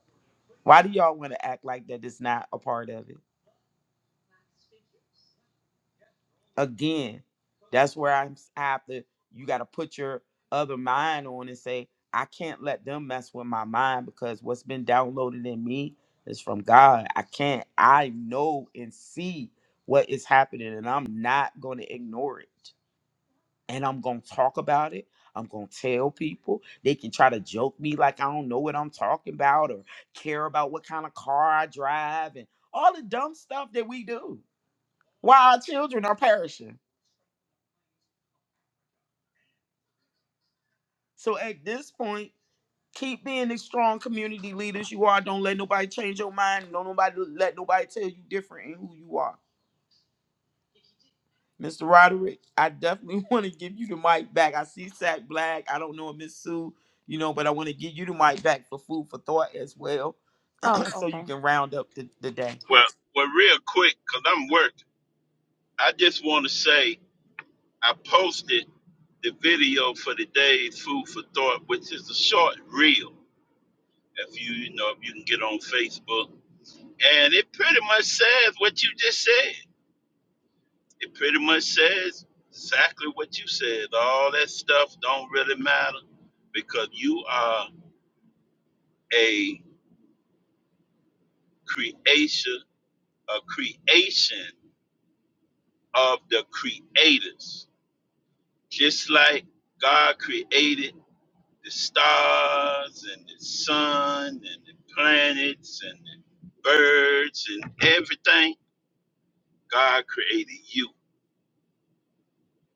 Why do y'all want to act like that it's not a part of it? Again, that's where I'm, s- I have to, you got to put your other mind on and say, I can't let them mess with my mind because what's been downloaded in me is from God. I can't, I know and see what is happening and I'm not going to ignore it. and I'm going to talk about it. I'm going to tell people. They can try to joke me like I don't know what I'm talking about or care about what kind of car I drive and all the dumb stuff that we do while our children are perishing. So at this point, keep being the strong community leaders you are. Don't let nobody change your mind. Don't nobody let nobody tell you different in who you are. Mr. Roderick, I definitely want to give you the mic back. I see Sack Black. I don't know if Miss Sue, you know, but I want to give you the mic back for food for thought as well.
Oh,
so you
okay.
can round up the, the day.
Well, well, real quick, cause I'm working. I just want to say I posted the video for today's food for thought, which is a short reel. If you, you know, if you can get on Facebook, and it pretty much says what you just said. It pretty much says exactly what you said. All that stuff don't really matter because you are a creation, a creation of the creators. Just like God created the stars and the sun and the planets and the birds and everything, God created you.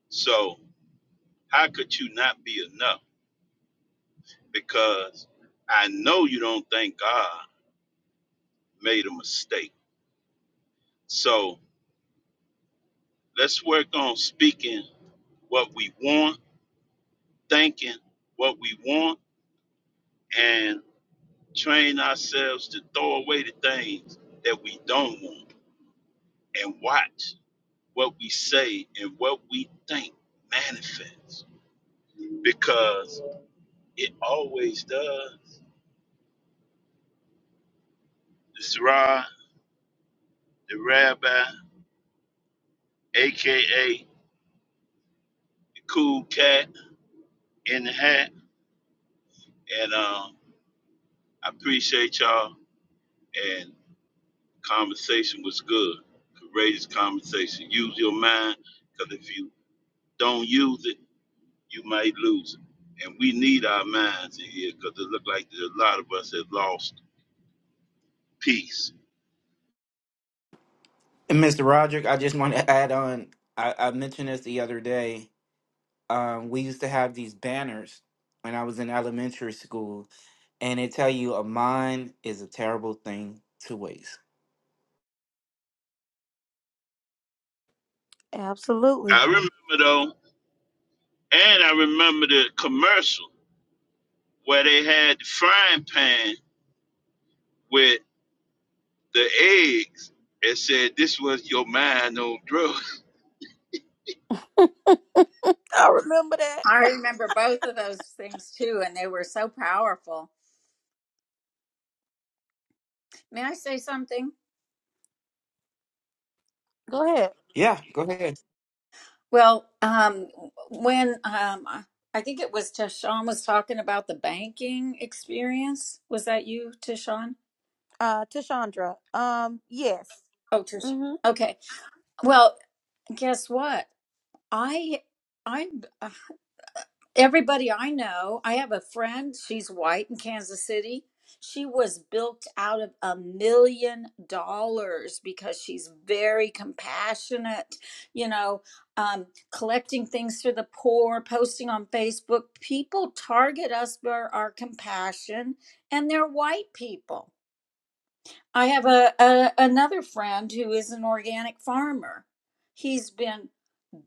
So, how could you not be enough? Because I know you don't think God made a mistake. So, let's work on speaking what we want, thinking what we want, and train ourselves to throw away the things that we don't want and watch what we say and what we think manifests because it always does. The Zra, the rabbi, aka the cool cat in the hat. And um, I appreciate y'all. And conversation was good. Courageous conversation. Use your mind because if you don't use it, you might lose it. And we need our minds in here because it looked like a lot of us have lost peace.
And Mr. Roderick, I just want to add on. I, I mentioned this the other day. um, we used to have these banners when I was in elementary school, and they tell you a mind is a terrible thing to waste.
I
Absolutely.
remember though, and I remember the commercial where they had the frying pan with the eggs and said, This was your mind on drugs.
I remember that.
I remember both of those things too, and they were so powerful. May I say something?
Go ahead.
Yeah, go ahead.
Well, um, when um, I I think it was Tashawn was talking about the banking experience. Was that you, Tashawn?
Uh Tashandra. Um, yes.
Oh, Tish.
Mm-hmm.
Okay. Well, guess what? I I everybody I know, I have a friend, she's white in Kansas City. She was built out of a million dollars because she's very compassionate, you know, um, collecting things for the poor, posting on Facebook. People target us for our compassion, and they're white people. I have a, a another friend who is an organic farmer. He's been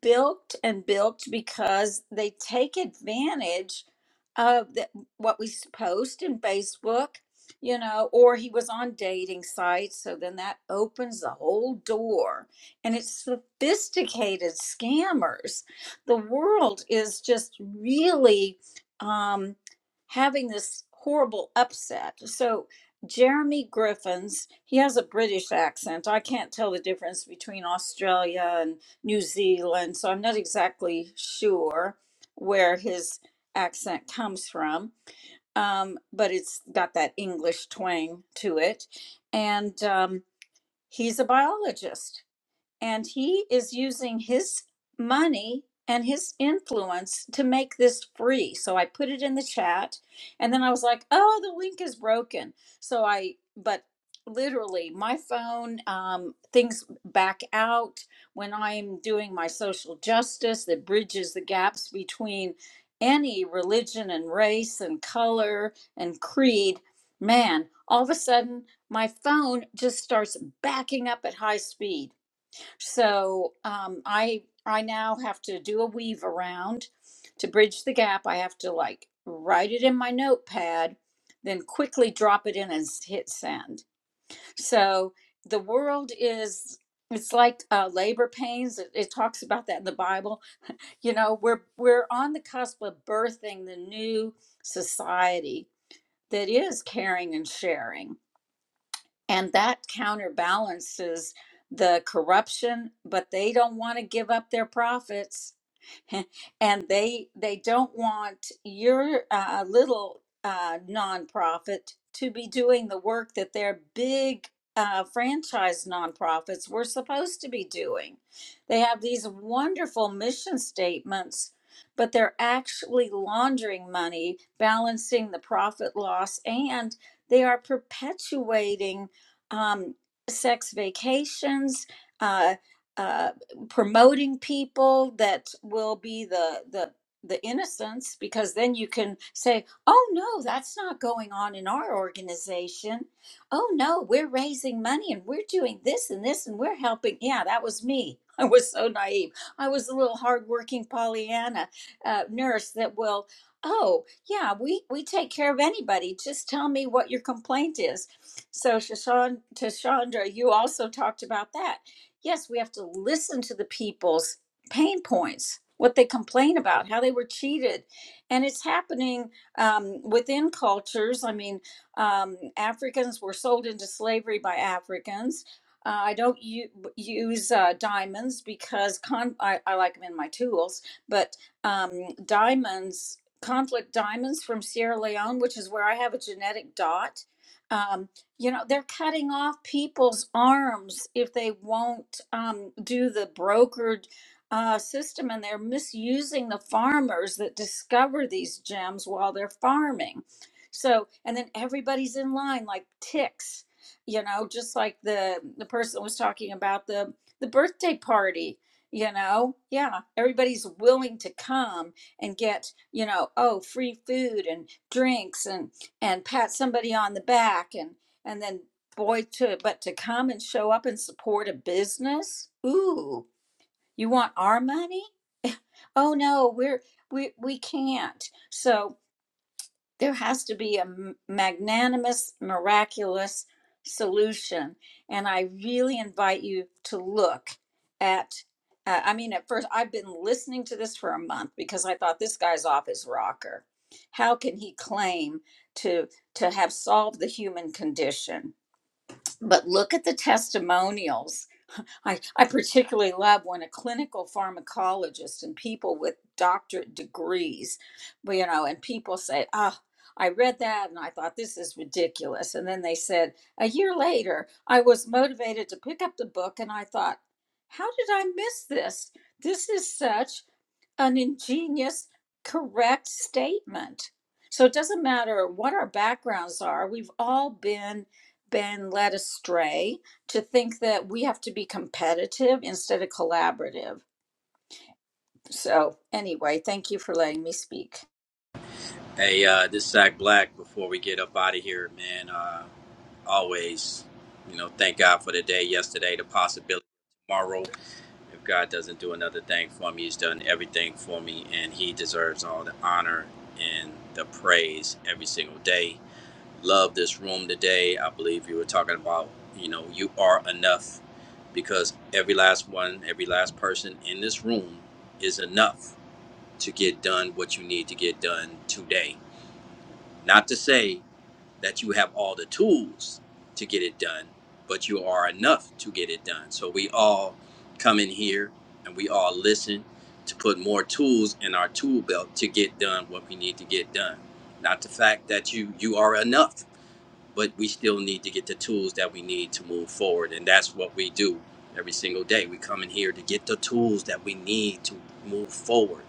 built and built because they take advantage of the, what we s- post in Facebook, you know, or he was on dating sites. So then that opens the whole door. And it's sophisticated scammers. The world is just really um, having this horrible upset. So Jeremy Griffins. He has a British accent. I can't tell the difference between Australia and New Zealand, so I'm not exactly sure where his accent comes from. Um, but it's got that English twang to it. And um, he's a biologist and he is using his money and his influence to make this free. So I put it in the chat and then I was like, "Oh, the link is broken." So I but literally my phone um things back out when I'm doing my social justice that bridges the gaps between any religion and race and color and creed. Man, all of a sudden my phone just starts backing up at high speed so um, I I now have to do a weave around to bridge the gap. I have to like write it in my notepad, then quickly drop it in and s- hit send. So the world is it's like uh, labor pains. It, it talks about that in the Bible. You know, we're we're on the cusp of birthing the new society that is caring and sharing and that counterbalances the corruption but they don't want to give up their profits and they they don't want your uh, little uh, nonprofit to be doing the work that their big uh, franchise nonprofits were supposed to be doing. They have these wonderful mission statements, but they're actually laundering money, balancing the profit loss, and they are perpetuating um, sex vacations. Uh, uh, promoting people that will be the the the innocents because then you can say oh no that's not going on in our organization oh no we're raising money and we're doing this and this and we're helping yeah that was me i was so naive i was a little hardworking pollyanna uh, nurse that will oh yeah we we take care of anybody just tell me what your complaint is so shashan tashandra you also talked about that yes, we have to listen to the people's pain points, what they complain about, how they were cheated. And it's happening um, within cultures. I mean, um, Africans were sold into slavery by Africans. Uh, I don't u- use uh, diamonds because con- I, I like them in my tools, but um, diamonds, conflict diamonds from Sierra Leone, which is where I have a genetic dot. Um, you know they're cutting off people's arms if they won't um, do the brokered uh, system and they're misusing the farmers that discover these gems while they're farming so and then everybody's in line like ticks you know just like the the person was talking about the the birthday party you know yeah everybody's willing to come and get you know oh free food and drinks and and pat somebody on the back and. And then boy to but to come and show up and support a business? Ooh, you want our money? Oh no, we're we we can't. So there has to be a m- magnanimous, miraculous solution. And I really invite you to look at uh, I mean, at first, I've been listening to this for a month because I thought this guy's off his rocker. How can he claim to to have solved the human condition? but look at the testimonials. I, I particularly love when a clinical pharmacologist and people with doctorate degrees, well, you know, and people say, oh, I read that and I thought this is ridiculous. And then they said, a year later, I was motivated to pick up the book and I thought, how did I miss this? This is such an ingenious, correct statement. So it doesn't matter what our backgrounds are, we've all been been led astray to think that we have to be competitive instead of collaborative. So anyway, thank you for letting me speak.
Hey, uh, this Sack Black. Before we get up out of here, man, uh, always, you know, thank God for the day yesterday, the possibility of tomorrow. If God doesn't do another thing for me, He's done everything for me, and He deserves all the honor and the praise every single day. Love this room today. I believe you were talking about, you know, you are enough because every last one, every last person in this room is enough to get done what you need to get done today. Not to say that you have all the tools to get it done, but you are enough to get it done. So we all come in here and we all listen to put more tools in our tool belt to get done what we need to get done. Not the fact that you you are enough, but we still need to get the tools that we need to move forward, and that's what we do every single day. We come in here to get the tools that we need to move forward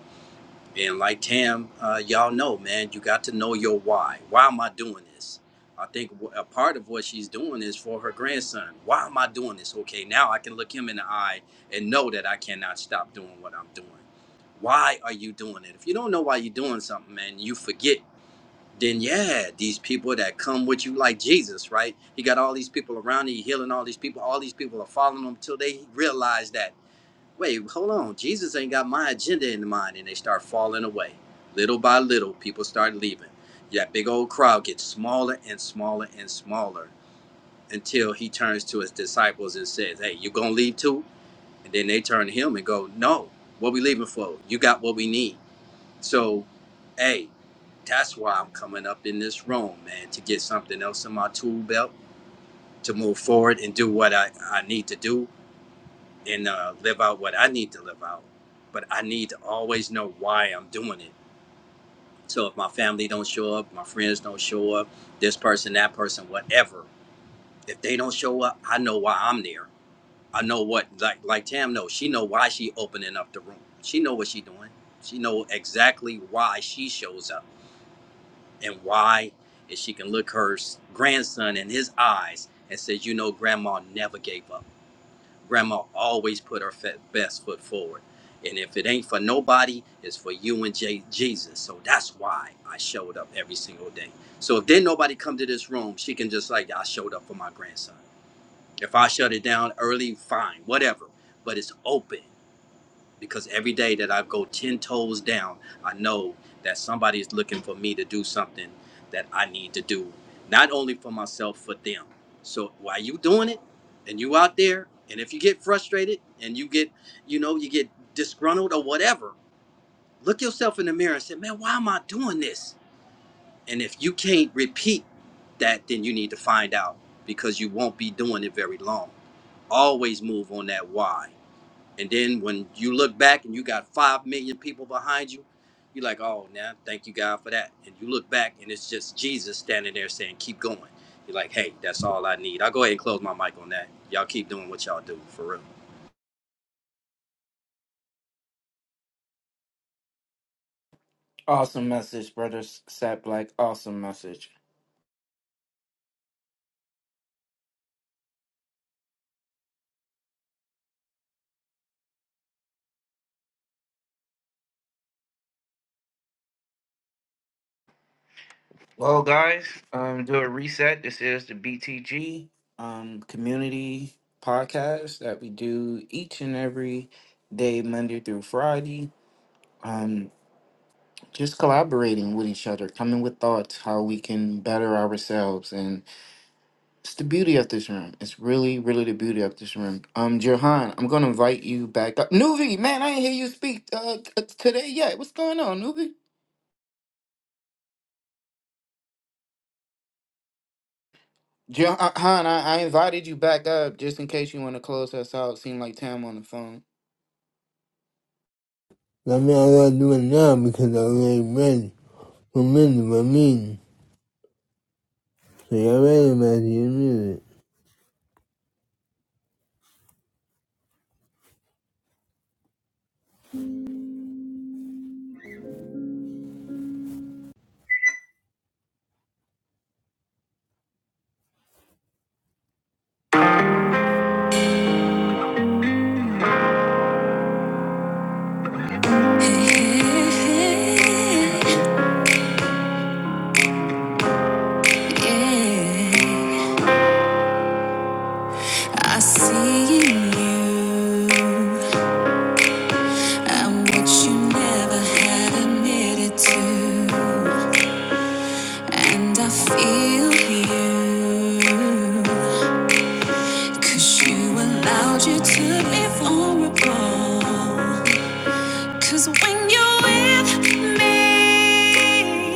and like Tam, uh, y'all know, man, you got to know your why. Why am I doing this? I think a part of what she's doing is for her grandson. Why am I doing this? Okay, now I can look him in the eye and know that I cannot stop doing what I'm doing. Why are you doing it? If you don't know why you're doing something, man, you forget. Then yeah, these people that come with you like Jesus, right? He got all these people around. him, healing all these people. All these people are following him till they realize that wait, hold on. Jesus ain't got my agenda in mind. And they start falling away. Little by little, people start leaving. That big old crowd gets smaller and smaller and smaller until he turns to his disciples and says, Hey, you gonna leave too? And then they turn to him and go, No, what we leaving for? You got what we need. So, hey, that's why I'm coming up in this room, man, to get something else in my tool belt to move forward and do what I, I need to do and uh, live out what I need to live out. But I need to always know why I'm doing it. So if my family don't show up, my friends don't show up, this person, that person, whatever, if they don't show up, I know why I'm there. I know what like like Tam knows. She know why she opening up the room. She know what she doing. She know exactly why she shows up and why if she can look her grandson in his eyes and says, you know, grandma never gave up. grandma always put her best foot forward. And if it ain't for nobody, it's for you and J- Jesus. So that's why I showed up every single day. So if then nobody come to this room, she can just like, I showed up for my grandson. If I shut it down early, fine, whatever. But it's open because every day that I go 10 toes down, I know that somebody is looking for me to do something that I need to do, not only for myself, for them. So while you doing it and you out there, and if you get frustrated and you get, you know, you get disgruntled or whatever, look yourself in the mirror and say, man, why am I doing this? And if you can't repeat that, then you need to find out because you won't be doing it very long. Always move on that why and then when you look back and you got five million people behind you, you're like, oh, now thank you God for that. And you look back and it's just Jesus standing there saying, keep going. You're like, hey, that's all I need. I'll go ahead and close my mic on that. Y'all keep doing what y'all do for real.
Awesome message, brother Sat Black. Awesome message. Well, guys, um, do a reset. This is the BTG um, community podcast that we do each and every day, Monday through Friday. Um, just collaborating with each other, coming with thoughts, how we can better ourselves, and It's the beauty of this room. It's really, really the beauty of this room. Um, Johan, I'm gonna invite you back up. Nuvi, man, I didn't hear you speak uh t- today yet. What's going on, Nuvi? Johan, I, I invited you back up just in case you want to close us out. Seemed like Tam on the phone.
i mean, i gonna do it now because I already ready for me to my meeting. So y'all ready about your music. Yeah, yeah, yeah. I see in you and what you never had admitted to, and I feel you 'cause you allowed you to be vulnerable. 'Cause when you're with me,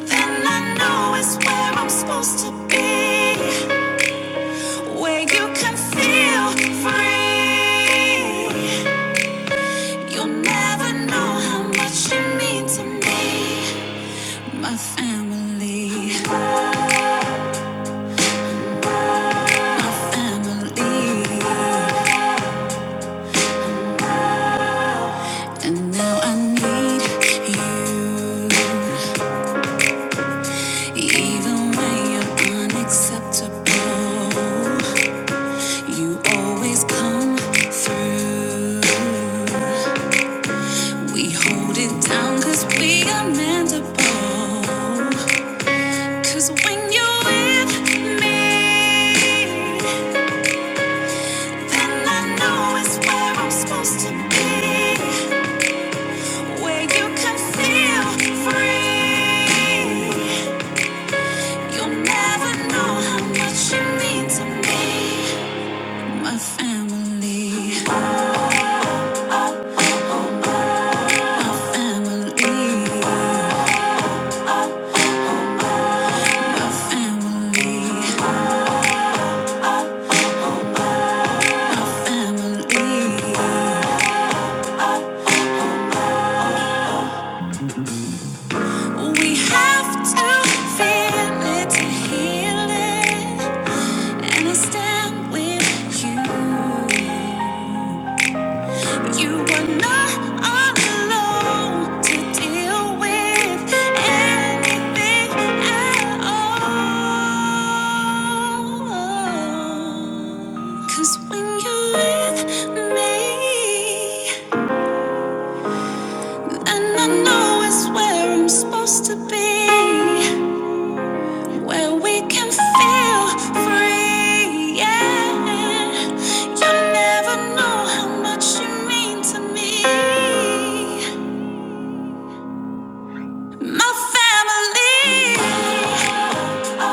then I know it's where I'm supposed to be, where you can feel free. You'll never know how much you mean to me, my family, my family. And now I need you, even when you're unacceptable. You always come through. We hold it down 'cause we are meant to when you're with me. And I know it's where I'm supposed to be, where you can feel free. You'll never know how much you mean to me, my family, family, family, family. We have to feel it to heal it. You were not alone to deal with anything at all. 'Cause when you're with me, and I know it's where I'm supposed to be, where we can feel free. Yeah, you never know how much you mean to me. My family, my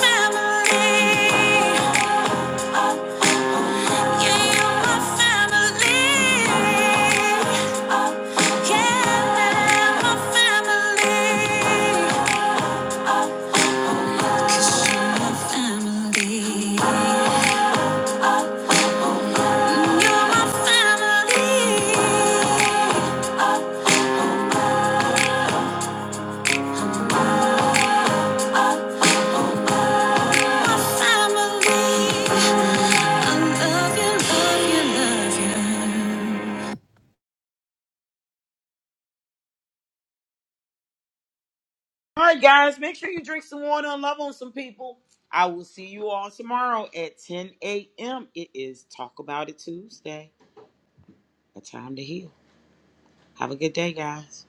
family, yeah, you're my family, yeah, my family, my family, you're my family, my family. I love you, love you, love you.
All right, guys, make sure you drink some water and love on some people. I will see you all tomorrow at 10 a.m. It is Talk About It Tuesday, a time to heal. Have a good day, guys.